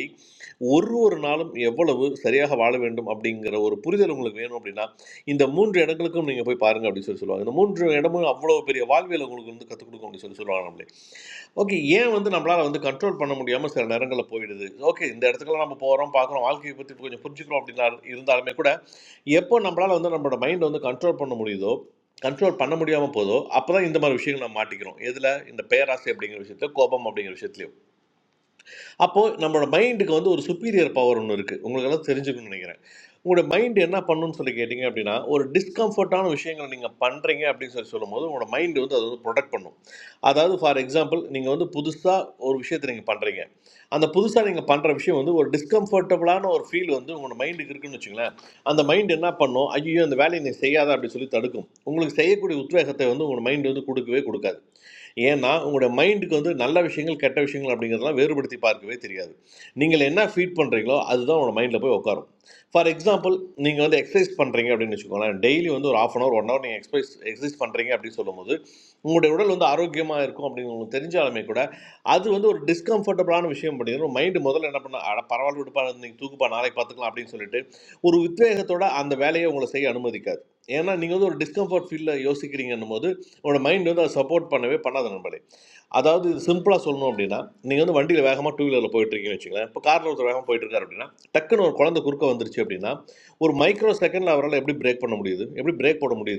Speaker 15: ஒரு ஒரு நாளும் எவ்வளவு சரியாக வாழ வேண்டும் அப்படிங்கிற ஒரு புரிதல் உங்களுக்கு வேணும் அப்படின்னா இந்த மூன்று இடங்களுக்கும் நீங்கள் போய் பாருங்க அப்படின்னு சொல்லி சொல்லுவாங்க இந்த மூன்று இடமும் அவ்வளோ பெரிய வாழ்வியல் உங்களுக்கு வந்து கற்றுக் கொடுக்கும் அப்படின்னு சொல்லி சொல்லுவாங்க நம்மளே ஓகே ஏன் வந்து நம்மளால் வந்து கண்ட்ரோல் பண்ண முடியாமல் சில நேரங்களில் போயிடுது ஓகே இந்த இடத்துக்குலாம் நம்ம போகிறோம் பார்க்குறோம் வாழ்க்கையை பற்றி கொஞ்சம் புரிஞ்சுக்கிறோம் அப்படின்னா இருந்தாலுமே கூட எப்போ நம்மளால் வந்து நம்மளோட மைண்டை வந்து கண்ட்ரோல் பண்ண முடியுதோ கண்ட்ரோல் பண்ண முடியாமல் போதோ அப்போ தான் இந்த மாதிரி விஷயங்கள் நம்ம மாட்டிக்கிறோம் எதில் இந்த பேராசை அப்படிங்கிற விஷயத்துல கோபம் அப்படிங்கிற விஷயத்துலையும் அப்போது நம்மளோட மைண்டுக்கு வந்து ஒரு சுப்பீரியர் பவர் ஒன்று இருக்குது உங்களுக்கெல்லாம் தெரிஞ்சுக்கணும்னு நினைக்கிறேன் உங்களோட மைண்டு என்ன பண்ணுன்னு சொல்லி கேட்டிங்க அப்படின்னா ஒரு டிஸ்கம்ஃபர்ட்டான விஷயங்களை நீங்கள் பண்ணுறீங்க அப்படின்னு சொல்லி சொல்லும்போது உங்களோட மைண்டு வந்து அது வந்து ப்ரொடக்ட் பண்ணும் அதாவது ஃபார் எக்ஸாம்பிள் நீங்கள் வந்து புதுசாக ஒரு விஷயத்தை நீங்கள் பண்ணுறீங்க அந்த புதுசாக நீங்கள் பண்ணுற விஷயம் வந்து ஒரு டிஸ்கம்ஃபர்டபுளான ஒரு ஃபீல் வந்து உங்களோட மைண்டுக்கு இருக்குன்னு வச்சுங்களேன் அந்த மைண்ட் என்ன பண்ணும் ஐயோ அந்த வேலையை நீ செய்யாத அப்படின்னு சொல்லி தடுக்கும் உங்களுக்கு செய்யக்கூடிய உத்வேகத்தை வந்து உங்களோட மைண்டு வந்து கொடுக்கவே கொடுக்காது ஏன்னா உங்களுடைய மைண்டுக்கு வந்து நல்ல விஷயங்கள் கெட்ட விஷயங்கள் அப்படிங்கிறதெல்லாம் வேறுபடுத்தி பார்க்கவே தெரியாது நீங்கள் என்ன ஃபீட் பண்ணுறீங்களோ அதுதான் உங்களோட மைண்டில் போய் உட்காரும் ஃபார் எக்ஸாம்பிள் நீங்கள் வந்து எக்ஸசைஸ் பண்ணுறீங்க அப்படின்னு வச்சுக்கோங்களேன் டெய்லி வந்து ஒரு half an hour one hour நீங்கள் எக்ஸசைஸ் எக்ஸசைஸ் பண்ணுறீங்க அப்படின்னு சொல்லும்போது உங்களுடைய உடல் வந்து ஆரோக்கியமாக இருக்கும் அப்படின்னு உங்களுக்கு தெரிஞ்சாலுமே கூட அது வந்து ஒரு டிஸ்கம்ஃபர்டபுளான விஷயம் அப்படிங்கிறது மைண்டு முதல்ல என்ன பண்ண அட பரவாயில்ல விடுப்பா நீங்கள் தூக்குப்பா நாளைக்கு பார்த்துக்கலாம் அப்படின்னு சொல்லிட்டு ஒரு உத்வேகத்தோட அந்த வேலையை உங்களை செய்ய அனுமதிக்காது ஏன்னா நீங்கள் வந்து ஒரு டிஸ்கம்ஃபர்ட் ஃபீலில் யோசிக்கிறீங்கன்னும் போது உங்களோட மைண்ட் வந்து அதை சப்போர்ட் பண்ணவே பண்ணாத நண்பர்களே அதாவது இது சிம்பிளாக சொல்லணும் அப்படின்னா நீங்கள் வந்து வண்டியில் வேகமாக டூ வீலரில் போயிட்டு இருக்கீங்கன்னு வச்சுங்களேன் இப்போ காரில் ஒருத்தர் வேகமாக போயிட்டு இருக்காரு அப்படின்னா டக்குன்னு ஒரு குழந்தை குறுக்க வந்துருச்சு அப்படின்னா ஒரு மைக்ரோ செகண்டில் அவரால் எப்படி பிரேக் பண்ண முடியுது எப்படி பிரேக் போட முடியுது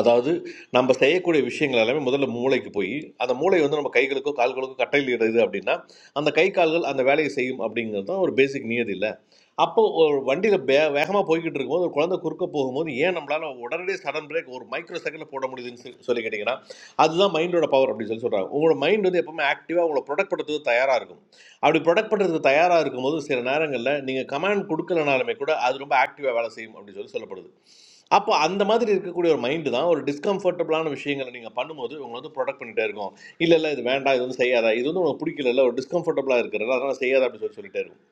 Speaker 15: அதாவது நம்ம செய்யக்கூடிய விஷயங்கள் எல்லாமே முதல்ல மூளைக்கு போய் அந்த மூளை வந்து நம்ம கைகளுக்கோ கால்களுக்கோ கட்டளையிடுது அப்படின்னா அந்த கை கால்கள் அந்த வேலையை செய்யும் அப்படிங்கிறது தான் ஒரு பேசிக் நியதி இல்லை அப்போ ஒரு வண்டியில் வே வேகமாக போய்கிட்டு இருக்கும்போது ஒரு குழந்தை குறுக்க போகும்போது ஏன் நம்மளால் உடனடியே சடன் பிரேக் ஒரு மைக்ரோ செகண்டில் போட முடியுதுன்னு சொல்லி சொல்லி கேட்டிங்கன்னா அதுதான் மைண்டோட பவர் அப்படின்னு சொல்லி சொல்கிறாங்க உங்களோட மைண்ட் வந்து எப்பவுமே ஆக்டிவாக உங்களை ப்ரொடக்ட் பண்ணுறதுக்கு தயாராக இருக்கும் அப்படி ப்ரொடக்ட் பண்ணுறதுக்கு தயாராக இருக்கும்போது சில நேரங்களில் நீங்கள் கமாண்ட் கொடுக்கலனாலுமே கூட அது ரொம்ப ஆக்டிவாக வேலை செய்யும் அப்படின்னு சொல்லி சொல்லப்படுது அப்போ அந்த மாதிரி இருக்கக்கூடிய ஒரு மைண்டு தான் ஒரு டிஸ்கம்ஃபர்டபுளான விஷயங்களை நீங்கள் பண்ணும்போது உங்களை வந்து ப்ரொடக்ட் பண்ணிட்டே இருக்கும் இல்லை இல்லை இது வேண்டாம் இது வந்து செய்யாத இது வந்து உனக்கு பிடிக்கல ஒரு டிஸ்கம்ஃபர்டபுளாக இருக்கிறது அதனால் செய்யாத அப்படின்னு சொல்லி சொல்லிட்டே இருக்கும்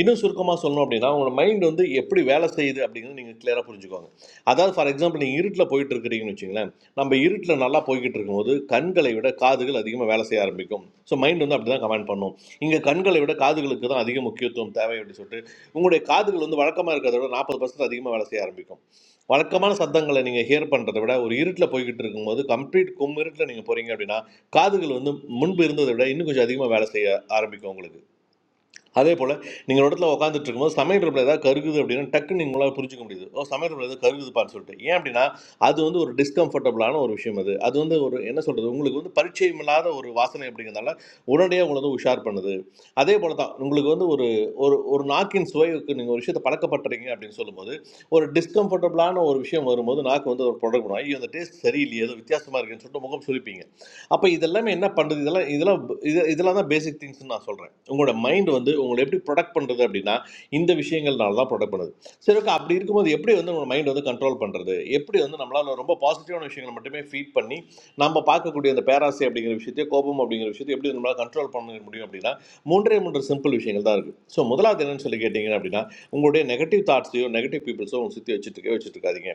Speaker 15: இன்னும் சுருக்கமாக சொல்லணும் அப்படின்னா உங்களோட மைண்ட் வந்து எப்படி வேலை செய்யுது அப்படிங்கிறது நீங்கள் கிளியராக புரிஞ்சுக்கோங்க அதாவது ஃபார் எக்ஸாம்பிள் நீங்கள் இருட்டில் போயிட்டு இருக்கிறீங்கன்னு வச்சுங்களேன் நம்ம இருட்டில் நல்லா போய்கிட்டு இருக்கும்போது கண்களை விட காதுகள் அதிகமாக வேலை செய்ய ஆரம்பிக்கும் ஸோ மைண்ட் வந்து அப்படி தான் கமெண்ட் பண்ணும் இங்கே கண்களை விட காதுகளுக்கு தான் அதிக முக்கியத்துவம் தேவை அப்படின்னு சொல்லிட்டு உங்களுடைய காதுகள் வந்து வழக்கமாக இருக்கிறத விட நாற்பது பர்சன்ட் அதிகமாக வேலை செய்ய ஆரம்பிக்கும் வழக்கமான சத்தங்களை நீங்கள் ஹியர் பண்ணுறதை விட ஒரு இருட்டில் போய்கிட்டு இருக்கும்போது கம்ப்ளீட் கும் இருட்டில் நீங்கள் போகிறீங்க அப்படின்னா காதுகள் வந்து முன்பு இருந்ததை விட இன்னும் கொஞ்சம் அதிகமாக வேலை செய்ய ஆரம்பிக்கும் உங்களுக்கு அதே போல் நீங்கள் ஒரு இடத்துல உட்காந்துட்டு இருக்கும்போது சமையல் இடத்துல ஏதாவது கருகுது அப்படின்னா டக்குன்னு உங்களால் புரிஞ்சுக்க முடியுது ஓ சமையல் இடத்துல ஏதாவது கருகுதுப்பான்னு சொல்லிட்டு ஏன் அப்படின்னா அது வந்து ஒரு டிஸ்கம்ஃபர்டபுளான ஒரு விஷயம் அது அது வந்து ஒரு என்ன சொல்கிறது உங்களுக்கு வந்து பரிச்சயம் இல்லாத ஒரு வாசனை அப்படிங்கிறதால உடனடியாக உங்களை வந்து உஷார் பண்ணுது அதே போல் தான் உங்களுக்கு வந்து ஒரு ஒரு ஒரு நாக்கின் சுவைக்கு நீங்கள் ஒரு விஷயத்தை பழக்கப்பட்டுறீங்க அப்படின்னு சொல்லும்போது ஒரு டிஸ்கம்ஃபர்டபுளான ஒரு விஷயம் வரும்போது நாக்கு வந்து ஒரு ப்ராடக்ட் பண்ணுவோம் ஐயோ அந்த டேஸ்ட் சரியில்லையே ஏதோ வித்தியாசமாக இருக்குன்னு சொல்லிட்டு முகம் சுழிப்பீங்க அப்போ இதெல்லாமே என்ன பண்ணுறது இதெல்லாம் இதெல்லாம் இது இதெல்லாம் தான் பேசிக் திங்ஸ்னு நான் சொல்கிறேன் உங்களோட மைண்ட் வந்து உங்களை எப்படி ப்ரொடக்ட் பண்ணுறது அப்படின்னா இந்த விஷயங்கள்னால தான் ப்ரொடக்ட் பண்ணுது சரி ஓகே அப்படி இருக்கும்போது எப்படி வந்து உங்களோட மைண்ட் வந்து கண்ட்ரோல் பண்ணுறது எப்படி வந்து நம்மளால் ரொம்ப பாசிட்டிவான விஷயங்களை மட்டுமே ஃபீட் பண்ணி நம்ம பார்க்கக்கூடிய அந்த பேராசை அப்படிங்கிற விஷயத்தையோ கோபம் அப்படிங்கிற விஷயத்தை எப்படி நம்மளால் கண்ட்ரோல் பண்ண முடியும் அப்படின்னா மூன்றே மூன்று சிம்பிள் விஷயங்கள் தான் இருக்குது ஸோ முதலாவது என்னன்னு சொல்லி கேட்டிங்க அப்படின்னா உங்களுடைய நெகட்டிவ் தாட்ஸையோ நெகட்டிவ் பீப்புள்ஸோ உங்களை சுற்றி வச்சுட்டு வச்சுட்டு இருக்காதீங்க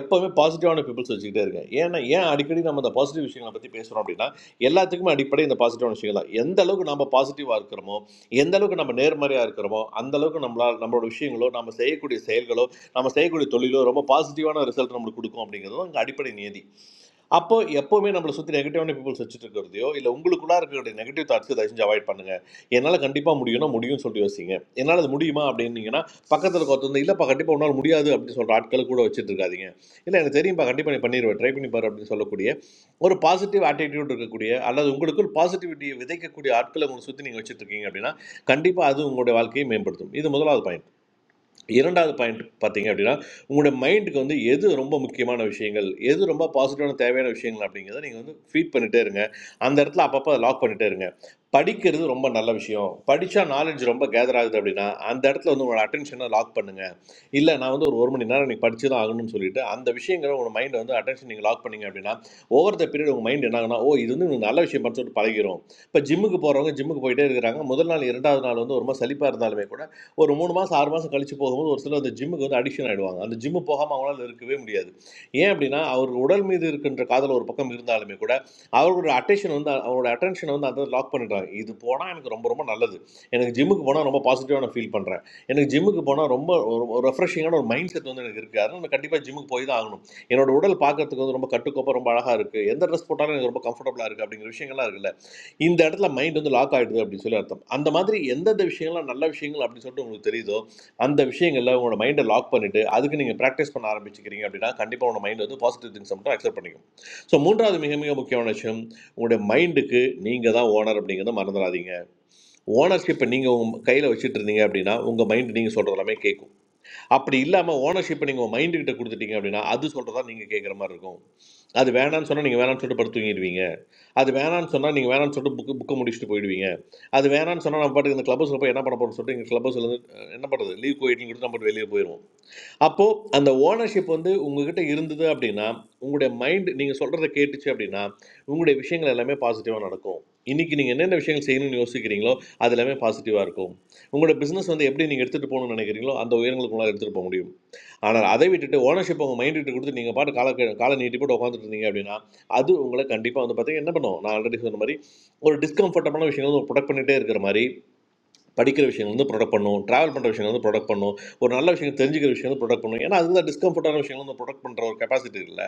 Speaker 15: எப்போவுமே பாசிட்டிவான பீப்புள்ஸ் வச்சுக்கிட்டே இருங்க ஏன்னா ஏன் அடிக்கடி நம்ம அந்த பாசிட்டிவ் விஷயங்களை பற்றி பேசுகிறோம் அப்படின்னா எல்லாத்துக்குமே அடிப்படை இந்த பாசிட்டிவான விஷயங்கள் தான் எந்த அளவுக்கு நம்ம பாசிட்டிவாக இருக்கிறோமோ எந்த அளவுக்கு நம்ம நேர்மறையாக இருக்கிறோமோ அந்த அளவுக்கு நம்மளால் நம்மளோட விஷயங்களோ நம்ம செய்யக்கூடிய செயல்களோ நம்ம செய்யக்கூடிய தொழிலோ ரொம்ப பாசிட்டிவான ரிசல்ட் நம்மளுக்கு கொடுக்கும் அப்படிங்கிறது அங்கே அடிப்படை நியதி அப்போ எப்போவுமே நம்மளை சுற்றி நெகட்டிவான பீப்புள்ஸ் வச்சுட்டு இருக்கிறதையோ இல்லை உங்களுக்குள்ளே இருக்கிற நெகட்டிவ் தாட்ஸ் தயவு செஞ்சு அவாய்ட் பண்ணுங்க என்னால் கண்டிப்பாக முடியும்னா முடியும்னு சொல்லிட்டு யோசிங்க என்னால் அது முடியுமா அப்படின்னீங்கன்னா பக்கத்தில் ஒருத்தர் இல்லைப்பா கண்டிப்பாக உன்னால் முடியாது அப்படின்னு சொல்கிற ஆட்களை கூட வச்சுட்டு இருக்காதீங்க இல்லை எனக்கு தெரியும்ப்பா கண்டிப்பாக நீ பண்ணிடுவேன் ட்ரை பண்ணி பாரு அப்படின்னு சொல்லக்கூடிய or a positive attitude to be good. A lot of you guys have positivity. With that, you are at the level of success. You are doing it. Not. Can't be. That is your own work. Remember that. This is the first point. இரண்டாவது point பார்த்தீங்க அப்படின்னா உங்களுடைய மைண்டுக்கு வந்து எது ரொம்ப முக்கியமான விஷயங்கள் எது ரொம்ப பாசிட்டிவான தேவையான விஷயங்கள் அப்படிங்கிறத நீங்கள் வந்து ஃபீட் பண்ணிட்டே இருங்க அந்த இடத்துல அப்பப்போ அதை லாக் பண்ணிட்டே இருங்க படிக்கிறது ரொம்ப நல்ல விஷயம் படித்தா நாலேஜ் ரொம்ப கேதர் ஆகுது அப்படின்னா அந்த இடத்துல வந்து உங்களோட அட்டென்ஷனை லாக் பண்ணுங்கள் இல்லை நான் வந்து ஒரு ஒரு மணி நேரம் நீங்கள் படிச்சு தான் ஆகணும்னு சொல்லிட்டு அந்த விஷயங்களை உங்கள் மைண்டை வந்து அட்டென்ஷன் நீங்கள் லாக் பண்ணீங்க அப்படின்னா ஓவர் த பீரியட் உங்கள் மைண்ட் என்ன ஆகுனா ஓ இது வந்து நல்ல விஷயம் படிச்சு பழகிரும் இப்போ ஜிம்முக்கு போகிறவங்க ஜிம்முக்கு போயிட்டே இருக்கிறாங்க முதல் நாள் இரண்டாவது நாள் வந்து ஒரு மாதிரி சலிப்பாக இருந்தாலுமே கூட ஒரு 3 மாசம் 6 மாசம் கழிச்சு போகும்போது ஒரு சிலர் அந்த ஜிம்முக்கு வந்து அடிக்ஷன் ஆயிடுவாங்க. அந்த ஜிம் போகாம அவங்களால இருக்கவே முடியாது. ஏன் அப்படின்னா, அவர் உடல் மீது இருக்கின்ற காதல் ஒரு பக்கம் இருந்தாலுமே கூட, அவருடைய அட்டென்ஷன் வந்து அவரோட அட்டென்ஷன் வந்து அத லாக் பண்ணிடுறாங்க. இது போனா எனக்கு ரொம்ப ரொம்ப நல்லது. எனக்கு ஜிம்முக்கு போனா ரொம்ப பாசிட்டிவா நான் ஃபீல் பண்றேன். எனக்கு ஜிம்முக்கு போனா ரொம்ப ஒரு ஒரு ரெஃப்ரெஷிங்கான ஒரு மைண்ட் செட் வந்து எனக்கு இருக்கு. அதனால நான் கண்டிப்பா ஜிம்முக்கு போய் தான் ஆகணும். என்னோட உடல் பார்க்கறதுக்கு வந்து ரொம்ப கட்டுக்கோப்பா ரொம்ப அழகா இருக்கு. எந்த டிரெஸ் போட்டாலும் எனக்கு ரொம்ப கம்ஃபர்டபிளா இருக்கு அப்படிங்கிற விஷயங்கள்லாம் இருக்குல்ல. இந்த இடத்துல மைண்ட் வந்து லாக் ஆகிடுது அப்படின்னு சொல்லி அர்த்தம் அந்த மாதிரி எந்தெந்த விஷயங்கள்லாம் நல்ல விஷயங்கள் அப்படின்னு சொல்லிட்டு உங்களுக்கு தெரியுதோ அந்த விஷயங்களில் உங்களோட மைண்டை லாக் பண்ணிவிட்டு அதுக்கு நீங்கள் ப்ராக்டிஸ் பண்ண ஆரம்பிச்சுக்கிறீங்க அப்படின்னா கண்டிப்பாக உங்களோட மைண்ட் வந்து பாசிட்டிவ் திங்ஸ் மட்டும் அக்செப்ட் பண்ணிக்கும் ஸோ மூன்றாவது மிக மிக முக்கியமான விஷயம் உங்களுடைய மைண்டுக்கு நீங்கள் தான் ஓனர் அப்படிங்கிறத மறந்துடாதீங்க ஓனர்ஷிப்பை நீங்கள் உங்கள் கையில் வச்சுட்டு இருந்தீங்க அப்படின்னா உங்கள் மைண்ட் நீங்கள் சொல்கிறது எல்லாமே கேட்கும் அப்படி இல்லாமல் ஓனர்ஷிப்பை நீங்கள் மைண்டு கிட்ட கொடுத்துட்டீங்க அப்படின்னா அது சொல்கிறதா நீங்கள் கேட்குற மாதிரி இருக்கும் அது வேணான்னு சொன்னால் நீங்கள் வேணான்னு சொல்லிட்டு படுத்து தூங்கிடுவீங்க அது வேணான்னு சொன்னால் நீங்கள் வேணான்னு சொல்லிட்டு புக்கு புக்கை முடிச்சுட்டு போயிடுவீங்க அது வேணான்னு சொன்னால் நம்ம பாட்டுக்கு இந்த கிளப் ஹவுஸில் போய் என்ன பண்ண போகிறோம்னு சொல்லிட்டு எங்கள் கிளப் ஹவுஸ்லேருந்து என்ன பண்ணுறது லீவ் கோயிட்னு கொடுத்து நம்ம வெளியே போயிடுவோம் அப்போ அந்த ஓனர்ஷிப் வந்து உங்ககிட்ட இருந்தது அப்படின்னா உங்களுடைய மைண்ட் நீங்க சொல்றதை கேட்டுச்சு அப்படின்னா உங்களுடைய விஷயங்கள் எல்லாமே பாசிட்டிவா நடக்கும் இன்னைக்கு நீங்க என்னென்ன விஷயங்கள் செய்யணும்னு யோசிக்கிறீங்களோ அது எல்லாமே பாசிட்டிவா இருக்கும் உங்களோட பிசினஸ் வந்து எப்படி நீங்க எடுத்துட்டு போகணும்னு நினைக்கிறீங்களோ அந்த உயரங்களுக்கு உங்களால் எடுத்துட்டு போக முடியும் ஆனால் அதை விட்டுட்டு ஓனர்ஷிப் உங்க மைண்ட் விட்டு கொடுத்து நீங்க பாட்டு கால காலை நீட்டி போட்டு உட்காந்துட்டு இருந்தீங்க அப்படின்னா அது உங்களை கண்டிப்பா வந்து பார்த்தீங்கன்னா என்ன பண்ணும் நான் ஆல்ரெடி சொன்ன மாதிரி ஒரு டிஸ்கம்ஃபர்டபுளான விஷயங்கள் வந்து ப்ரொடக்ட் பண்ணிட்டே இருக்கிற மாதிரி படிக்கிற விஷயங்கள் வந்து ப்ரொடக்ட் பண்ணும் ட்ராவல் பண்ணுற விஷயங்கள் வந்து ப்ரொடக்ட் பண்ணும் ஒரு நல்ல விஷயம் தெரிஞ்சுக்கிற விஷயம் வந்து ப்ரொடக்ட் பண்ணும் ஏன்னா அதுதான் டிஸ்கம்ஃபர்டான விஷயங்கள் வந்து ப்ரொடக்ட் பண்ணுற ஒரு கெப்பாசிட்டி இல்லை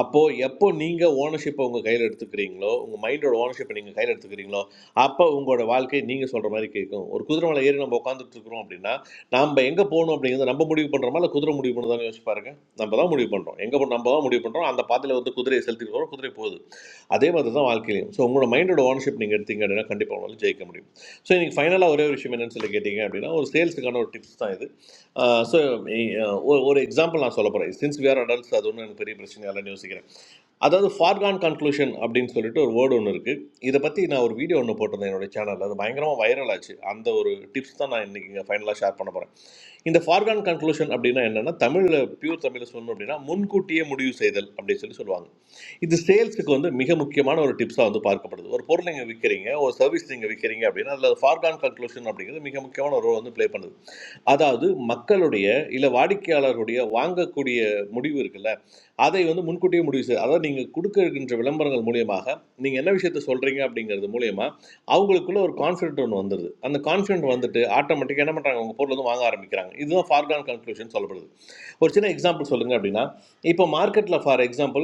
Speaker 15: அப்போது எப்போ நீங்கள் ஓனர்ஷிப்பை உங்கள் கையில் எடுத்துக்கிறீங்களோ உங்கள் மைண்டோட ஓனர்ஷிப்பை நீங்கள் கையில் எடுத்துக்கிறீங்களோ அப்போ உங்களோட வாழ்க்கை நீங்கள் சொல்கிற மாதிரி கேட்கும் ஒரு குதிரை மேலே ஏறி நம்ம உட்காந்துட்டு இருக்கிறோம் அப்படின்னா நம்ம எங்கே போகணும் அப்படிங்கிறத நம்ம முடிவு பண்ணுறோமா இல்லை குதிரை முடிவு பண்ணுறதான்னு யோசிச்சு பாருங்க நம்ம தான் முடிவு பண்ணுறோம் எங்கே போகணும் நம்ம தான் முடிவு பண்ணுறோம் அந்த பாதையில் வந்து குதிரையை செலுத்திட்டு போகிறோம் குதிரை போகுது அதே மாதிரி தான் வாழ்க்கையிலையும் ஸோ உங்களோட மைண்டோட ஓனர்ஷிப் நீங்கள் எடுத்தீங்க அப்படின்னா கண்டிப்பாக உங்களால் ஜெயிக்க முடியும் so, in final, a one more question I am going to take you. That is, one sales guy's tips. So, one example I am going to tell you. Since we are adults, I don't want to repeat the question again. That is the far grand conclusion. I am going to tell you. Word on it. This is why I made a video on this. My channel is very viral. That is one tip. I am going to take you to the final shot. This is the far grand conclusion. I am going to tell you. In Tamil, pure Tamil spoken, I am going to use the word. இது சேல்ஸுக்கு வந்து மிக முக்கியமான ஒரு டிப்ஸாக வந்து பார்க்கப்படுது ஒரு பொருள் நீங்கள் விற்கிறீங்க ஒரு சர்வீஸ் நீங்கள் விற்கிறீங்க அப்படின்னா அதில் ஃபார்கான் கன்க்ளூஷன் அப்படிங்கிறது மிக முக்கியமான ஒரு ரோல் வந்து ப்ளே பண்ணுது அதாவது மக்களுடைய இல்லை வாடிக்கையாளருடைய வாங்கக்கூடிய முடிவு இருக்குல்ல அதை வந்து முன்கூட்டியே முடிவு செய்ய அதாவது நீங்கள் கொடுக்க இருக்கின்ற விளம்பரங்கள் மூலியமாக நீங்கள் என்ன விஷயத்த சொல்கிறீங்க அப்படிங்கிறது மூலியமா அவங்களுக்குள்ள ஒரு கான்ஃபிடென்ட் ஒன்று வந்துடுது அந்த கான்ஃபிடென்ட் வந்துட்டு ஆட்டோமேட்டிக்காக என்ன பண்ணுறாங்க உங்கள் பொருள் வந்து வாங்க ஆரம்பிக்கிறாங்க இதுதான் ஃபார்கான் கன்க்ளூஷன் சொல்லப்படுது ஒரு சின்ன எக்ஸாம்பிள் சொல்லுங்கள் அப்படின்னா இப்போ மார்க்கெட்டில் ஃபார் எக்ஸாம்பிள்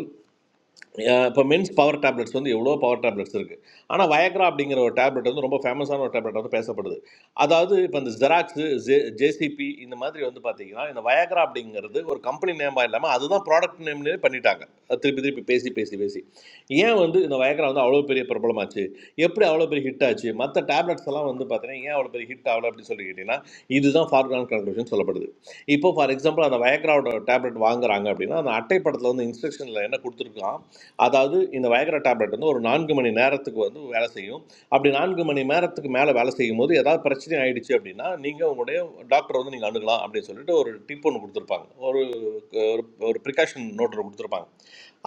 Speaker 15: இப்போ மென்ஸ் பவர் டேப்லெட்ஸ் வந்து எவ்வளோ பவர் டேப்லெட்ஸ் இருக்குது ஆனால் வயக்ரா அப்படிங்கிற ஒரு டேப்லெட் வந்து ரொம்ப ஃபேமஸான ஒரு டேப்லெட் வந்து பேசப்படுது அதாவது இப்போ இந்த ஜெராக்ஸு ஜே ஜேசிபி இந்த மாதிரி வந்து பார்த்தீங்கன்னா இந்த வயக்ரா அப்படிங்கிறது ஒரு கம்பெனி நேமாக இல்லாமல் அதுதான் ப்ராடக்ட் நேம்லேயே பண்ணிட்டாங்க அது திருப்பி திருப்பி பேசி பேசி பேசி ஏன் வந்து இந்த வயக்ரா வந்து அவ்வளோ பெரிய பிரபலமாச்சு எப்படி அவ்வளோ பெரிய ஹிட் ஆச்சு மற்ற டேப்லெட்ஸ் எல்லாம் வந்து பார்த்தீங்கன்னா ஏன் அவ்வளோ பெரிய ஹிட் ஆகலை அப்படின்னு சொல்லி கேட்டிங்கன்னா இதுதான் ஃபார்கான் கன்க்ளூஷன் சொல்லப்படுது இப்போ ஃபார் எக்ஸாம்பிள் அந்த வயக்ராவோட டேப்லெட் வாங்குறாங்க அப்படின்னா அந்த அட்டை படத்தில் வந்து இன்ஸ்ட்ரக்ஷனில் என்ன கொடுத்துருக்கான் அதாவது இந்த வயகர டேப்லெட் வந்து ஒரு நான்கு மணி நேரத்துக்கு வந்து வேலை செய்யும் அப்படி நான்கு மணி நேரத்துக்கு மேலே வேலை செய்யும் போது ஏதாவது பிரச்சனை ஆயிடுச்சு அப்படின்னா நீங்கள் உங்களுடைய டாக்டரை வந்து நீங்கள் அணுகலாம் அப்படின்னு சொல்லிட்டு ஒரு டிப் ஒன்று கொடுத்துருப்பாங்க ஒரு ஒரு ஒரு ப்ரிகாஷன் நோட் கொடுத்துருப்பாங்க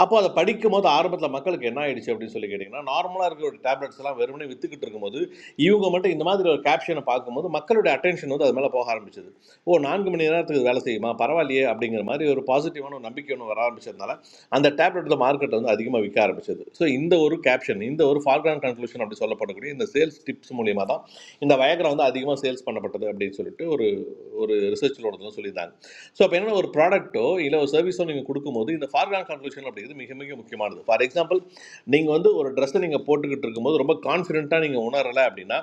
Speaker 15: அப்போ அதை படிக்கும் போது ஆரம்பத்தில் மக்களுக்கு என்ன ஆயிடுச்சு அப்படின்னு சொல்லி கேட்டிங்கன்னா நார்மலாக இருக்கிற ஒரு டேப்லெட்ஸ் எல்லாம் வெறுமனே வித்துக்கிட்டு இருக்கும்போது இவங்க மட்டும் இந்த மாதிரி ஒரு கேப்ஷனை பார்க்கும்போது மக்களுடைய அட்டென்ஷன் வந்து அது மேலே போக ஆரம்பிச்சது ஓ நான்கு மணி நேரத்துக்கு வேலை செய்யுமா பரவாயில்லையே அப்படிங்கிற மாதிரி ஒரு பாசிட்டிவான ஒரு நம்பிக்கை ஒன்று வர ஆரம்பிச்சதுனால அந்த டேப்லெட் மார்க்கெட்டில் வந்து அதிகமாக விற்க ஆரம்பிச்சது ஸோ இந்த ஒரு கேப்ஷன் இந்த ஒரு ஃபார்கிரான் கன்க்ளூஷன் அப்படி சொல்லப்படக்கூடிய இந்த சேல்ஸ் டிப்ஸ் மூலியமாக தான் இந்த வயக்ரா வந்து அதிகமாக சேல்ஸ் பண்ணப்பட்டது அப்படின்னு சொல்லிட்டு ஒரு ஒரு ரிசர்ச்சில் ஒருத்தர் சொல்லியிருந்தாங்க ஸோ அப்போ என்னென்ன ஒரு ப்ராடக்ட்டோ இல்லை ஒரு சர்வீஸோ நீங்கள் கொடுக்கும்போது இந்த ஃபார்கிரான் கன்க்ளூஷன் அப்படிங்கிறது மிக மிக முக்கியமானது ஃபார் எக்ஸாம்பிள் நீங்கள் வந்து ஒரு ட்ரெஸ்ஸை நீங்கள் போட்டுக்கிட்டு இருக்கும்போது ரொம்ப கான்ஃபிடென்ட்டாக நீங்கள் உணரலை அப்படின்னா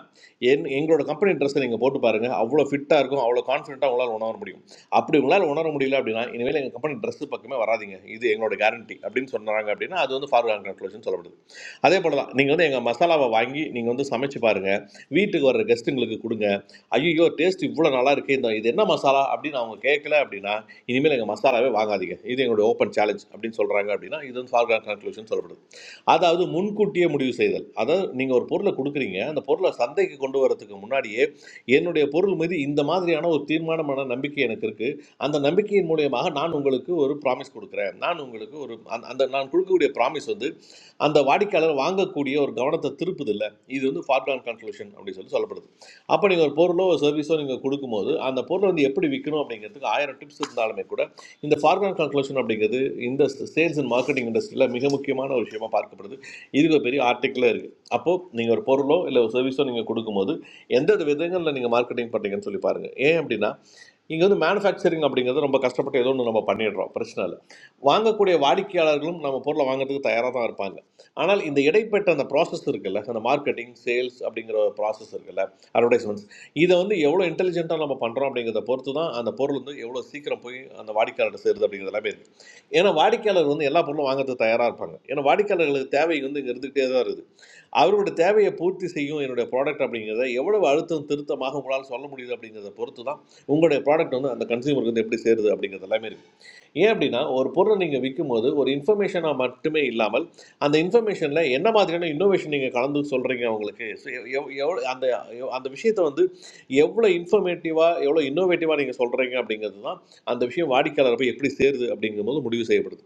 Speaker 15: என் எங்களோட கம்பெனி ட்ரெஸ்ஸை நீங்கள் போட்டு பாருங்கள் அவ்வளோ ஃபிட்டாக இருக்கும் அவ்வளோ கான்ஃபிடென்ட்டாக உங்களால் உணர முடியும் அப்படி உங்களால் உணர முடியல அப்படின்னா இனிமேல் எங்கள் கம்பெனி Dress பக்கமே வராதீங்க இது எங்களோட கேரண்டி அப்படின்னு சொன்னாங்க அப்படின்னா அது வந்து ஃபார்வர்ட் கன்க்ளூஷன் சொல்லப்படுது அதே போல தான் நீங்கள் வந்து எங்கள் மசாலாவை வாங்கி நீங்கள் வந்து சமைச்சு பாருங்க வீட்டுக்கு வர்ற கெஸ்ட்டுங்களுக்கு கொடுங்க ஐயோ டேஸ்ட் இவ்வளோ நல்லா இருக்கு இந்த இது என்ன மசாலா அப்படின்னு அவங்க கேட்கல அப்படின்னா இனிமேல் எங்கள் மசாலாவே வாங்காதீங்க இது எங்களுடைய ஓப்பன் சேலஞ்ச் அப்படின்னு சொல்கிறாங்க அப்படின்னா இது வந்து ஃபார்வர்ட் கன்க்ளூஷன் சொல்லப்படுது அதாவது முன்கூட்டியே முடிவு செய்தல் அதாவது நீங்கள் ஒரு பொருளை கொடுக்குறீங்க அந்த பொருளை சந்தைக்கு கொண்டு வரதுக்கு முன்னாடியே என்னுடைய பொருள் மீது இந்த மாதிரியான ஒரு தீர்மானமான நம்பிக்கை எனக்கு அந்த நம்பிக்கையின் மூலியமாக நான் உங்களுக்கு ஒரு ப்ராமிஸ் கொடுக்குறேன் நான் உங்களுக்கு ஒரு அந்த அந்த நான் கொடுக்கக்கூடிய ப்ராமிஸ் வந்து அந்த வாடிக்கையாளர் வாங்கக்கூடிய ஒரு கவனத்தை திருப்புது இல்லை இது வந்து ஃபார்ப்லான் கன்க்ளூஷன் அப்படின்னு சொல்லி சொல்லப்படுது அப்போ நீங்கள் ஒரு பொருளோ ஒரு சர்வீஸோ நீங்கள் கொடுக்கும்போது அந்த பொருளை வந்து எப்படி விற்கணும் அப்படிங்கிறதுக்கு ஆயிரம் டிப்ஸ் இருந்தாலுமே கூட இந்த ஃபார்ப்லான் கன்க்ளூஷன் அப்படிங்கிறது இந்த சேல்ஸ் அண்ட் மார்க்கெட்டிங் இண்டஸ்ட்ரியில் மிக முக்கியமான ஒரு விஷயமா பார்க்கப்படுது இதுக்கு பெரிய ஆர்டிக்கலாக இருக்குது அப்போது நீங்கள் ஒரு பொருளோ இல்லை ஒரு சர்வீஸோ நீங்கள் கொடுக்கும்போது எந்தெந்த விதங்களில் நீங்கள் மார்க்கெட்டிங் பண்ணுறீங்கன்னு சொல்லி பாருங்கள் ஏன் அப்படின்னா இங்கே வந்து மேனுஃபேக்சரிங் அப்படிங்கிறது ரொம்ப கஷ்டப்பட்டு ஏதோ ஒன்று நம்ம பண்ணிடுறோம் பிரச்சனை இல்லை வாங்கக்கூடிய வாடிக்கையாளர்களும் நம்ம பொருளை வாங்குறதுக்கு தயாராக தான் இருப்பாங்க ஆனால் இந்த இடைப்பட்ட அந்த ப்ராசஸ் இருக்குல்ல அந்த மார்க்கெட்டிங் சேல்ஸ் அப்படிங்கிற ஒரு ப்ராசஸ் இருக்குல்ல அட்வர்டைஸ்மெண்ட்ஸ் இதை வந்து எவ்வளோ இன்டெலிஜென்ட்டாக நம்ம பண்ணுறோம் அப்படிங்கிறத பொறுத்து தான் அந்த பொருள் வந்து எவ்வளோ சீக்கிரம் போய் அந்த வாடிக்கையாளர்கிட்ட சேருது அப்படிங்கிறது எல்லாமே இருக்குது ஏன்னா வாடிக்கையாளர் வந்து எல்லா பொருளும் வாங்குறதுக்கு தயாராக இருப்பாங்க ஏன்னா வாடிக்கையாளர்களுக்கு தேவை வந்து இங்கே இருந்துகிட்டே தான் இருக்குது அவருடைய தேவையை பூர்த்தி செய்யும் என்னுடைய ப்ராடக்ட் அப்படிங்கிறத எவ்வளவு அழுத்தம் திருத்தமாக உங்களால் சொல்ல முடியுது அப்படிங்கிறத பொறுத்து தான் உங்களுடைய ப்ராடக்ட் வந்து அந்த கன்சியூமருக்கு வந்து எப்படி சேருது அப்படிங்கிறது எல்லாமே இருக்குது ஏன் அப்படின்னா ஒரு பொருளை நீங்கள் விற்கும்போது ஒரு இன்ஃபர்மேஷனாக மட்டுமே இல்லாமல் அந்த இன்ஃபர்மேஷனில் என்ன மாதிரியான இன்னோவேஷன் நீங்கள் கலந்து சொல்கிறீங்க அவங்களுக்கு So, எவ்- எவ்- எவ்வளோ அந்த எவ்- அந்த விஷயத்தை வந்து எவ்வளோ இன்ஃபர்மேட்டிவாக எவ்வளோ இன்னோவேட்டிவாக நீங்கள் சொல்கிறீங்க அப்படிங்கிறது தான் அந்த விஷயம் வாடிக்கையாளர் போய் எப்படி சேருது அப்படிங்கும்போது முடிவு செய்யப்படுது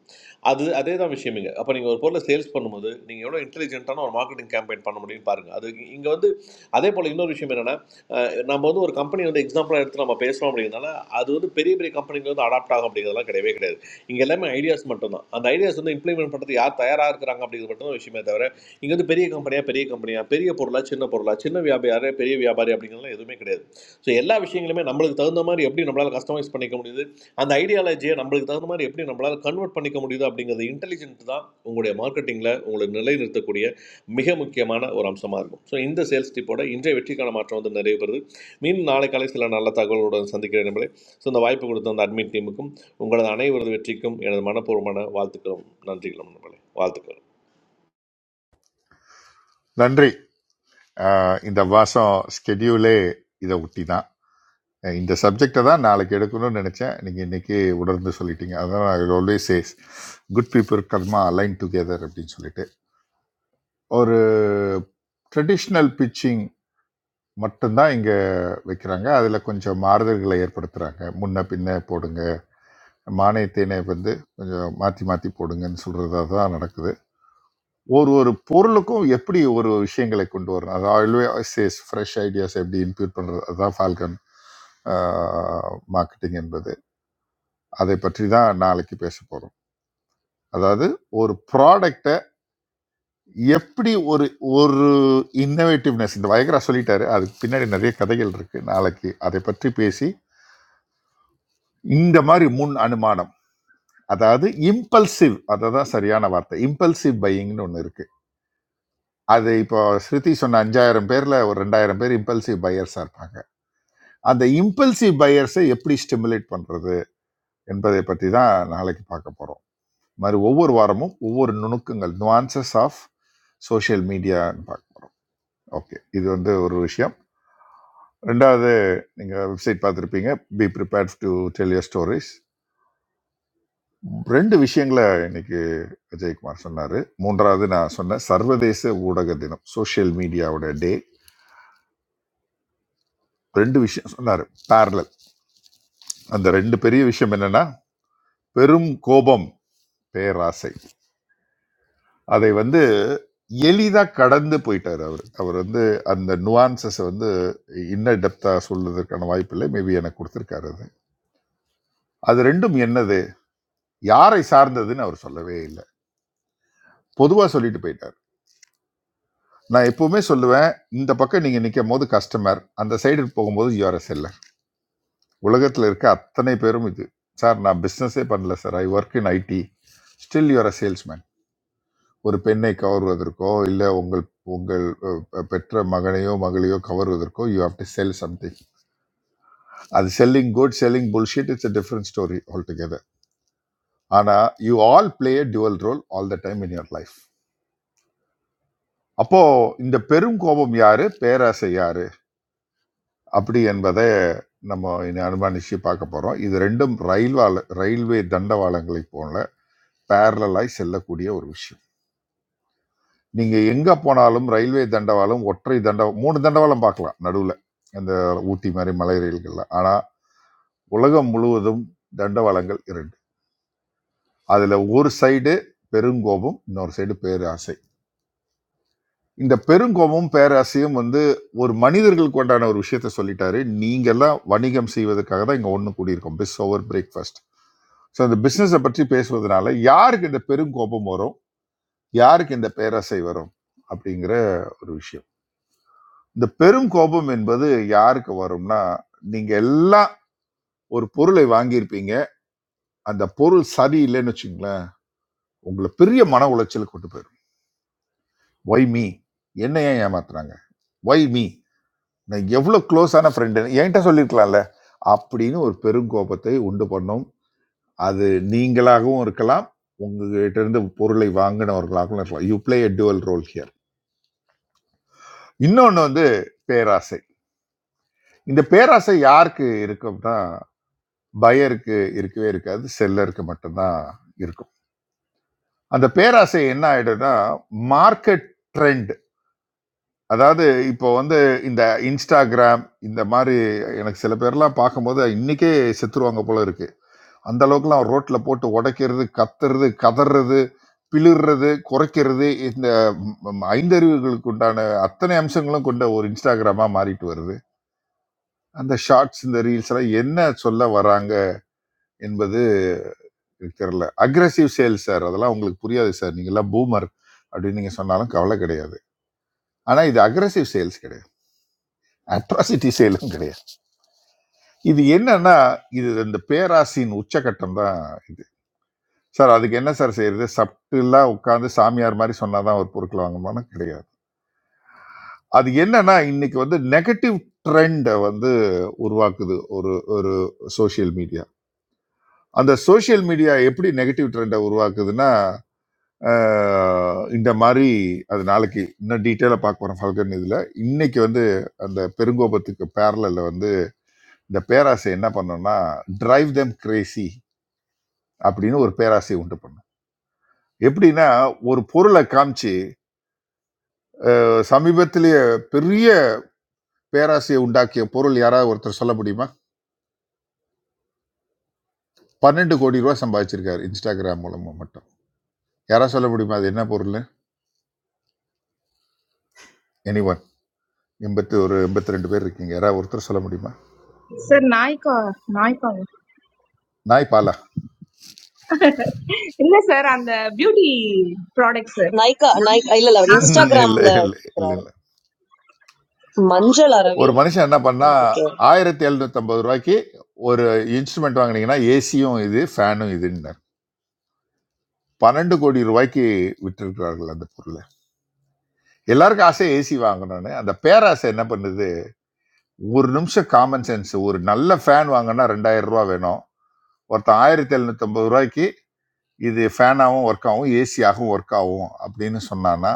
Speaker 15: அது அதே தான் விஷயமுங்க அப்போ நீங்கள் ஒரு பொருளை சேல்ஸ் பண்ணும்போது நீங்கள் எவ்வளோ இன்டெலிஜென்ட்டான ஒரு மார்க்கெட்டிங் கேம்பெயின் பண்ண முடியும்னு பாருங்கள் அது இங்கே வந்து அதே போல் இன்னொரு விஷயம் என்னென்னா நம்ம வந்து ஒரு கம்பெனி வந்து எக்ஸாம்பிளாக எடுத்து நம்ம பேசுகிறோம் அப்படிங்கிறதுனால அது வந்து பெரிய பெரிய கம்பெனிக்கு வந்து அடாப்ட் ஆகும் அப்படிங்கிறதுலாம் கிடையவே கிடையாது இங்கே எல்லாமே ஐடியாஸ் மட்டும்தான் அந்த ஐடியாஸ் வந்து இம்ப்ளிமெண்ட் பண்ணுறது யார் தயாராக இருக்கிறாங்க அப்படிங்கிறது மட்டும் தான் விஷயமே தவிர இங்கே வந்து பெரிய கம்பெனியாக பெரிய கம்பெனியாக பெரிய பொருளாக சின்ன பொருளாக சின்ன வியாபாரியாக பெரிய வியாபாரி அப்படிங்கிறதுலாம் எதுவுமே கிடையாது ஸோ எல்லா விஷயங்களுமே நம்மளுக்கு தகுந்த மாதிரி எப்படி நம்மளால் கஸ்டமைஸ் பண்ணிக்க முடியுது அந்த ஐடியாலஜியை நம்மளுக்கு தகுந்த மாதிரி எப்படி நம்மளால் கன்வெர்ட் பண்ணிக்க முடியுது அப்படிங்கிறது இன்டெலிஜென்ட் தான் உங்களுடைய மார்க்கெட்டிங்கில் உங்களை நிலைநிறுத்தக்கூடிய மிக முக்கியமான ஒரு அம்சமாக இருக்கும் ஸோ இந்த சேல்ஸ் டிப்போட இன்றைய வெற்றிக்கான மாற்றம் வந்து நிறைவு பெறுது மீண்டும் நாளை காலை சில நல்ல தகவல்களுடன் சந்திக்கிறேன் நண்பர்களே ஸோ இந்த வாய்ப்பு கொடுத்த அந்த அட்மின் டீமுக்கும் உங்களது அனைவரது வெற்றிக்கும் எனது மனப்பூர்வமான வாழ்த்துக்களும் நன்றிகளும் நண்பர்களே வாழ்த்துக்கள்
Speaker 4: நன்றி அஹ் இந்த மாதம் ஸ்கெடியூலே இதை ஒட்டி தான் அஹ் இந்த சப்ஜெக்டை தான் நாளைக்கு எடுக்கணும்னு நினச்சேன் நீங்கள் இன்றைக்கி உணர்ந்து சொல்லிட்டீங்க அதான் நான் always says good people karma align together அப்படின்னு சொல்லிட்டு ஒரு ட்ரெடிஷ்னல் பிச்சிங் மட்டும்தான் இங்கே வைக்கிறாங்க அதில் கொஞ்சம் மாறுதல்களை ஏற்படுத்துகிறாங்க முன்ன பின்ன போடுங்க மானியத்தினை வந்து கொஞ்சம் மாற்றி மாற்றி போடுங்கன்னு சொல்கிறதா தான் நடக்குது ஒரு ஒரு பொருளுக்கும் எப்படி ஒரு ஒரு விஷயங்களை கொண்டு வரணும் அது ஆல்வே சேஸ் ஃப்ரெஷ் ஐடியாஸ் எப்படி இன்க்ளூட் பண்ணுறது அதுதான் ஃபால்கன் மார்க்கெட்டிங் என்பது அதை பற்றி தான் நாளைக்கு பேச போகிறோம் அதாவது ஒரு ப்ராடக்ட் எப்படி ஒரு ஒரு இன்னோவேட்டிவ்னஸ் இந்த வயகரா சொல்லிட்டாரு அதுக்கு பின்னாடி நிறைய கதைகள் இருக்கு நாளைக்கு அதை பற்றி பேசி இந்த மாதிரி முன் அனுமானம் அதாவது இம்பல்சிவ் அதுதான் சரியான வார்த்தை இம்பல்சிவ் பையிங்னு ஒன்று இருக்கு அது இப்போ ஸ்ருதி சொன்ன அஞ்சாயிரம் பேர்ல ஒரு ரெண்டாயிரம் பேர் இம்பல்சிவ் பையர்ஸா இருப்பாங்க அந்த இம்பல்சிவ் பையர்ஸை எப்படி ஸ்டிமுலேட் பண்றது என்பதை பற்றி தான் நாளைக்கு பார்க்க போறோம் இது மாதிரி ஒவ்வொரு வாரமும் ஒவ்வொரு நுணுக்கங்கள் nuances ஆஃப் சோஷியல் மீடியான்னு பார்க்க போறோம் ஓகே இது வந்து ஒரு விஷயம் ரெண்டாவது நீங்கள் வெப்சைட் பார்த்துருப்பீங்க be prepared to tell your stories ரெண்டு விஷயங்களை இன்னைக்கு விஜயகுமார் சொன்னார் மூன்றாவது நான் சொன்ன சர்வதேச ஊடக தினம் சோஷியல் மீடியாவோட டே ரெண்டு விஷயம் சொன்னார் parallel அந்த ரெண்டு பெரிய விஷயம் என்னன்னா பெரும் கோபம் பேராசை அதை வந்து எளிதாக கடந்து போயிட்டார் அவர் அவர் வந்து அந்த நுவான்சஸை வந்து இன்ன டெப்த்தாக சொல்வதற்கான வாய்ப்பு இல்லை மேபி எனக்கு கொடுத்துருக்காரு அது அது ரெண்டும் என்னது யாரை சார்ந்ததுன்னு அவர் சொல்லவே இல்லை பொதுவாக சொல்லிட்டு போயிட்டார் நான் எப்பவுமே சொல்லுவேன் இந்த பக்கம் நீங்கள் நிற்கும் போது கஸ்டமர் அந்த சைடு போகும்போது யூஆர் எ செல்லர் உலகத்தில் இருக்க அத்தனை பேரும் இது சார் நான் பிஸ்னஸே பண்ணல sir I work in IT still you're a salesman ஒரு பெண்ணை கவர்வதற்கோ இல்லை உங்கள் உங்கள் அஹ், பெற்ற மகனையோ மகளையோ கவர்வதற்கோ you have to sell something அது selling good selling bullshit it's a different story all together ஆனால் you all play a dual role all the time in your life அப்போ இந்த பெரும் கோபம் யாரு பேராசை யாரு அப்படி என்பதை நம்ம இனி அனுமானிச்சு பார்க்க போகிறோம் இது ரெண்டும் ரயில்வால ரயில்வே தண்டவாளங்களை போல பேரலாய் செல்லக்கூடிய ஒரு விஷயம் நீங்கள் எங்கே போனாலும் ரயில்வே தண்டவாளம் ஒற்றை தண்ட மூணு தண்டவாளம் பார்க்கலாம் நடுவில் அந்த ஊட்டி மாதிரி மலை ரயில்களில் ஆனால் உலகம் முழுவதும் தண்டவாளங்கள் இரண்டு அதில் ஒரு சைடு பெருங்கோபம் இன்னொரு சைடு பேராசை இந்த பெருங்கோபமும் பேராசையும் வந்து ஒரு மனிதர்களுக்கு உண்டான ஒரு விஷயத்த சொல்லிட்டாரு நீங்கெல்லாம் வணிகம் செய்வதற்காக தான் இங்கே ஒன்று கூடியிருக்கோம் பிஸ் ஓவர் பிரேக்ஃபாஸ்ட் ஸோ இந்த பிஸ்னஸை பற்றி பேசுவதனால யாருக்கு இந்த பெரும் கோபம் வரும் யாருக்கு இந்த பேராசை வரும் அப்படிங்கிற ஒரு விஷயம் இந்த பெரும் கோபம் என்பது யாருக்கு வரும்னா நீங்க எல்லாம் ஒரு பொருளை வாங்கியிருப்பீங்க அந்த பொருள் சரியில்லைன்னு வச்சுங்களேன் உங்களை பெரிய மன உளைச்சலுக்கு கொண்டு போயிடும் ஒய் மீ என்ன ஏன் ஏமாத்துறாங்க ஒய் மீ நான் எவ்வளோ க்ளோஸான ஃப்ரெண்டு என்கிட்ட சொல்லியிருக்கலாம்ல அப்படின்னு ஒரு பெருங்கோபத்தை உண்டு பண்ணும் அது நீங்களாகவும் இருக்கலாம் உங்ககிட்ட இருந்து பொருளை வாங்கினவர்களாகவும் இருக்கலாம் you play a dual role here இன்னொன்று வந்து பேராசை இந்த பேராசை யாருக்கு இருக்கும்னா பயருக்கு இருக்கவே இருக்காது செல்லருக்கு மட்டும்தான் இருக்கும் அந்த பேராசை என்ன ஆயிடும்னா மார்க்கெட் ட்ரெண்ட் அதாவது இப்போ வந்து இந்த இன்ஸ்டாகிராம் இந்த மாதிரி எனக்கு சில பேர்லாம் பார்க்கும்போது இன்னைக்கே செத்துருவாங்க போல இருக்கு அந்த அளவுக்குலாம் ரோட்ல போட்டு உடைக்கிறது கத்துறது கதறது பிளிர்றது குறைக்கிறது இந்த ம், ம், ஐந்தறிவுகளுக்கு உண்டான அத்தனை அம்சங்களும் கொண்ட ஒரு இன்ஸ்டாகிராமா மாறிட்டு வருது அந்த ஷார்ட்ஸ் இந்த ரீல்ஸ் எல்லாம் என்ன சொல்ல வராங்க என்பது எனக்கு தெரியல அக்ரஸிவ் சேல் சார் அதெல்லாம் உங்களுக்கு புரியாது சார் நீங்க எல்லாம் பூமர் அப்படின்னு நீங்க சொன்னாலும் கவலை கிடையாது ஆனா இது அக்ரஸிவ் சேல்ஸ் கிடையாது அட்ராசிட்டி சேலும் கிடையாது இது என்னன்னா இது இந்த பேராசின் உச்சகட்டம் தான் இது சார் அதுக்கு என்ன சார் செய்யறது சப்டிலா உட்காந்து சாமியார் மாதிரி சொன்னாதான் ஒரு பொருட்கள் வாங்கணும்னா கிடையாது அது என்னன்னா இன்னைக்கு வந்து நெகட்டிவ் ட்ரெண்டை வந்து உருவாக்குது ஒரு ஒரு சோஷியல் மீடியா அந்த சோஷியல் மீடியா எப்படி நெகட்டிவ் ட்ரெண்டை உருவாக்குதுன்னா ஆஹ், இந்த மாதிரி அது நாளைக்கு இன்னும் டீட்டெயிலாக பார்க்க போகிறோம் ஃபால்கன் இதில் இன்னைக்கு வந்து அந்த பெருங்கோபத்துக்கு பேரலில் வந்து இந்த பேராசை என்ன பண்ணோம்னா டிரைவ் தெம் கிரேசி அப்படின்னு ஒரு பேராசை உண்டு பண்ணும் எப்படின்னா ஒரு பொருளை காமிச்சு அஹ், சமீபத்திலேயே பெரிய பேராசையை உண்டாக்கிய பொருள் யாராவது ஒருத்தர் சொல்ல முடியுமா பன்னெண்டு கோடி ரூபா சம்பாதிச்சிருக்காரு இன்ஸ்டாகிராம் மூலமா மட்டும் யாராவது சொல்ல முடியுமா அது என்ன பொருள் எனிவன் எண்பத்தி ஒரு எண்பத்தி ரெண்டு பேர் இருக்கீங்க யாராவது ஒருத்தர் சொல்ல முடியுமா
Speaker 16: Sir Nike, Nike only.
Speaker 4: நாய் Bala
Speaker 16: Yes, sir. And the beauty products,
Speaker 2: Nike, Nike,
Speaker 16: Naal,
Speaker 2: ah, இல்ல இல்ல
Speaker 16: Naal ka.
Speaker 4: இல்லை
Speaker 2: Instagram,
Speaker 4: இல்லை
Speaker 2: இன்ஸ்டாகிராம்ல
Speaker 4: இல்லை
Speaker 2: கேக்குறாரு
Speaker 4: இல்லை
Speaker 2: Ravi.
Speaker 4: ஒரு மனுஷன் என்ன பண்ணா
Speaker 2: Okay. Nike.
Speaker 4: ஆயிரத்தி எழுநூத்தம்பது ரூபாய்க்கு ஒரு இன்ஸ்ட்ருமெண்ட் வாங்குனீங்கன்னா ஏசியும் இது ஃபேனும் இதுன்னார் பன்னெண்டு கோடி ரூபாய்க்கு விட்டிருக்கிறார்கள் அந்த பொருளை எல்லாருக்கும் ஆசை ஏசி வாங்கணும்னு அந்த பேராசை என்ன பண்ணுது ஒரு நிமிஷம் காமன் சென்ஸ் ஒரு நல்ல ஃபேன் வாங்கினா ரெண்டாயிரம் ரூபா வேணும் ஒருத்தன் ஆயிரத்தி எழுநூத்தம்பது ரூபாய்க்கு இது ஃபேனாகவும் ஒர்க் ஆகும் ஏசியாகவும் ஒர்க் ஆகும் அப்படின்னு சொன்னான்னா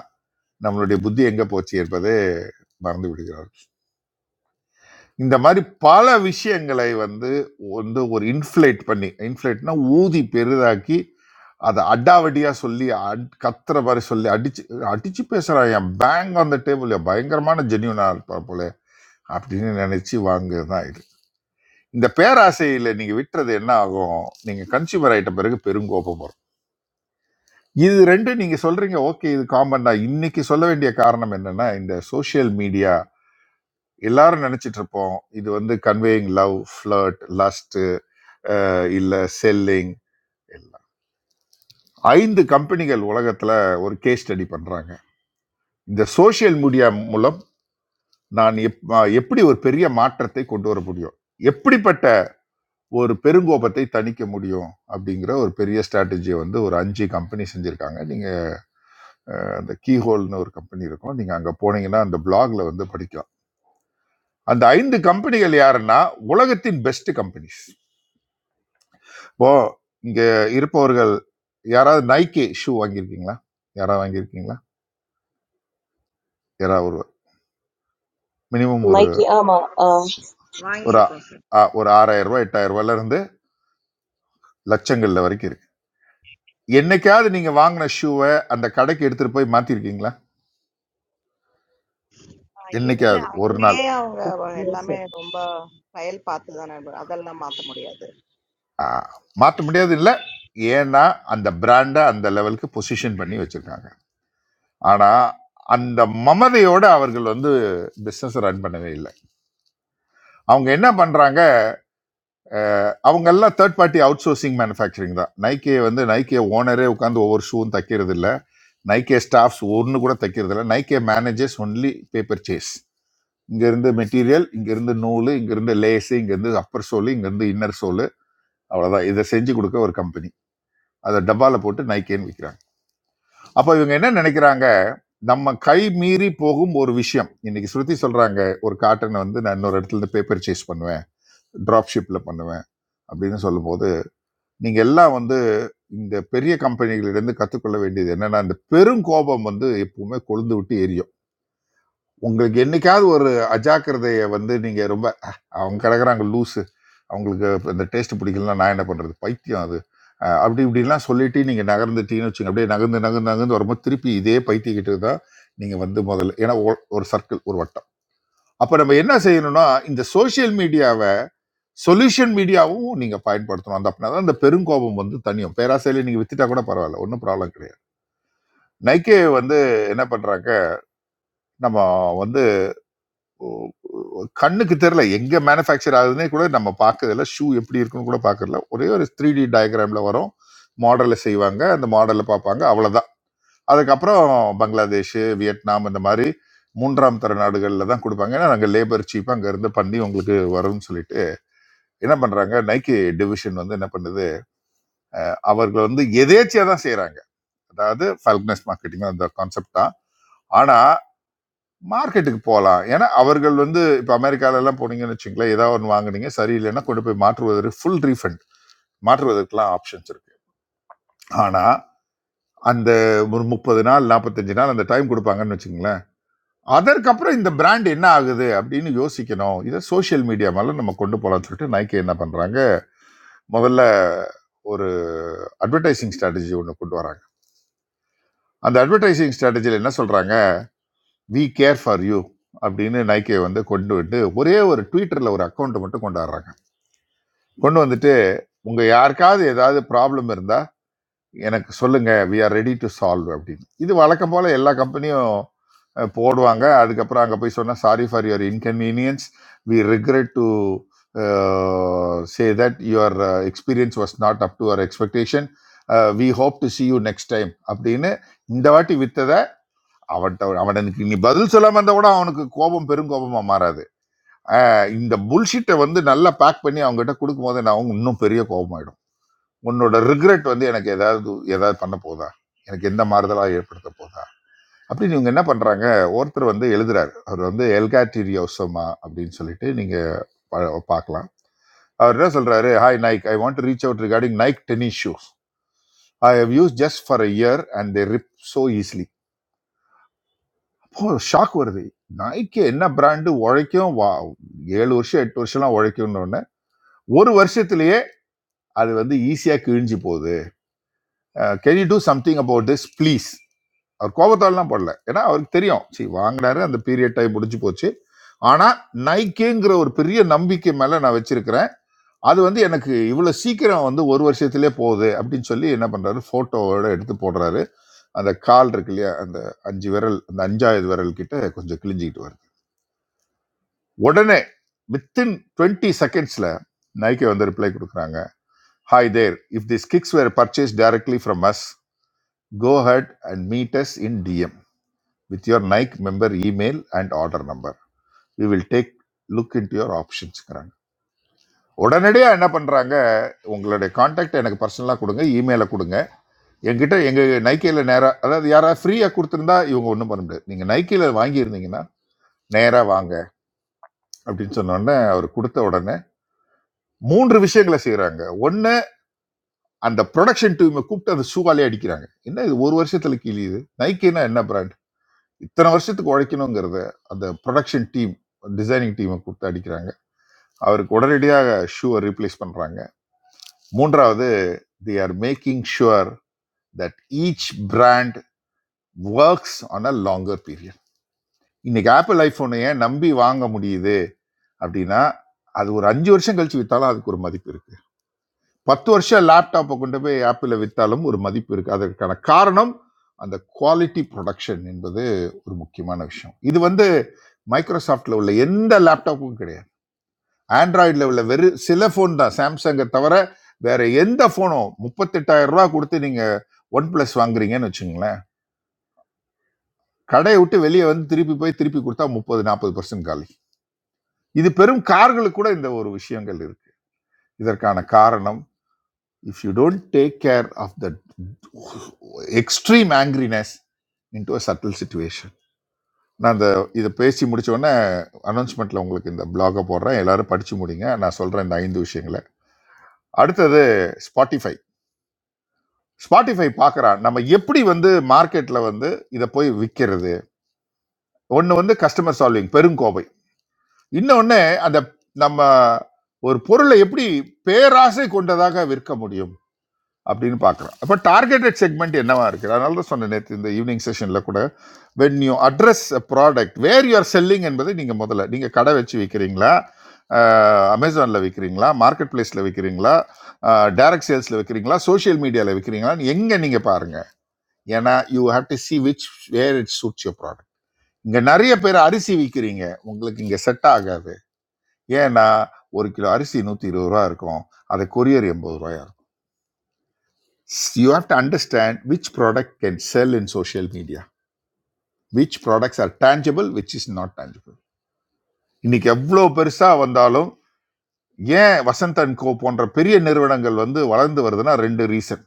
Speaker 4: நம்மளுடைய புத்தி எங்கே போச்சு என்பதை மறந்து விடுகிறார் இந்த மாதிரி பல விஷயங்களை வந்து வந்து ஒரு இன்ஃப்ளேட் பண்ணி இன்ஃப்ளேட்னா ஊதி பெரிதாக்கி அதை அடாவடியா சொல்லி அட்- கத்துற மாதிரி சொல்லி அடிச்சு அடிச்சு பேசுறான் என் பேங்க் அந்த டேபிள் பயங்கரமான ஜென்யூனா இருப்பா போல அப்படின்னு நினைச்சு வாங்குறது தான் இது இந்த பேராசையில நீங்க விட்டுறது என்ன ஆகும் நீங்க கன்சியூமர் ஆயிட்ட பிறகு பெருங்கோபம் வரும் இது ரெண்டு நீங்க சொல்றீங்க ஓகே இது காமன் தான் இன்னைக்கு சொல்ல வேண்டிய காரணம் என்னன்னா இந்த சோஷியல் மீடியா எல்லாரும் நினைச்சிட்டு இருப்போம் இது வந்து கன்வேயிங் லவ் ஃபிளர்ட் லஸ்ட் இல்ல செல்லிங் எல்லாம் ஐந்து கம்பெனிகள் உலகத்துல ஒரு கேஸ் ஸ்டடி பண்றாங்க இந்த சோஷியல் மீடியா மூலம் நான் எப்- அஹ் எப்படி ஒரு பெரிய மாற்றத்தை கொண்டு வர முடியும் எப்படிப்பட்ட ஒரு பெருங்கோபத்தை தணிக்க முடியும் அப்படிங்கிற ஒரு பெரிய ஸ்ட்ராட்டஜியை வந்து ஒரு அஞ்சு கம்பெனி செஞ்சிருக்காங்க நீங்க அந்த கீஹோல்னு ஒரு கம்பெனி இருக்கும் நீங்க அங்க போனீங்கன்னா அந்த பிளாக்ல வந்து படிக்கலாம் அந்த ஐந்து கம்பெனிகள் யாருன்னா உலகத்தின் பெஸ்ட் கம்பெனிஸ் இப்போ இங்க இருப்பவர்கள் யாராவது நைக்கி ஷூ வாங்கியிருக்கீங்களா யாராவது வாங்கியிருக்கீங்களா யாராவது ஒரு மினிமம் ஒரு
Speaker 2: நைக்கி ஆமா
Speaker 4: ஒரு ஆ-
Speaker 1: வாங்கியிருக்கோம் சார்
Speaker 4: ஆ- ஒரு ஆறாயிரம் ரூபாய் எட்டாயிரம் ரூபாயில இருந்து லட்சங்கள்ல வரைக்கும் இருக்கு என்னைக்காவது நீங்க வாங்கின ஷூவை அந்த கடைக்கு எடுத்துட்டு போய் மாத்திருக்கீங்களா
Speaker 1: ஆ, இல்ல
Speaker 4: என்னைக்காவது ஒரு நாள்
Speaker 1: அங்கேயே அவங்க எல்லாமே
Speaker 17: explosive
Speaker 1: ரொம்ப பயல் பார்த்து தானே அதெல்லாம் மாத்த முடியாது
Speaker 4: ஆ, மாத்த முடியாது இல்ல ஏன்னா அந்த பிராண்டை அந்த லெவலுக்கு பொசிஷன் பண்ணி வச்சிருக்காங்க ஆனா அந்த மமதையோட அவர்கள் வந்து பிசினஸ் ரன் பண்ணவே இல்லை அவங்க என்ன பண்றாங்க அவங்க எல்லாம் third party outsourcing manufacturing தான் நைக்கே வந்து நைக்கே ஓனரே உட்காந்து ஒவ்வொரு ஷூவும் தைக்கிறது இல்ல நைக்கே ஸ்டாஃப்ஸ் ஒன்று கூட தைக்கிறது இல்ல Nike managers only purchase இங்க இருந்து மெட்டீரியல் இங்க இருந்து நூல் இங்க இருந்து லேஸ் இங்க இருந்து அப்பர் சோல் இங்க இருந்து இன்னர் சோல் அவ்வளவுதான் இதை செஞ்சு கொடுக்க ஒரு கம்பெனி அதை டப்பால போட்டு நைக்கேன்னு விற்கிறாங்க அப்ப இவங்க என்ன நினைக்கிறாங்க நம்ம கை மீறி போகும் ஒரு விஷயம் இன்னைக்கு ஸ்ருதி சொல்றாங்க ஒரு காட்டனை வந்து நான் இன்னொரு இடத்துல இருந்து பேப்பர் சேஸ் பண்ணுவேன் டிராப் ஷிப்ல பண்ணுவேன் அப்படின்னு சொல்லும்போது நீங்க எல்லாம் வந்து இந்த பெரிய கம்பெனிகளிடந்து கற்றுக்கொள்ள வேண்டியது என்னன்னா இந்த பெரும் கோபம் வந்து எப்பவுமே கொழுந்து விட்டு எரியும் உங்களுக்கு என்னைக்காவது ஒரு அஜாக்கிரதையை வந்து நீங்க ரொம்ப "அஹ், அவங்க கிடக்குறாங்க லூஸு அவங்களுக்கு இந்த டேஸ்ட் பிடிக்கலன்னா நான் என்ன பண்றது பைத்தியம் அது அஹ், அப்படி இப்படிலாம் சொல்லிட்டு நீங்க நகர்ந்துட்டீங்கன்னு வச்சுங்க அப்படியே நகர்ந்து நகர்ந்து நகர்ந்து வரும்போது திருப்பி இதே பைத்தியக்கிட்டு தான் நீங்க வந்து முதல்ல ஏன்னா ஒ- ஒரு சர்க்கிள் ஒரு வட்டம் அப்ப நம்ம என்ன செய்யணும்னா இந்த சோஷியல் மீடியாவை சொல்யூஷன் மீடியாவும் நீங்க பயன்படுத்தணும் அந்த அப்படின்னா தான் அந்த பெருங்கோபம் வந்து தனியும் பேராசையில நீங்க வித்துட்டா கூட பரவாயில்ல ஒன்றும் ப்ராப்ளம் கிடையாது நைக்கே வந்து என்ன பண்றாங்க நம்ம வந்து கண்ணுக்கு தெரியல எங்க மேனுஃபேக்சர் ஆகுதுன்னே கூட நம்ம பார்க்கறதில்ல ஷூ எப்படி இருக்குன்னு கூட பார்க்கறதில்ல ஒரே ஒரு த்ரீ டி டயக்ராம்ல வரும் மாடலில் செய்வாங்க அந்த மாடலில் பார்ப்பாங்க அவ்வளவுதான் அதுக்கப்புறம் பங்களாதேஷ் வியட்நாம் இந்த மாதிரி மூன்றாம் தர நாடுகளில் தான் கொடுப்பாங்க ஏன்னா நாங்கள் லேபர் சீப் அங்கேருந்து பண்ணி உங்களுக்கு வரும்னு சொல்லிட்டு என்ன பண்ணுறாங்க நைக்கி டிவிஷன் வந்து என்ன பண்ணுது அவர்கள் வந்து எதேச்சியா தான் செய்றாங்க அதாவது ஃபல்க்னஸ் மார்க்கெட்டிங் அந்த கான்செப்ட் தான் ஆனா மார்க்கெட்டுக்கு போகலாம் ஏன்னா அவர்கள் வந்து இப்போ அமெரிக்கால எல்லாம் போனீங்கன்னு வச்சுங்களேன் ஏதாவது ஒன்று வாங்குனீங்க சரியில்லைன்னா கொண்டு போய் மாற்றுவதற்கு ஃபுல் ரீஃபண்ட் மாற்றுவதற்கெல்லாம் ஆப்ஷன்ஸ் இருக்கு ஆனா அந்த ஒரு முப்பது நாள் நாற்பத்தஞ்சு நாள் அந்த டைம் கொடுப்பாங்கன்னு வச்சுங்களேன் அதற்கப்புறம் இந்த பிராண்ட் என்ன ஆகுது அப்படின்னு யோசிக்கணும் இதை சோஷியல் மீடியா மேல நம்ம கொண்டு போகலாம்னு சொல்லிட்டு நைக்கி என்ன பண்றாங்க முதல்ல ஒரு அட்வர்டைசிங் ஸ்ட்ராட்டஜி ஒன்று கொண்டு வராங்க அந்த அட்வர்டைசிங் ஸ்ட்ராட்டஜியில் என்ன சொல்றாங்க வி கேர் ஃபார் யூ அப்படின்னு நைக்கே வந்து கொண்டு விட்டு ஒரே ஒரு ட்விட்டரில் ஒரு அக்கௌண்ட்டை மட்டும் கொண்டு வர்றாங்க கொண்டு வந்துட்டு உங்கள் யாருக்காவது ஏதாவது ப்ராப்ளம் இருந்தால் எனக்கு சொல்லுங்கள் we are ready to solve அப்படின்னு இது வழக்கம் போல் எல்லா கம்பெனியும் போடுவாங்க அதுக்கப்புறம் அங்கே போய் சொன்னால் sorry for your inconvenience we regret to say that your experience was not up to our expectation we hope to see you next time அப்படின்னு இந்த வாட்டி வித்ததை அவன்கிட்ட அவனுக்கு நீ பதில் சொல்லாம இருந்தா கூட அவனுக்கு கோபம் பெருங்கோபமா மாறாது ஆஹ் இந்த புல்ஷிட்டை வந்து நல்லா பேக் பண்ணி அவங்ககிட்ட கொடுக்கும் போது நான் அவங்க இன்னும் பெரிய கோபமாயிடும் உன்னோட ரிக்ரெட் வந்து எனக்கு ஏதாவது ஏதாவது பண்ண போதா எனக்கு எந்த மாறுதலா ஏற்படுத்த போதா அப்படின்னு இவங்க என்ன பண்றாங்க ஒருத்தர் வந்து எழுதுறாரு அவர் வந்து எல்காட்டிரியோசமா அப்படின்னு சொல்லிட்டு நீங்க பா- பார்க்கலாம் அவர் என்ன சொல்றாரு hi Nike I want to reach out regarding Nike tennis shoes I have use just for a year and they rip so easily போ ஷாக் வருது நைக்கி என்ன பிராண்டு உழைக்கும் வா ஏழு வருஷம் எட்டு வருஷம்லாம் உழைக்கும்னு உடனே ஒரு வருஷத்திலேயே அது வந்து ஈஸியாக கிழிஞ்சு போகுது can you do something about this please அவர் கோபத்தாலலாம் போடல ஏன்னா அவருக்கு தெரியும் சரி வாங்கினாரு அந்த பீரியட் டைம் முடிஞ்சு போச்சு ஆனால் நைக்கிங்கிற ஒரு பெரிய நம்பிக்கை மேலே நான் வச்சிருக்கிறேன் அது வந்து எனக்கு இவ்வளோ சீக்கிரம் வந்து ஒரு வருஷத்திலே போகுது அப்படின்னு சொல்லி என்ன பண்ணுறாரு ஃபோட்டோவோட எடுத்து போடுறாரு அந்த கால் இருக்கு இல்லையா அந்த அஞ்சு விரல் அந்த அஞ்சாவது விரல் கிட்ட கொஞ்சம் கிழிஞ்சிக்கிட்டு வருது உடனே வித்தின் டுவெண்ட்டி செகண்ட்ஸில் நைக்கே வந்து ரிப்ளை கொடுக்குறாங்க hi there if this kicks were purchase directly from us go head and meet us in DM with your Nike member email and order number we will take look into your ஆப்ஷன்ஸ்ங்கிறாங்க உடனடியாக என்ன பண்ணுறாங்க உங்களுடைய contact எனக்கு பர்சனலாக கொடுங்க இமெயிலை கொடுங்க என்கிட்ட எங்கள் நைக்கையில் நேராக அதாவது யாராவது ஃப்ரீயாக கொடுத்துருந்தா இவங்க ஒன்றும் பண்ண முடியாது நீங்கள் நைக்கையில் வாங்கியிருந்தீங்கன்னா நேராக வாங்க அப்படின்னு சொன்ன உடனே அவர் கொடுத்த உடனே மூன்று விஷயங்களை செய்கிறாங்க ஒன்று, அந்த ப்ரொடக்ஷன் டீமை கூப்பிட்டு அந்த ஷூவாலே அடிக்கிறாங்க என்ன இது ஒரு வருஷத்துல கிழியுது நைக்கினா என்ன பிராண்ட் இத்தனை வருஷத்துக்கு உழைக்கணுங்கிறத அந்த ப்ரொடக்ஷன் டீம் டிசைனிங் டீமை கூப்பிட்டு அடிக்கிறாங்க அவருக்கு உடனடியாக ஷூவை ரீப்ளேஸ் பண்றாங்க மூன்றாவது they are making sure that each brand works on a longer period இன்னைக்கு ஆப்பிள் ஐபோனை ஏன் நம்பி வாங்க முடியுது அப்படின்னா அது ஒரு அஞ்சு வருஷம் கழிச்சு வித்தாலும் அதுக்கு ஒரு மதிப்பு இருக்கு பத்து வருஷம் லேப்டாப்பை கொண்டு போய் ஆப்பிளில் விற்றாலும் ஒரு மதிப்பு இருக்குது அதற்கான காரணம் அந்த குவாலிட்டி ப்ரொடக்ஷன் என்பது ஒரு முக்கியமான விஷயம் இது வந்து மைக்ரோசாஃப்ட்டில் உள்ள எந்த லேப்டாப்பும் கிடையாது ஆண்ட்ராய்டில் உள்ள வெறும் சில ஃபோன் தான் சாம்சங்கை தவிர வேற எந்த ஃபோனும் முப்பத்தெட்டாயிரம் ரூபா கொடுத்து நீங்கள் ஒன் ப்ளஸ் வாங்குறீங்கன்னு வச்சுங்களேன் கடையை விட்டு வெளியே வந்து திருப்பி போய் திருப்பி கொடுத்தா முப்பது நாற்பது பர்சன்ட் காலி இது பெரும் கார்களுக்கு கூட இந்த ஒரு விஷயங்கள் இருக்கு இதற்கான காரணம் if you don't take care of the extreme angriness into a subtle situation நான் இந்த இதை பேசி முடிச்ச உடனே அனௌன்ஸ்மெண்ட்ல உங்களுக்கு இந்த பிளாகை போடுறேன் எல்லாரும் படிச்சு முடிங்க நான் சொல்றேன் இந்த ஐந்து விஷயங்களை அடுத்தது ஸ்பாட்டிஃபை ஸ்பாட்டிஃபை பார்க்கறான் நம்ம எப்படி வந்து மார்க்கெட்ல வந்து இதை போய் விற்கிறது ஒன்று வந்து கஸ்டமர் சால்விங் பெருங்கோவை இன்னொன்று அந்த நம்ம ஒரு பொருளை எப்படி பேராசை கொண்டதாக விற்க முடியும் அப்படின்னு பார்க்குறோம் அப்போ டார்கெட்டட் செக்மெண்ட் என்னவா இருக்குது அதனால தான் சொன்னேன் நேற்று இந்த ஈவினிங் செஷனில் கூட when you address a product where you're selling என்பது நீங்கள் முதல்ல நீங்கள் கடை வச்சு விற்கிறீங்களா அமேசானில் விற்கிறீங்களா மார்க்கெட் பிளேஸில் விற்கிறீங்களா டைரக்ட் சேல்ஸில் விற்கிறீங்களா சோஷியல் மீடியாவில் விற்கிறீங்களா எங்கே நீங்கள் பாருங்கள் ஏன்னா you have to see which where it suits your product இங்கே நிறைய பேர் அரிசி விற்கிறீங்க உங்களுக்கு இங்கே செட் ஆகாது ஏன்னா ஒரு கிலோ அரிசி நூற்றி இருபது ரூபா இருக்கும் அதை கொரியர் எண்பது ரூபாயா you have to understand which product can sell in social media which products are tangible which is not tangible இன்னைக்கு எவ்வளோ பெருசாக வந்தாலும் ஏன் வசந்த் அண்ட் கோ போன்ற பெரிய நிறுவனங்கள் வந்து வளர்ந்து வருதுன்னா ரெண்டு ரீசன்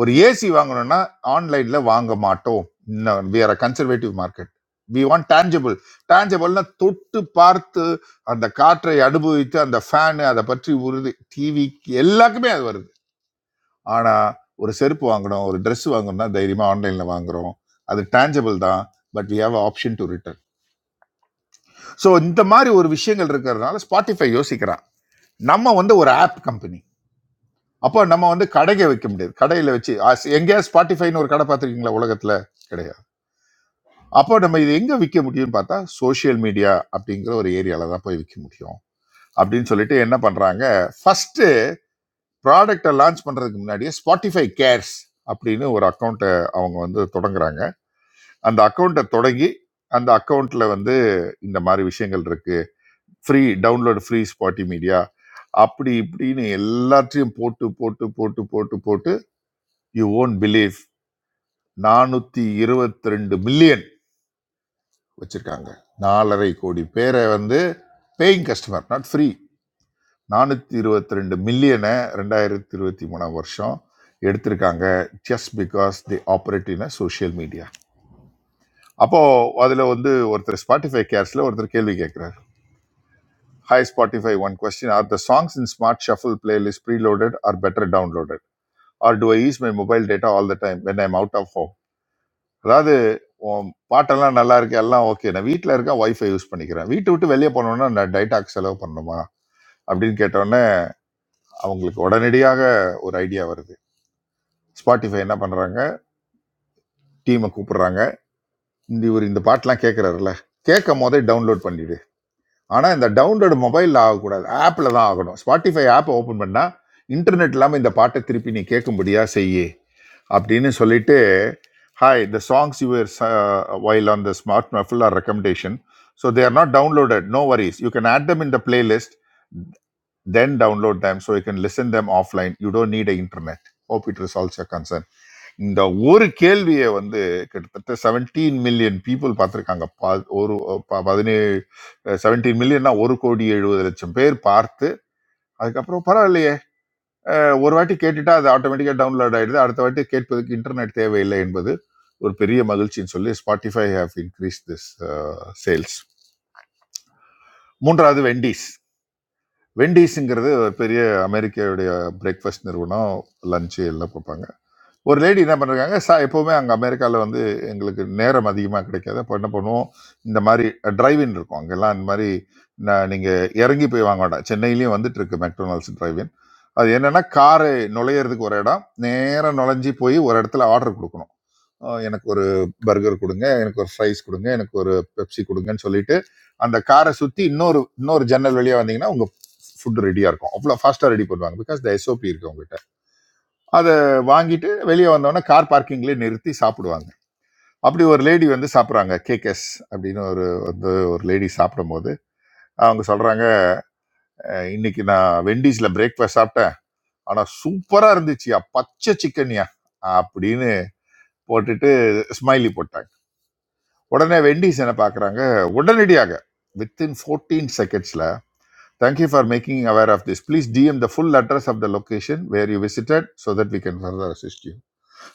Speaker 4: ஒரு ஏசி வாங்கணும்னா ஆன்லைன்ல வாங்க மாட்டோம் we are a conservative market we want tangible tangible-னா தொட்டு பார்த்து அந்த காற்றை அனுபவித்து அந்த ஃபேனு அதை பற்றி உறுதி டிவி எல்லாருக்குமே அது வருது ஆனா ஒரு செருப்பு வாங்கணும் ஒரு Dress வாங்கணும்னா தைரியமா ஆன்லைன்ல வாங்குறோம் அது டேஞ்சபிள் தான் but we have option to return so இந்த மாதிரி ஒரு விஷயங்கள் இருக்கிறதுனால ஸ்பாட்டிஃபை யோசிக்கிறான் நம்ம வந்து ஒரு ஆப் கம்பெனி அப்போ நம்ம வந்து கடைக்கு வைக்க முடியாது கடையில வச்சு ஆஸ்- எங்கேயாவது ஸ்பாட்டிஃபைன்னு ஒரு கடை பார்த்துருக்கீங்களா உலகத்துல கிடையாது அப்போ நம்ம இது எங்க விற்க முடியும்னு பார்த்தா சோஷியல் மீடியா அப்படிங்கிற ஒரு ஏரியால தான் போய் விற்க முடியும் அப்படின்னு சொல்லிட்டு என்ன பண்றாங்க ஃபர்ஸ்ட் ப்ராடக்டை லான்ச் பண்றதுக்கு முன்னாடியே ஸ்பாட்டிஃபை கேர்ஸ் அப்படின்னு ஒரு அக்கௌண்ட்டை அவங்க வந்து தொடங்குறாங்க அந்த அக்கௌண்ட்டை தொடங்கி அந்த அக்கௌண்ட்ல வந்து இந்த மாதிரி விஷயங்கள் இருக்கு ஃப்ரீ டவுன்லோடு ஃப்ரீ ஸ்பாட்டி மீடியா அப்படி இப்படின்னு எல்லாத்தையும் போட்டு போட்டு போட்டு போட்டு போட்டு யூ ஓன் பிலீவ் நானூத்தி இருபத்தி ரெண்டு மில்லியன் வச்சிருக்காங்க நாலரை கோடி பேரை வந்து பேயிங் கஸ்டமர் நாட் ஃப்ரீ நானூற்றி இருபத்தி ரெண்டு மில்லியனை ரெண்டாயிரத்தி இருபத்தி மூணாம் வருஷம் எடுத்திருக்காங்க just because they operate in a social media அப்போது அதில் வந்து ஒருத்தர் ஸ்பாட்டிஃபை கேர்ஸில் ஒருத்தர் கேள்வி கேட்குறாரு Hi Spotify, one question. Are the songs in Smart Shuffle playlist preloaded or better downloaded? Or do I use my mobile data all the time when I'm out of home? அதாவது உன் பாட்டெல்லாம் நல்லா இருக்கு எல்லாம் okay நான் வீட்டில் இருக்க wifi use பண்ணிக்கிறேன் வீட்டை விட்டு வெளியே போனோம்னா நான் டைட்டாக் செலவு பண்ணணுமா அப்படின்னு கேட்டோன்னே அவங்களுக்கு உடனடியாக ஒரு ஐடியா வருது ஸ்பாட்டிஃபை என்ன பண்ணுறாங்க டீமை கூப்பிடுறாங்க இந்த இவர் இந்த பாட்டெலாம் கேட்குறாருல கேட்கும் போதே டவுன்லோட் பண்ணிடு ஆனால் இந்த டவுன்லோடு மொபைலில் ஆகக்கூடாது ஆப்பில் தான் ஆகணும் ஸ்பாட்டிஃபை ஆப்பை ஓப்பன் பண்ணால் இன்டர்நெட் இல்லாமல் இந்த பாட்டை திருப்பி நீ கேட்கும்படியாக செய்யி அப்படின்னு சொல்லிட்டு hi the songs your while on the smart shuffle are recommendation so they are not downloaded no worries you can add them in the playlist then download them so you can listen them offline you don't need a internet hope it resolves your concern இந்த ஒரு கேள்வியை வந்து கிட்டத்தட்ட seventeen million people பார்த்துருக்காங்க ப- ஒரு ப- பதினேழு செவன்டீன் மில்லியன்னா ஒரு கோடி எழுபது லட்சம் பேர் பார்த்து அதுக்கப்புறம் பரவாயில்லையே அஹ், ஒரு வாட்டி கேட்டுட்டா அது ஆட்டோமேட்டிக்காக டவுன்லோட் ஆயிடுது அடுத்த வாட்டி கேட்பதற்கு இன்டர்நெட் தேவையில்லை என்பது ஒரு பெரிய மகிழ்ச்சின்னு சொல்லி Spotify have increase this sales மூன்றாவது வெண்டிஸ் வெண்டீஸுங்கிறது ஒரு பெரிய அமெரிக்காவுடைய பிரேக்ஃபாஸ்ட் நிறுவனம் லஞ்சு எல்லாம் பார்ப்பாங்க ஒரு லேடி என்ன பண்ணுறாங்க சா எப்போவுமே அங்கே அமெரிக்காவில் வந்து எங்களுக்கு நேரம் அதிகமாக கிடைக்காது அப்போ என்ன பண்ணுவோம் இந்த மாதிரி டிரைவ்இன் இருக்கும் அங்கெல்லாம் இந்த மாதிரி நான் நீங்கள் இறங்கி போய் வாங்க வேண்டாம் சென்னையிலையும் வந்துட்டு இருக்கு மெக்டொனால்ட்ஸ் டிரைவ்இன் அது என்னென்னா காரு நுழையிறதுக்கு ஒரு இடம் நேராக நுழைஞ்சி போய் ஒரு இடத்துல ஆர்டர் கொடுக்கணும் அஹ் எனக்கு ஒரு பர்கர் கொடுங்க எனக்கு ஒரு ஃப்ரைஸ் கொடுங்க எனக்கு ஒரு பெப்சி கொடுங்கன்னு சொல்லிட்டு அந்த காரை சுற்றி இன்னொரு இன்னொரு ஜன்னல் வழியாக வந்தீங்கன்னா உங்கள் ஃபுட் ரெடியாக இருக்கும் அவ்வளோ ஃபாஸ்ட்டாக ரெடி பண்ணுவாங்க பிகாஸ் த எஸ்ஓபி இருக்கு அவங்ககிட்ட அதை வாங்கிட்டு வெளியே வந்தோடனே கார் பார்க்கிங்லேயே நிறுத்தி சாப்பிடுவாங்க அப்படி ஒரு லேடி வந்து சாப்பிட்றாங்க கேகேஸ் அப்படின்னு ஒரு வந்து ஒரு லேடி சாப்பிடும்போது அவங்க சொல்கிறாங்க இன்னைக்கு நான் வெண்டீஸ்ல பிரேக்ஃபாஸ்ட் சாப்பிட்டேன் ஆனா சூப்பரா இருந்துச்சுயா பச்சை சிக்கன்யா அப்படின்னு போட்டுட்டு ஸ்மைலி போட்டாங்க உடனே வெண்டிஸ் என்ன பார்க்குறாங்க உடனடியாக வித்தின் ஃபோர்டீன் செகண்ட்ஸில் thank you for making aware of this please DM the full address of the location where you visited so that we can further assist you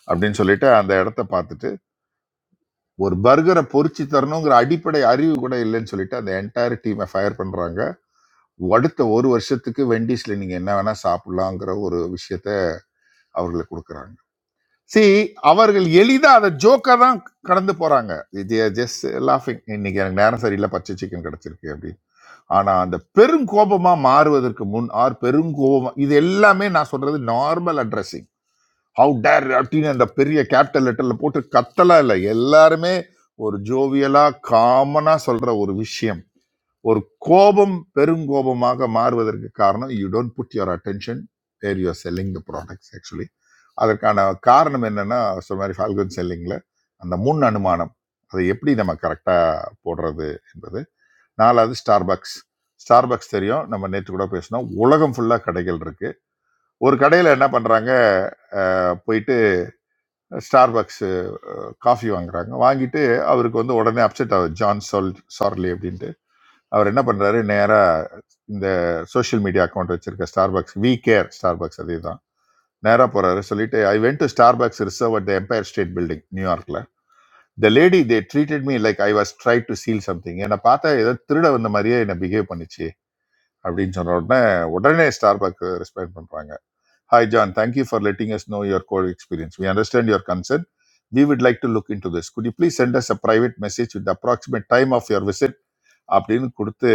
Speaker 4: அப்படின்னு சொல்லிட்டு அந்த இடத்த பார்த்துட்டு ஒரு பர்கரை பொரிச்சு தரணுங்கிற அடிப்படை அறிவு கூட இல்லைன்னு சொல்லிட்டு அந்த என்டையர் டீமை ஃபயர் பண்ணுறாங்க அடுத்த ஒரு வருஷத்துக்கு வெண்டீஸ்ல நீங்கள் என்ன வேணால் சாப்பிட்லாங்கிற ஒரு விஷயத்த அவர்களுக்கு கொடுக்குறாங்க சி அவர்கள் எளிதா அதை ஜோக்கா தான் கடந்து போறாங்க ஜஸ்ட் லாஃபிங் இன்னைக்கு எனக்கு நேரம் சரியில்லை பச்சை சிக்கன் கிடைச்சிருக்கு அப்படின்னு ஆனா அந்த பெரும் கோபமா மாறுவதற்கு முன் ஆர் பெரும் கோபமா இது எல்லாமே நான் சொல்றது நார்மல் அட்ரஸிங் ஹவு டேர் அப்படின்னு அந்த பெரிய கேபிட்டல் லெட்டர்ல போட்டு கத்தலாம் இல்லை எல்லாருமே ஒரு ஜோவியலா காமனா சொல்ற ஒரு விஷயம் ஒரு கோபம் பெருங்கோபமாக மாறுவதற்கு காரணம் you don't put your attention where you're selling the products actually அதற்கான காரணம் என்னன்னா சொன்ன மாதிரி ஃபால்கன் செல்லிங்கில் அந்த முன் அனுமானம் அதை எப்படி நம்ம கரெக்டாக போடுறது என்பது நாலாவது ஸ்டார்பக்ஸ் ஸ்டார்பக்ஸ் தெரியும் நம்ம நேற்று கூட பேசினோம் உலகம் ஃபுல்லாக கடைகள் இருக்குது ஒரு கடையில் என்ன பண்ணுறாங்க போயிட்டு ஸ்டார்பக்ஸு காஃபி வாங்குறாங்க வாங்கிட்டு அவருக்கு வந்து உடனே அப்செட் ஆகுது ஜான் சால் சார்லி அப்படின்ட்டு அவர் என்ன பண்ணுறாரு நேராக இந்த சோஷியல் மீடியா அக்கௌண்ட் வச்சிருக்க ஸ்டார்பக்ஸ் வி கேர் ஸ்டார்பக்ஸ் அதே தான் நேராக போகிறாரு சொல்லிட்டு I went to Starbucks reserve at the Empire State Building நியூயார்க்கில் the lady they treated me like I was try to steal something என்னை பார்த்தா ஏதோ திருட வந்த மாதிரியே என்னை பிஹேவ் பண்ணிச்சு அப்படின்னு சொன்ன உடனே உடனே ஸ்டார்பக் ரெஸ்பாண்ட் பண்றாங்க hi John thank you for letting us know your goal experience we understand your concern we would like to look into this could you please send us a private message with approximate time of your visit அப்படின்னு கொடுத்து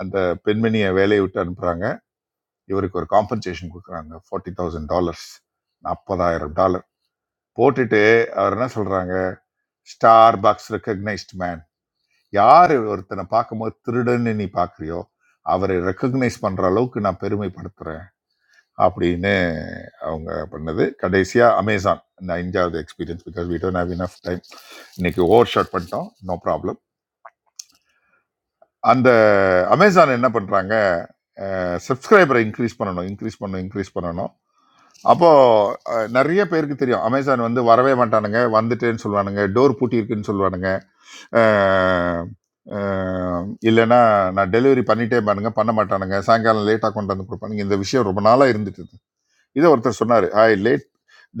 Speaker 4: அந்த பெண்மணியை வேலையை விட்டு அனுப்புறாங்க இவருக்கு ஒரு compensation கொடுக்குறாங்க ஃபார்ட்டி தௌசண்ட் டாலர்ஸ் நாற்பதாயிரம் டாலர் போட்டுட்டு அவர் என்ன சொல்றாங்க ஸ்டார் பாக்ஸ் ரெக்கக்னைஸ்ட் மேன் யார் ஒருத்தனை பார்க்கும்போது திருடன்னு நீ பார்க்குறியோ அவரை ரெக்கக்னைஸ் பண்ணுற அளவுக்கு நான் பெருமைப்படுத்துகிறேன் அப்படின்னு அவங்க பண்ணது கடைசியாக அமேசான் இந்த அஞ்சாவது experience because we don't have enough time இன்னைக்கு ஓவர் ஷாட் பண்ணிட்டோம் நோ ப்ராப்ளம் அந்த அமேசான் என்ன பண்ணுறாங்க சப்ஸ்கிரைபரை இன்க்ரீஸ் பண்ணணும் இன்க்ரீஸ் பண்ணணும் இன்க்ரீஸ் பண்ணணும் அப்போது அஹ், நிறைய பேருக்கு தெரியும் அமேசான் வந்து வரவே மாட்டானுங்க வந்துட்டேன்னு சொல்லுவானுங்க டோர் பூட்டியிருக்குன்னு சொல்லுவானுங்க அஹ், அஹ், இல்லைன்னா நான் டெலிவரி பண்ணிட்டே பாருங்க பண்ண மாட்டானுங்க சாயங்காலம் லேட்டாக கொண்டு வந்து கொடுப்பானுங்க இந்த விஷயம் ரொம்ப நாளாக இருந்துட்டு இருந்துச்சு இதை ஒருத்தர் சொன்னார் I late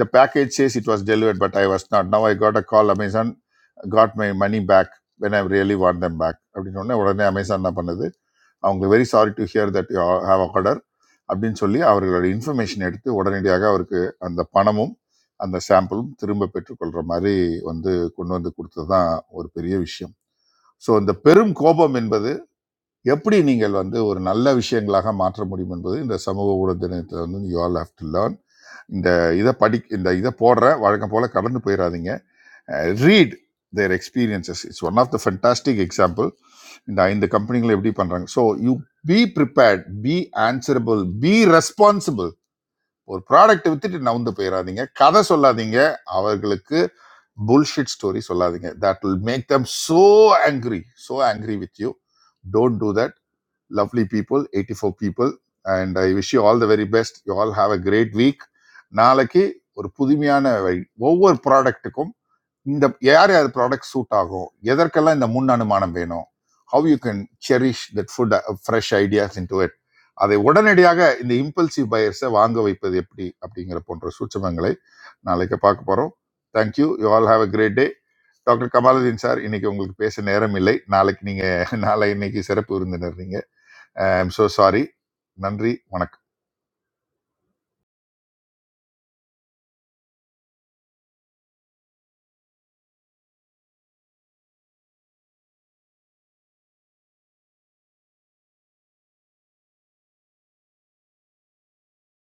Speaker 4: the package says it was delivered but I was not now I got a call Amazon got my money back when I really want them back அப்படின்னு உடனே உடனே அமேசான் என்ன பண்ணுது அவங்க very sorry to hear that you have a order அப்படின்னு சொல்லி அவர்களோட information எடுத்து உடனடியாக அவருக்கு அந்த பணமும் அந்த சாம்பிளும் திரும்ப பெற்றுக்கொள்கிற மாதிரி வந்து கொண்டு வந்து கொடுத்தது தான் ஒரு பெரிய விஷயம் ஸோ இந்த பெரும் கோபம் என்பது எப்படி நீங்கள் வந்து ஒரு நல்ல விஷயங்களாக மாற்ற முடியும் என்பது இந்த சமூக ஊடக தினத்தில் வந்து you all have to learn இந்த இதை படி இந்த இதை போடுற வழக்கம் போல் கடந்து போயிடாதீங்க read their experiences it's one of the fantastic example இந்த ஐந்து கம்பெனிகளை எப்படி பண்ணுறாங்க so you be prepared be answerable be responsible ஒரு ப்ராடக்ட் வித்துட்டு நவுந்து போயிடாதீங்க கதை சொல்லாதீங்க அவர்களுக்கு புல்ஷிட் ஸ்டோரி சொல்லாதீங்க that will make them so angry so angry with you don't do that lovely people 84 people and i wish you all the very best you all have a great week நாளைக்கு ஒரு புதுமையான வழி ஒவ்வொரு ப்ராடக்ட்டுக்கும் இந்த யார் யார் product suit ஆகும் எதற்கெல்லாம் இந்த முன் அனுமானம் வேணும் how you can cherish that food fresh ideas into it அதை உடனடியாக இந்த இம்பல்சிவ் பயர்ஸை வாங்க வைப்பது எப்படி அப்படிங்கிற போன்ற சூட்சமங்களை நாளைக்கு பார்க்க போகிறோம் thank you you all have a great day doctor Kamaluddin sir இன்னைக்கு உங்களுக்கு பேச நேரம் இல்லை நாளைக்கு நீங்கள் நாளை இன்னைக்கு சிறப்பு விருந்தினர் நீங்க ஐ எம் ஸோ சாரி நன்றி வணக்கம்